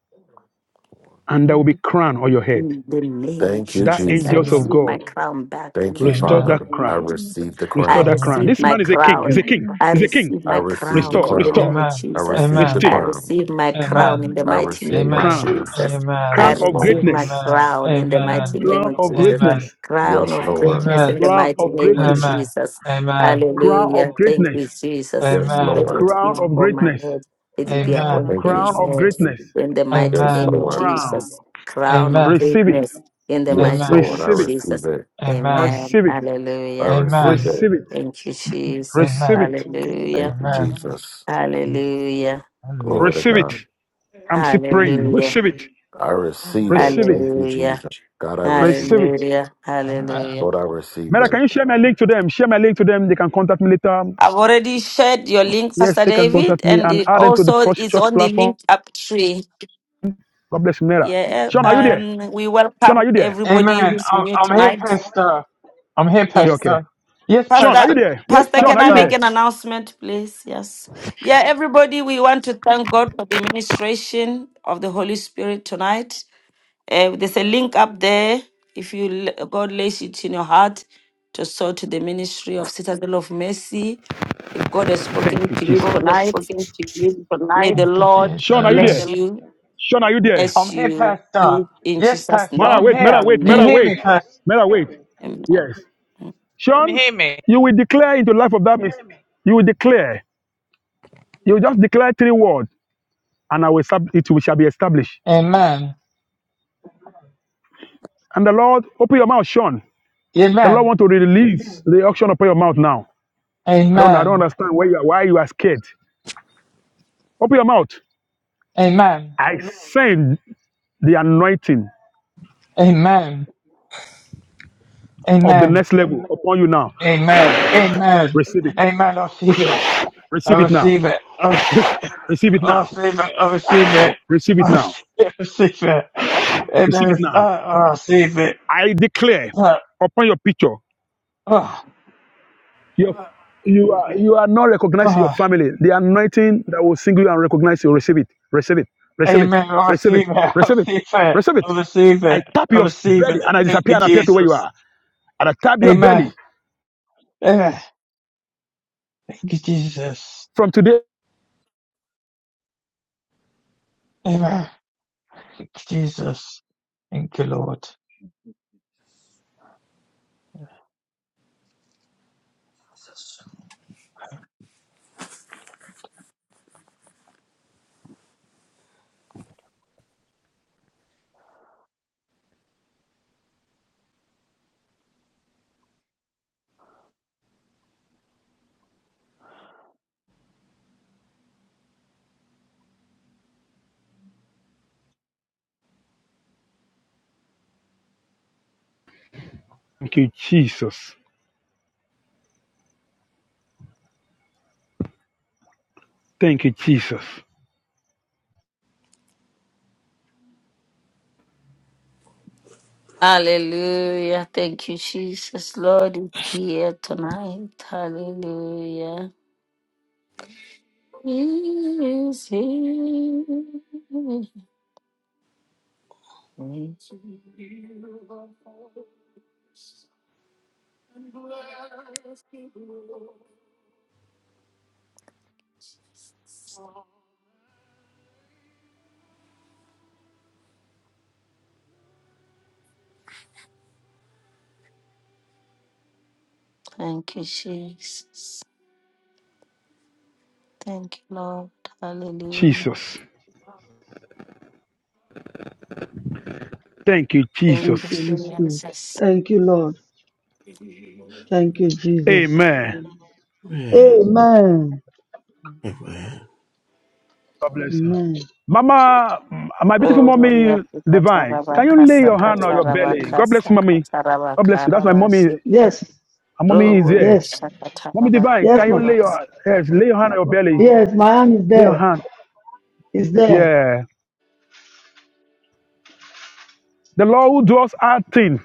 and there will be crown on your head.
In the name of
Thank you,
That
Amen.
Jesus, I
angels
Jesus.
of
receive my
God
crown back in
Thank
the
you,
mighty
restore
Amen.
Amen.
Father.
that
name
I
of
crown.
Amen.
Jesus.
receive the
I
Restore
Amen. Amen. Amen. Amen.
crown.
that crown.
receive
This
my
man is a king. He's
crown.
a king.
Amen.
I
He's a king.
receive
I
my
receive the
crown
Restore,
in the
crown.
restore,
name of
I
Jesus.
receive the
I
restore.
crown.
receive my crown in the
I
mighty
receive
name
my
of
crown,
crowns.
Amen. Amen. Amen. Amen. Amen. Amen. Amen.
Jesus.
Amen.
I
crown
Yes,
of
receive
Lord.
greatness,
my crown in the mighty
Amen.
name
crown
of
of
Jesus.
greatness,
Crown
Yes,
of
Lord.
greatness
Amen.
in
Amen.
the
Amen.
crown
mighty
of
name of
greatness,
Amen.
Jesus.
Amen.
crown of
Hallelujah.
Amen.
Thank
greatness,
you, Jesus.
Yes,
Amen.
Let
Amen.
Lord.
it
crown
be
of
upon my
greatness,
head. Let it be
Amen.
Amen.
upon
Thank you,
Amen.
crown
heaven's
of
head.
Jesus.
greatness,
In the mighty
Yes,
name
Amen.
of
Lord.
Jesus
crown.
crown of
Amen.
Receive it,
greatness in the
Yes,
mighty
Amen.
Lord.
name
I
of
receive it,
receive
Jesus.
it.
Amen.
Amen.
receive it,
I
Hallelujah.
Amen.
receive
Amen.
Amen. Amen. Amen.
receive
it.
it,
Thank you, Jesus.
receive
Amen.
it,
Thank
Hallelujah.
you,
Amen.
Amen.
Jesus.
Hallelujah.
Amen.
Glory to
receive it.
God.
I'm still praying.
Amen.
Hallelujah.
Receive it,
I
Amen.
receive
Amen.
it.
receive it,
Thank you,
Hallelujah.
Jesus. God, I receive
receive
it.
it.
Hallelujah. Hallelujah.
Lord, I receive
Mera, can you
it.
share my link to them? Share my link to them. They can contact me later.
I've already shared your link,
Yes,
Pastor
they can
David,
contact me
and
and
it
add them to the
also
Pro-
is
church
on the
platform.
link up tree.
God bless you, Mera.
Yeah.
Sean, are you there?
Um, we
Sean, are
welcome
you there?
everybody
Amen.
who's
I'm,
new
I'm here,
tonight.
Pastor. I'm here,
You
Yes.
okay?
Pastor. Yes,
Sean, are
Pastor,
you
Pastor.
there?
Yes,
Pastor,
Sean,
can
are
I
you
Pastor.
make
there?
an announcement, please? Yes. Yeah, everybody, we want to thank God for the ministration of the Holy Spirit tonight. Uh, there's a link up there. If you l- God lays it in your heart to sow to the ministry of Citadel of Mercy, if God has
Thank
spoken
you,
to
Jesus.
you tonight, may the
Thank you,
Lord
Sean, are you The there?
bless
Jesus.
you
Sean, are you there?
as
I'm here,
you
Pastor.
give in
Yes,
Jesus'
Pastor.
Mara,
name.
I'm
wait, Mara,
here.
wait,
Can you
Mara,
Amen.
hear
wait.
me, Pastor?
Mara, wait.
Amen.
Yes.
Mm.
Can you
Sean,
hear me?
you will declare into the life of that miss. You will declare. You will just declare three words, and I will sub- it will- shall be established.
Amen.
And the Lord, open your mouth, Sean. The Lord
Amen.
want to release the auction upon your mouth now. I don't, I don't
Amen.
understand why you are, why you are scared. Open your mouth.
Amen.
I send the anointing.
Amen.
of the
Amen.
next level upon you now.
Amen. Amen.
Receive it.
Amen. I receive it.
Receive
I
it now.
receive it. I receive it.
Receive it
I
now.
receive it. I receive it.
Receive it
I
now.
receive it. I receive it.
Receive
Amen.
it
I,
now.
I receive it.
I declare
Uh,
upon your picture,
uh,
your, you are you are not recognized in your
uh.
family. The anointing that will single you and recognize you. Receive it. Receive it. Receive it.
Amen. I
Receive it.
receive it. I
Receive it.
receive it.
Receive it.
I receive it.
I tap
I
your
receive
belly
it.
and I
Thank
Amen.
disappear
you,
and appear to where you
Jesus.
are. And I tap your belly
Amen. Amen. Thank you, Jesus.
from today.
Amen. Thank you, Jesus. Thank you, Lord.
Jesus.
Thank you, Jesus. Thank you, Jesus.
Hallelujah. Thank you, Jesus. Lord is here tonight. Hallelujah. He is here. Thank you, Jesus. Thank you, Lord. Hallelujah.
Jesus. Thank you,
Thank
Jesus.
you,
Thank you, Holy Spirit.
Jesus.
Thank you, Lord. Thank you, Jesus.
Amen.
Amen.
Amen.
Amen.
Amen.
God bless you.
Amen.
Mama, mm, my beautiful
Oh, glory
mommy,
Africa,
divine, can you lay
Tarabakasa,
your hand on your belly? God bless
Katarabakasa,
you, mommy. God bless you. That's my mommy.
Katarabakarabasi.
Yes.
My
Oh,
mommy is
glory
here.
Yes.
Mommy divine,
Yes,
can you
ma'am.
lay
Shakatarabakasa.
your yes, lay your hand on your belly?
Yes,
Mm.
my hand is
Lay your
there.
hand.
Is there.
Yeah. The Lord who does our thing.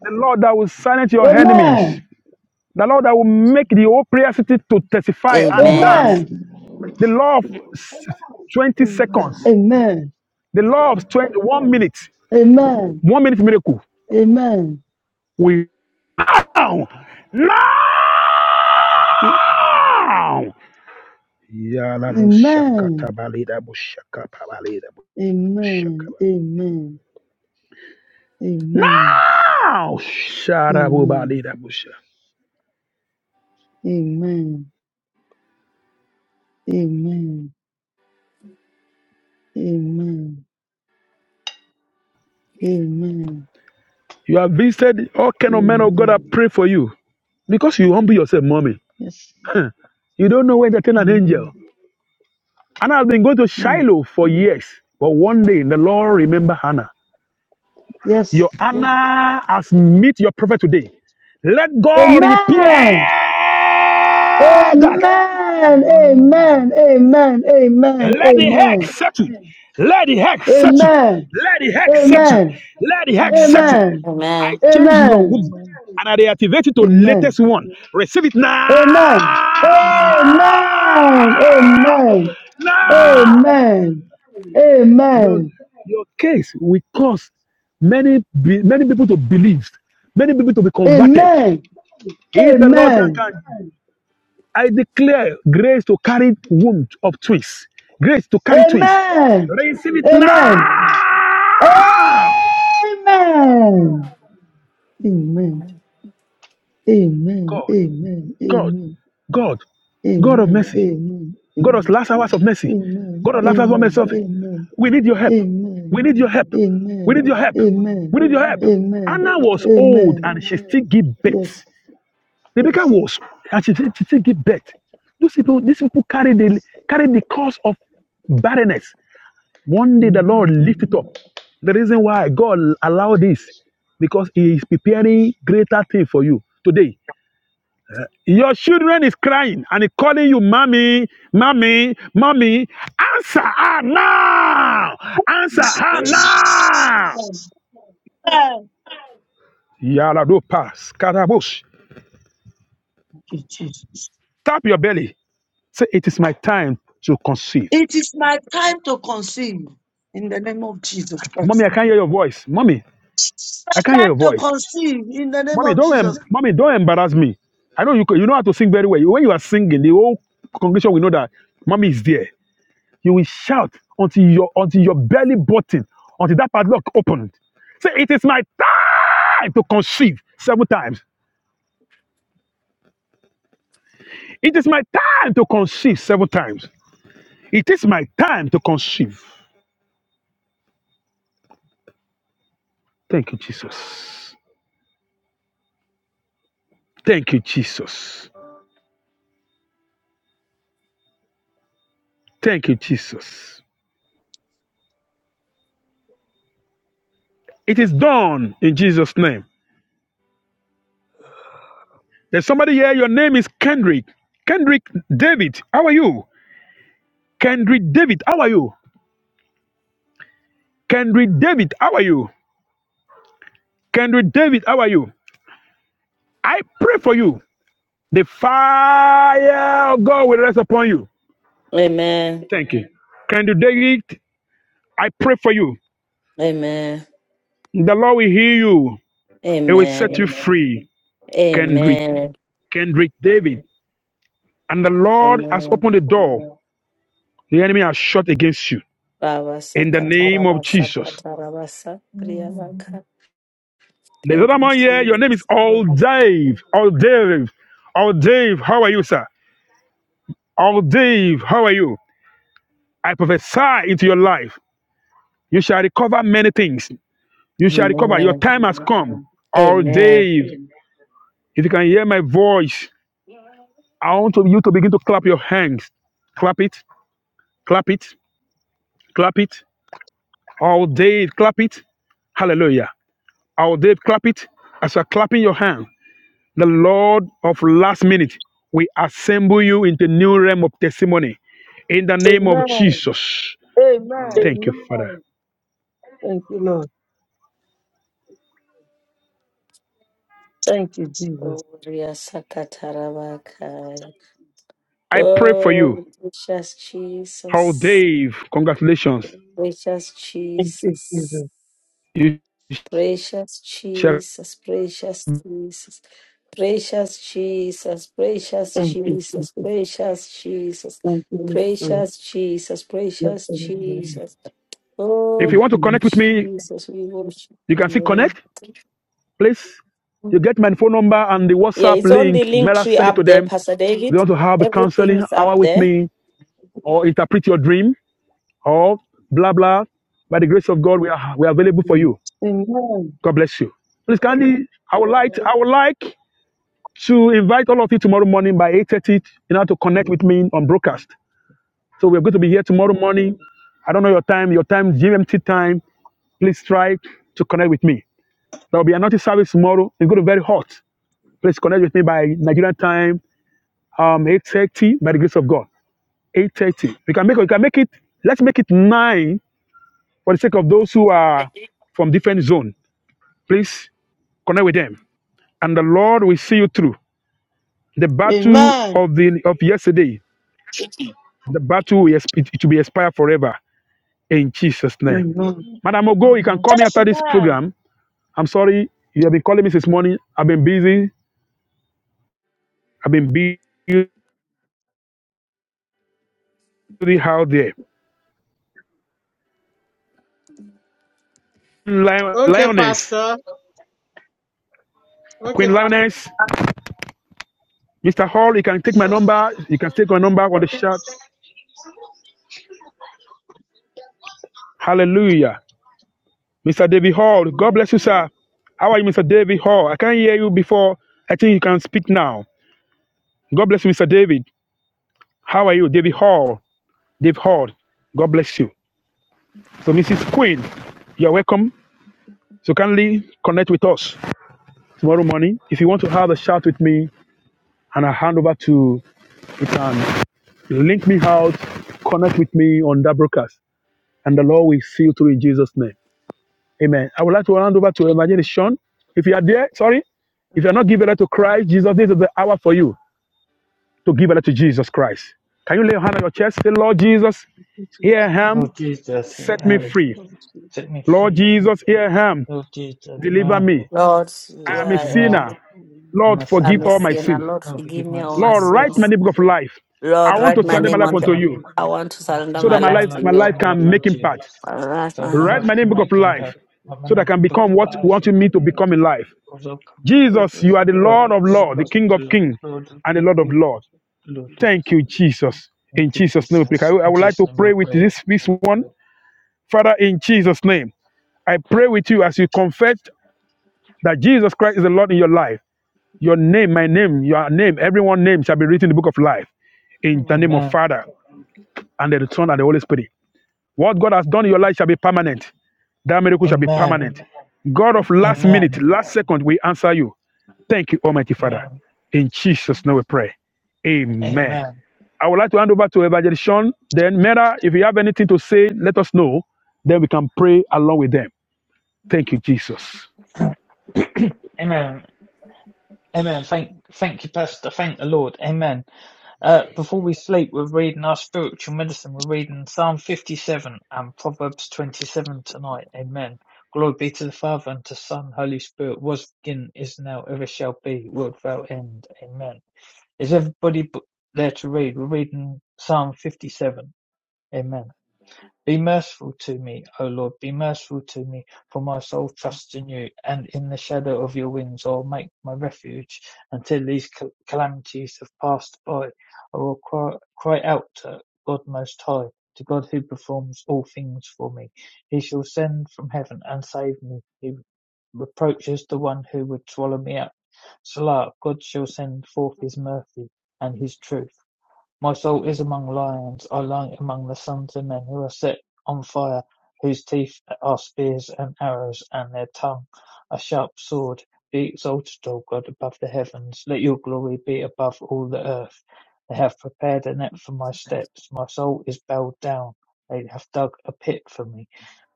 The Lord that will silence your enemies.
Amen.
The Lord that will make
Amen.
the whole prayer city to testify and dance.
Amen.
Amen.
The law of s- 20
Amen.
seconds.
Amen.
The law of 20, one minute.
Amen.
One minute miracle.
Amen.
We No! No!
A-
Yala bushaka
Amen.
tabalida bushaka babalida bushaka.
Amen. Amen. Amen.
No!
Amen.
Sharabubalida busha.
Amen. Amen. Amen. Amen.
You have visited all kind of men of God that
Amen.
pray for you because you humble yourself, mommy.
Yes.
You don't know when to turn an angel.
Amen.
Anna has been going to
Hmm.
Shiloh for years, but one day the Lord remember Hannah.
Yes.
Your honor has meet your prophet today. Let God repair
Amen.
that.
Amen.
Amen. Amen.
Amen. Amen. Amen. Amen.
Let the heck settle. Let the heck
Amen.
settle.
Amen.
Let the heck settle.
Amen.
Let the heck
Amen.
settle.
Amen.
I
Amen.
Amen. Amen.
change your womb and I reactivate it to the
Amen.
latest one. Receive it
Amen.
now.
Amen. Amen.
Amen.
Now.
Amen.
Your,
Amen.
your case will cause many, many people to believe, many people to be converted. In the Lord, I
Amen.
can. I declare grace to carry womb of twins. Grace to carry twins.
Amen.
Receive it now.
Amen. Amen. Amen.
God,
Amen.
God,
Amen.
God, God of
Amen.
mercy.
Amen.
God of
Amen.
last hours of mercy.
Amen.
God of last hours of mercy.
Amen. Amen.
We need your help. We
Amen.
need your help. We
Amen.
need your help.
Amen.
Amen.
We need your help.
Amen.
Amen.
Anna was old
Amen.
and she still gave
Yes.
birth. The Rebecca
Yes.
was, and she, she still give birth. Those people, these people carried the carried the cause of barrenness. One day the Lord
Amen.
lifted it up. The reason why God allowed this, because He is preparing greater thing for you today. Your children is crying and calling you, mommy, mommy, mommy. Answer her now. Answer her now.
Amen. Thank
Yaladopas, karabush.
you, Jesus.
Tap your belly. Say, it is my time to conceive.
It is my time to conceive in the name of Jesus
Mommy,
Christ.
I can't hear your voice. Mommy, I can't hear
My
your
time to
voice.
conceive in the name
Mommy,
of
don't
Jesus.
em- mommy, don't embarrass me. I know you c- you know how to sing very well. When you are singing, the whole congregation will know that mommy is there. You will shout until your until your belly button, until that padlock opened. Say, it is my time to conceive seven times. It is my time to conceive seven times. It is my time to conceive. Thank you, Jesus. Thank you, Jesus. Thank you, Jesus. It is done in Jesus' name. There's somebody here, your name is Kendrick. Kendrick David, how are you? Kendrick David, how are you? Kendrick David, how are you? Kendrick David, how are you? I pray for you. The fire of God will rest upon you.
Amen.
Thank you. Kendrick David, I pray for you.
Amen.
The Lord will heal you. It will set
Amen.
you free. Kendrick,
Amen.
Kendrick David. And the Lord has
Amen.
opened the door. The enemy has shut against you.
Baba
In the name of
Sakataraba
Jesus.
Sakatarabasa
Mm,
Riyavaka.
There's
Thank
another
you,
man here. Your name is
Jesus.
All Dave. All Dave. All Dave. How are you, sir? All Dave. How are you? I prophesy into your life. You shall recover many things. You shall recover. Your
Amen.
time has come. All
Amen.
Dave. If you can hear my voice, I want to- you to begin to clap your hands. Clap it. Clap it. Clap it. All Dave. Clap it. Hallelujah. All Dave. Clap it. As you're clapping your hands. the Lord of last minute will assemble you into new realm of testimony. In the name of
Amen.
Jesus.
uh,
Amen.
Thank you, Father.
Thank you, Lord. Thank you, Jesus.
Oh, Riya Sakatarabaka.
I pray for you.
Oh, precious
How,
Jesus.
Dave, congratulations.
Precious
Thank you, Jesus.
Jesus.
You
Precious
shall,
Jesus, precious Jesus, precious Jesus, precious
Thank you,
Jesus,
Jesus.
precious Jesus,
Thank you, Lord.
precious Jesus,
Bless
precious
the Lord.
Jesus.
if
Oh,
you
Thank
want to
you,
connect with me,
Jesus, we worship
you
your
can see
name.
connect, please. You get my phone number and the
Yeah,
WhatsApp
it's on the
link.
link
Mela,
tree
send it to
up there,
them.
Pastor
If you
David.
want to have a
Everything
counseling
is
hour
up
with
there.
me or interpret your dream or blah, blah. By the grace of God, we are, we are available for
Lord.
you.
Amen.
God bless you. Please kindly, I would like I would like to invite all of you tomorrow morning by 8.30 in order to connect with me on broadcast. So we're going to be here tomorrow morning. I don't know your time, your time, GMT time. Please try to connect with me. There will be another service tomorrow. It's going to be very hot. Please connect with me by Nigerian time, um, 8.30 by the grace of God. 8.30. We can make it, we can make it, let's make it 9 for the sake of those who are from different zone. Please connect with them. And the Lord will see you through. The battle
Amen.
of the of yesterday, the battle will, exp- it will be expired forever in Jesus' name.
Amen.
mm,
Madam
oh,
Ogo, you can
no.
call me after this
Amen.
program. I'm sorry you have been calling me since morning. I've been busy. I've been busy out there. Lion-
Okay,
Lioness,
Pastor. Okay,
Queen
Pastor.
Lioness, Mr. Hall, you can take my number. You can take my number on the chat. Hallelujah. Mr. David Hall,
Amen.
God bless you, sir. How are you, Mr. David Hall? I can't hear you before. I think you can speak now. God bless you, Mr. David. How are you, David Hall? They've heard. God bless you. So, Mrs. Queen, you're welcome. So, kindly connect with us tomorrow morning. If you want to have a chat with me and I hand over to, you can link me out, connect with me on that broadcast, and the Lord will see you through in Jesus' name. Amen. I would like to hand over to Evangelist Sean.
It-
If you are there, sorry, if you
it-
are not giving letter to Christ, Jesus, this is the hour for you to give letter to Jesus Christ. Can you lay your hand on your chest? Say, Lord Jesus,
it
here
is
I am,
Lord Jesus,
set me
Amen.
free.
going to,
Set me
Lord
free.
um,
Jesus, here I am,
Lord Jesus,
Deliver
Amen.
me.
go
Lord,
I
Deliver
am a
yeah,
to
me.
yeah,
sinner.
school.
I'm
Lord,
a
I'm
forgive
sinner.
a
Don't
all my
sinner.
know,
sins.
Lord,
Oh,
forgive
forgive
me
my
all my
no,
Lord,
it-
write my
sins.
sins.
name
it's
book of life. I
Lord,
But
want
my
write
to
my
name
surrender
is
my
name
good
life
on the.
unto
enough.
right
you
I
away,
want to
I
surrender
so
can
my
that
live
my
but,
my
life
life,
to
life,
my
you.
life
live my life
can make
unto you.
impact.
All right,
So my
um,
Write
man.
life
my name
can
book
no
of
make
one
life
else
impact.
is
But my
so that I
name
can
is Book
become
for-
of
what
we
you
Life.
want
have
me
to
to become
make
in
it
life.
Lord, oh, come, Lord.
Jesus,
perfect,
you are the
and
Lord
what
of
do I
Lord, the
need to
King of
Lord,
do?
King,
Lord, Lord,
and the
What
keep
Lord of
you,
Lord.
Lord,
is
Lord.
Thank you,
it?
Jesus.
Thank
In
you,
Jesus' name, we pray. I
Jesus.
I
In
would like
Jesus'
to
name I
pray with
pray.
this, this one. Father, in Jesus' name, I pray with you as you confess that Jesus Christ is the Lord in your life. Your name, my name, your name, everyone's name shall be written in the book of life in the
Uh,
name of
Amen.
Father and the Son and the Holy Spirit. What God has done in your life shall be permanent. That miracle shall be
Amen.
permanent. God of last
uh,
minute,
Amen.
last second, we answer you. Thank you, Almighty Father.
Amen.
In Jesus'
mhm.
name we pray. Amen.
Amen.
I would like to hand over to Evangelist Sean. Then, Mera, if you have anything to say, let us know. Then we can pray along with them. Thank you, Jesus.
Amen. Amen. Thank, thank you, Pastor. Thank the Lord. Amen. Uh, before we sleep, we're reading our spiritual medicine. We're reading Psalm 57 and Proverbs 27 tonight. Amen. Glory be to the Father and to the Son, Holy Spirit, was beginning, is now, ever shall be, world without end. Amen. Is everybody there to read? We're reading Psalm 57. Amen. Be merciful to me, O Lord, be merciful to me, for my soul trusts in you, and in the shadow of your wings I will make my refuge until these cal- calamities have passed by. I will cry, cry out to God Most High, to God who performs all things for me. He shall send from heaven and save me. He reproaches the one who would swallow me up. Salah, God shall send forth his mercy and his truth. My soul is among lions. I lie among the sons of men who are set on fire, whose teeth are spears and arrows, and their tongue a sharp sword. Be exalted, O God, above the heavens. Let your glory be above all the earth. They have prepared a net for my steps. My soul is bowed down. They have dug a pit for me.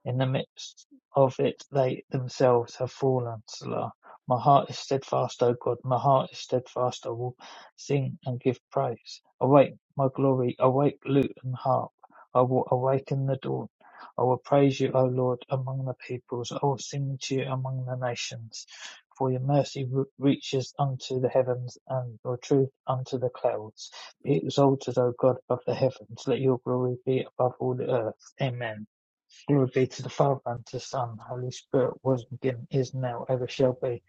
In the midst of it they themselves have fallen, Selah. My heart is steadfast, O God, my heart is steadfast. I will sing and give praise. Awake, my glory, awake, lute and harp. I will awaken the dawn. I will praise you, O Lord, among the peoples. I will sing to you among the nations. For your mercy reaches unto the heavens and your truth unto the clouds. Be exalted, O God, above the heavens. Let your glory be above all the earth. Amen. Glory be to the Father and to the Son, and the Holy Spirit, was and beginning, is now, ever shall be,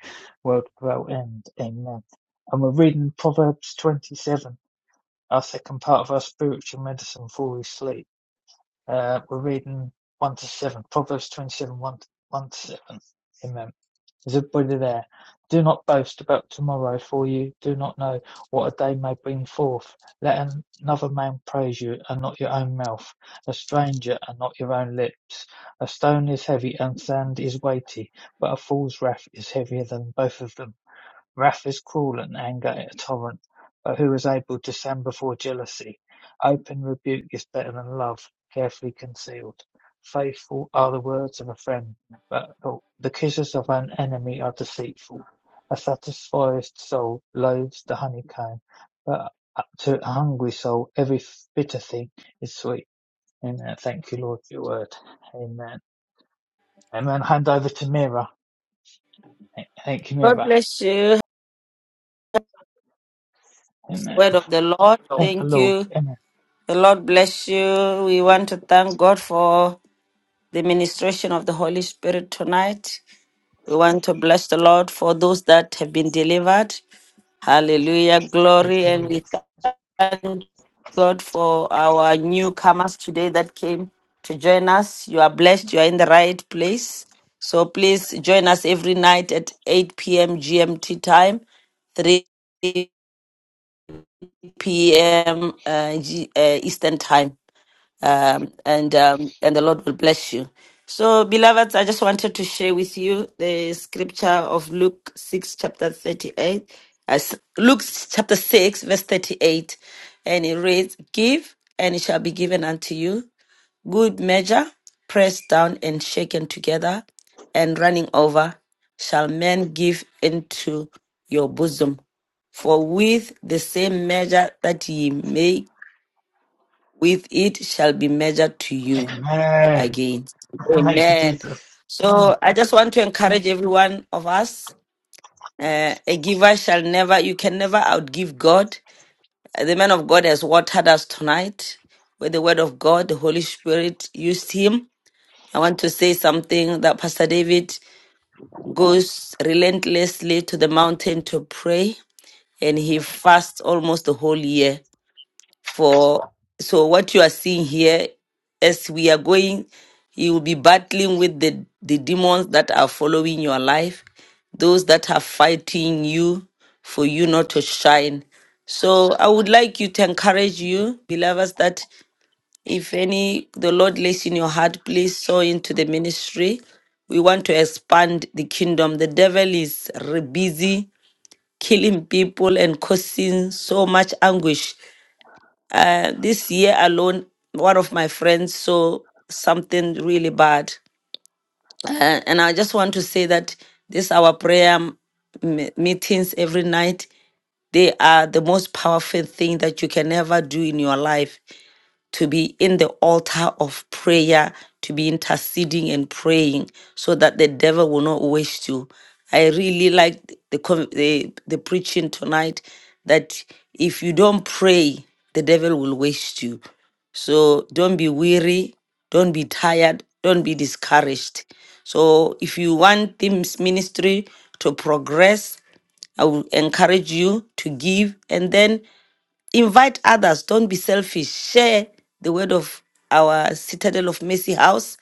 world without end. Amen. And we're reading Proverbs 27, our second part of our spiritual medicine before we sleep. Uh, we're reading 1 to 7, Proverbs 27, 1 to, 1 to 7. Amen. Is everybody there? Do not boast about tomorrow, for you do not know what a day may bring forth. Let another man praise you, and not your own mouth, a stranger, and not your own lips. A stone is heavy, and sand is weighty, but a fool's wrath is heavier than both of them. Wrath is cruel and anger a torrent, but who is able to stand before jealousy? Open rebuke is better than love, carefully concealed. Faithful are the words of a friend, but the kisses of an enemy are deceitful. A satisfied soul loathes the honeycomb, but to a hungry soul every bitter thing is sweet. Amen. Thank you, Lord, for your word. Amen. Amen. Hand over to Mira. Thank you,
God
Mira.
bless you.
Amen.
Word of the Lord.
Thank the
Thank
Lord.
you.
Amen.
The Lord bless you. We want to thank God for the ministration of the Holy Spirit tonight. We want to bless the Lord for those that have been delivered. Hallelujah.
Thank
Glory.
you, Lord.
And we thank God for our newcomers today that came to join us. You are blessed. You are in the right place. So please join us every night at 8 p.m. GMT time, 3 p.m. Uh, G- uh, Eastern time um, and um, and the Lord will bless you. So, beloveds, I just wanted to share with you the scripture of Luke six chapter thirty eight, as Luke chapter six verse thirty eight, and it reads, "Give, and it shall be given unto you, good measure, pressed down and shaken together, and running over, shall men give into your bosom." For with the same measure that ye make with it shall be measured to you
Amen.
again.
Thank you,
Amen.
Jesus. Amen.
So I just want to encourage every one of us. Uh, a giver shall never, you can never outgive God. Uh, The man of God has watered us tonight with the word of God. The Holy Spirit used him. I want to say something that Pastor David goes relentlessly to the mountain to pray and he fasts almost the whole year for so what you are seeing here as we are going you will be battling with the the demons that are following your life those that are fighting you for you not to shine so i would like you to encourage you believers that if any the lord lays in your heart please sow into the ministry we want to expand the kingdom. The devil is re- busy killing people and causing so much anguish uh, this year alone, one of my friends saw something really bad. Uh, and I just want to say that this our prayer m- meetings every night they are the most powerful thing that you can ever do in your life to be in the altar of prayer, to be interceding and praying so that the devil will not waste you. I really like the, con- the, the preaching tonight that if you don't pray, the devil will waste you. So don't be weary, don't be tired, don't be discouraged. So if you want this ministry to progress, I will encourage you to give. And then Invite others. Don't be selfish. Share the word of our Citadel of Mercy house.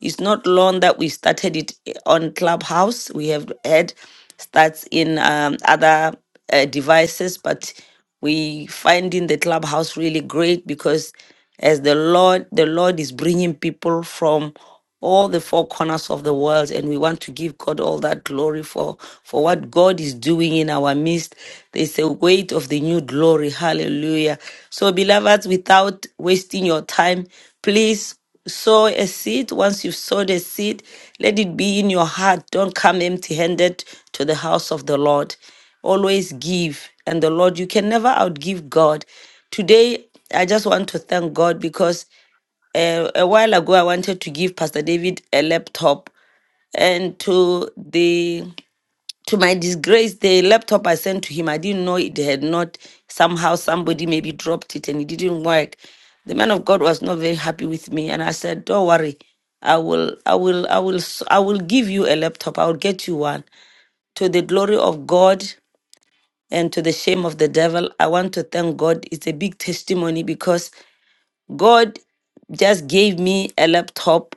It's not long that we started it on Clubhouse. We have had starts in um, other uh, devices, but we finding the Clubhouse really great because as the Lord, the Lord is bringing people from all the four corners of the world and we want to give God all that glory for for what God is doing in our midst there's a weight of the new glory hallelujah so beloveds, without wasting your time please sow a seed once you've sowed a seed let it be in your heart don't come empty-handed to the house of the Lord always give and the Lord you can never outgive God today I just want to thank God because uh, a while ago, I wanted to give Pastor David a laptop, and to the to my disgrace, the laptop I sent to him, I didn't know it had not somehow somebody maybe dropped it and it didn't work. The man of God was not very happy with me, and I said, "Don't worry, I will, I will, I will, s- I will give you a laptop. I will get you one." to the glory of God and to the shame of the devil, I want to thank God. It's a big testimony because God just gave me a laptop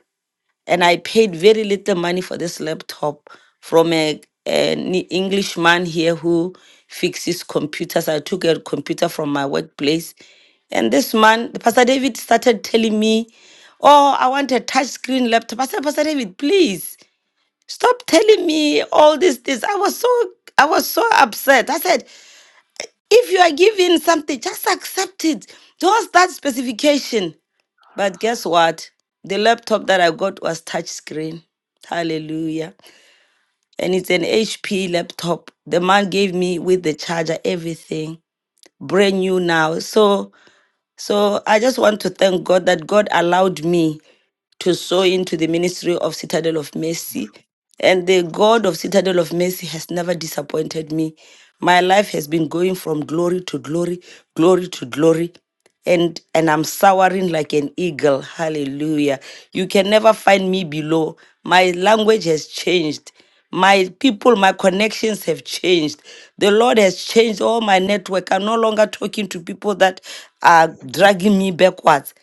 and I paid very little money for this laptop from a an Englishman here who fixes computers. I took a computer from my workplace. And this man, Pastor David, started telling me, Oh, I want a touch screen laptop. I said, Pastor David, please stop telling me all these things. I was so I was so upset. I said, if you are given something, just accept it. Just that specification. But guess what? The laptop that I got was touch screen. Hallelujah. And it's an HP laptop. The man gave me with the charger, everything. Brand new now. So so I just want to thank God that God allowed me to sow into the ministry of Citadel of Mercy. And the God of Citadel of Mercy has never disappointed me. My life has been going from glory to glory, glory to glory. And and I'm soaring like an eagle. Hallelujah. You can never find me below. My language has changed. My people, my connections have changed. The Lord has changed all my network. I'm no longer talking to people that are dragging me backwards.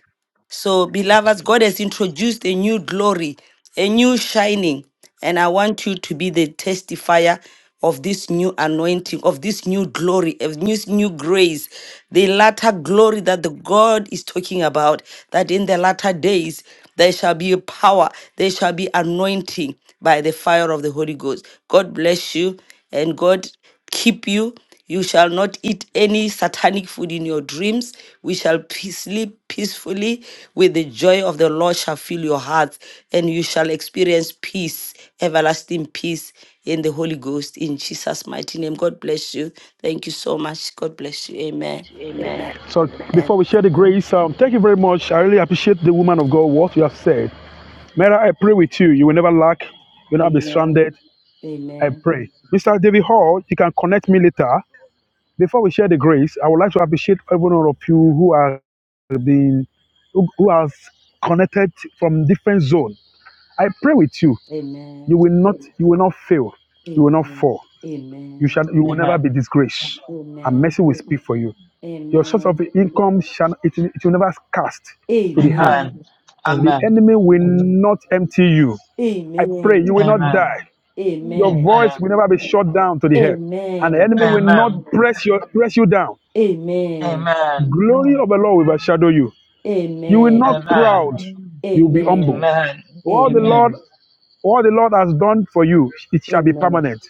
So, beloveds, God has introduced a new glory, a new shining, and I want you to be the testifier of this new anointing, of this new glory, of this new grace, the latter glory that the God is talking about, that in the latter days there shall be a power, there shall be anointing by the fire of the Holy Ghost. God bless you and God keep you. You shall not eat any satanic food in your dreams. We shall pe- sleep peacefully with the joy of the Lord shall fill your heart, and you shall experience peace, everlasting peace in the Holy Ghost in Jesus' mighty name. God bless you. Thank you so much. God bless you. Amen. Amen.
So before we share the
mhm,
grace, um, thank you very much. I really appreciate the woman of God, what you have said. Mera, I pray with you. You will never lack. You will
Amen.
not be
Amen.
stranded. I
Amen.
pray. Mr. David Hall, you can connect me later. Before we share the grace, I would like to appreciate every one of you who has been, who, who has connected from different zone. I pray with you.
Amen.
You will not, you will not fail. You will not
Amen.
fall. You shall, you will never be
Amen.
disgraced. And
Amen.
mercy will speak for you.
Amen. Amen.
Your source of income shall it, will- it will never cast to the hand,
Amen.
and the
Amen.
mhm,
enemy will not empty you. I pray
Amen. Amen.
you will not
Amen.
mhm,
die. Your
mhm,
Amen.
voice
Amen.
will never be shut down to the head, and the
Amen.
enemy will
mhm,
not
Amen.
press your press you down.
Amen.
Amen.
Glory
mhm,
of the Lord will overshadow you. You will not
Amen.
Amen.
proud.
mhm,
You will be humble.
Amen.
All the
Amen.
Lord
Amen. Amen.
What the Lord has done for you, it shall be
Amen.
permanent,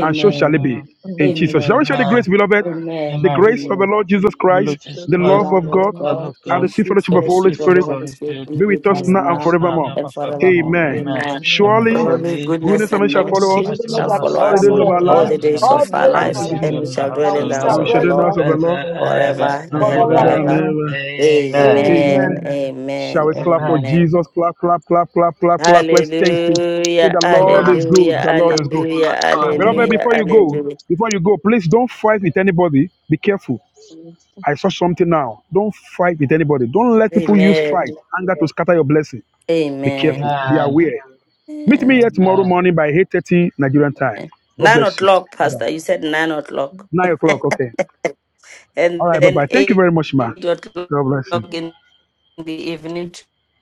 and so shall it be
Amen.
mhm,
in
mhm.
Jesus. Shall we share the
Amen.
grace, beloved?
Amen.
The
Amen.
grace of the
Amen.
Lord Jesus Christ,
Religious
Jesus
the
The
love
life,
Christ,
love
of
the
of
God,
love
love
of
God,
of
and
the
the
God,
God,
sweet
sweet
fellowship
the
of
and the
the Holy
sweet
fellowship
grace
of the
Spirit
church of
Holy
the
Spirit
Spirit,
be
be with
with
be
us
of
us
with
now and
us
us
now
now and
forevermore.
now
ever
and
and
forevermore.
forevermore.
Amen.
forevermore.
Amen.
Amen.
Amen.
Amen.
Surely,
Holy
Surely.
goodness
goodness and
and
mercy shall
So the
Blessed
follow us
mercy
goodness
We
Master, all
and
make
shall
mercy
our
follow
Lord
shall
all the
to
us
days
follow
all
of
us
follow
our
us
all
all
life,
days
the
those
of our
who
days
life,
all
of
the
follow
our
us
days
and
and
of
and
we
we
lives,
our
shall
should
life,
dwell
and
dwell
we
in
the
the
shall
house
house
dwell
and
of the
in
we
of
the
the
house
shall
of
Lord
Lord
shall
the
dwell
do in
in
the
the
house
Lord
house
of the
of
Lord,
the
forever and
forever
ever
forever
Lord
and
and
and
forever
ever.
forever
and
and
and
ever.
ever.
ever.
Amen.
ever.
Amen.
Amen.
Amen.
Amen.
Shall
Amen.
we clap for
Amen.
Amen.
Jesus? Clap, clap, clap, clap, clap, clap. Let's thank you. Say,
Hallelujah,
the Lord
Amen.
is good.
hallelujah,
The Lord is good.
All
hallelujah,
the time.
All
Beloved,
the
hallelujah,
before you
time,
go,
hallelujah.
before you go, please don't fight with anybody. Be careful.
for us,
I saw something now. Don't fight with anybody. Don't let people use
Amen,
my
fight,
God,
anger to scatter your blessing. Be
amen.
careful.
and
Be
Amen.
the Lord,
aware. Meet me
amen.
here tomorrow
Amen.
morning
and
by 8.30 Nigerian time. God
Nine
bless you.
o'clock,
Bye-bye.
Pastor. You
the Lord,
said nine o'clock.
and the
Nine
Lord.
o'clock. Okay.
and
All right.
then
Bye-bye. Thank you
eight
very much, ma.
o'clock
God bless you. Yeah.
in the evening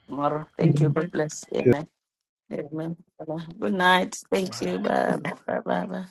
tomorrow. Thank you. God bless. Amen. Amen. Good night. Thank
Amen.
you. Bye. Bye. Bye. Bye.